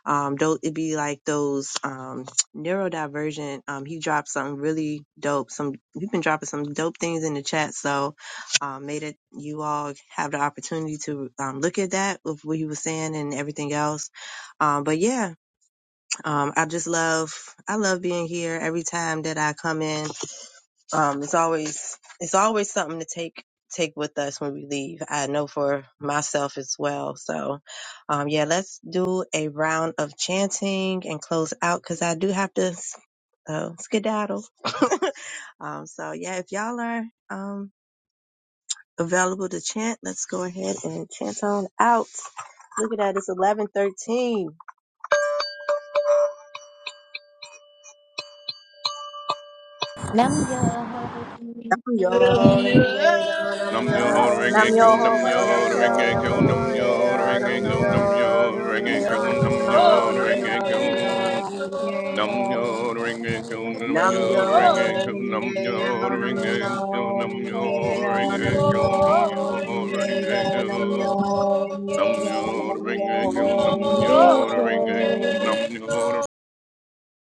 A: Um, though it be like those um neurodivergent. Um, he dropped something really dope. Some you've been dropping some dope things in the chat, so um, made it you all have the opportunity to um look at that with what he was saying and everything else. Um, but yeah, um, I just love I love being here every time that I come in um, it's always it's always something to take take with us when we leave. I know for myself as well. So, um, yeah, let's do a round of chanting and close out because I do have to uh, skedaddle. um, so yeah, if y'all are um available to chant, let's go ahead and chant on out. Look at that, it's eleven thirteen.
L: Nam
A: Yo inge anam
H: Nam
A: yo
H: yo ring
B: Nam
H: a kyo,
B: yo
A: inge
B: ho
H: nam
A: anam
H: yo
B: renge
A: yo
H: ring
B: kyo,
H: a
B: nam yo
H: kyo,
B: ho
H: nam
A: inge
B: renge
H: yo
B: kyo,
H: ring
B: nam
A: anam
H: a
B: yo
H: kyo,
B: ho
A: yo
H: nam
B: renge
H: yo
B: kyo,
H: ring
B: nam
H: a
A: inge
B: yo
H: kyo,
A: anam
B: ho
H: nam
A: yo
H: yo
B: renge
A: inge
I: Lord,
H: ring
B: kyo,
H: a
A: anam
H: kyo.
I: Lord,
A: yo inge
H: Nam yo
A: yo
H: ring a kyo, nam
A: Nam
H: yo
A: yo
H: ring a kyo, nam
A: inge
H: yo
A: anam
H: ring
A: yo
H: a kyo, nam
A: inge
H: yo ring
I: Lord,
A: anam
H: a kyo,
A: yo
H: nam yo
I: Lord,
A: inge
H: ring a
A: anam yo
H: kyo.
A: inge
H: Nam yo
A: anam
H: ring
A: yo
H: a kyo, nam
A: inge
H: yo
I: Lord,
A: yo
H: ring a kyo, nam yo ring
I: Lord.
H: a kyo,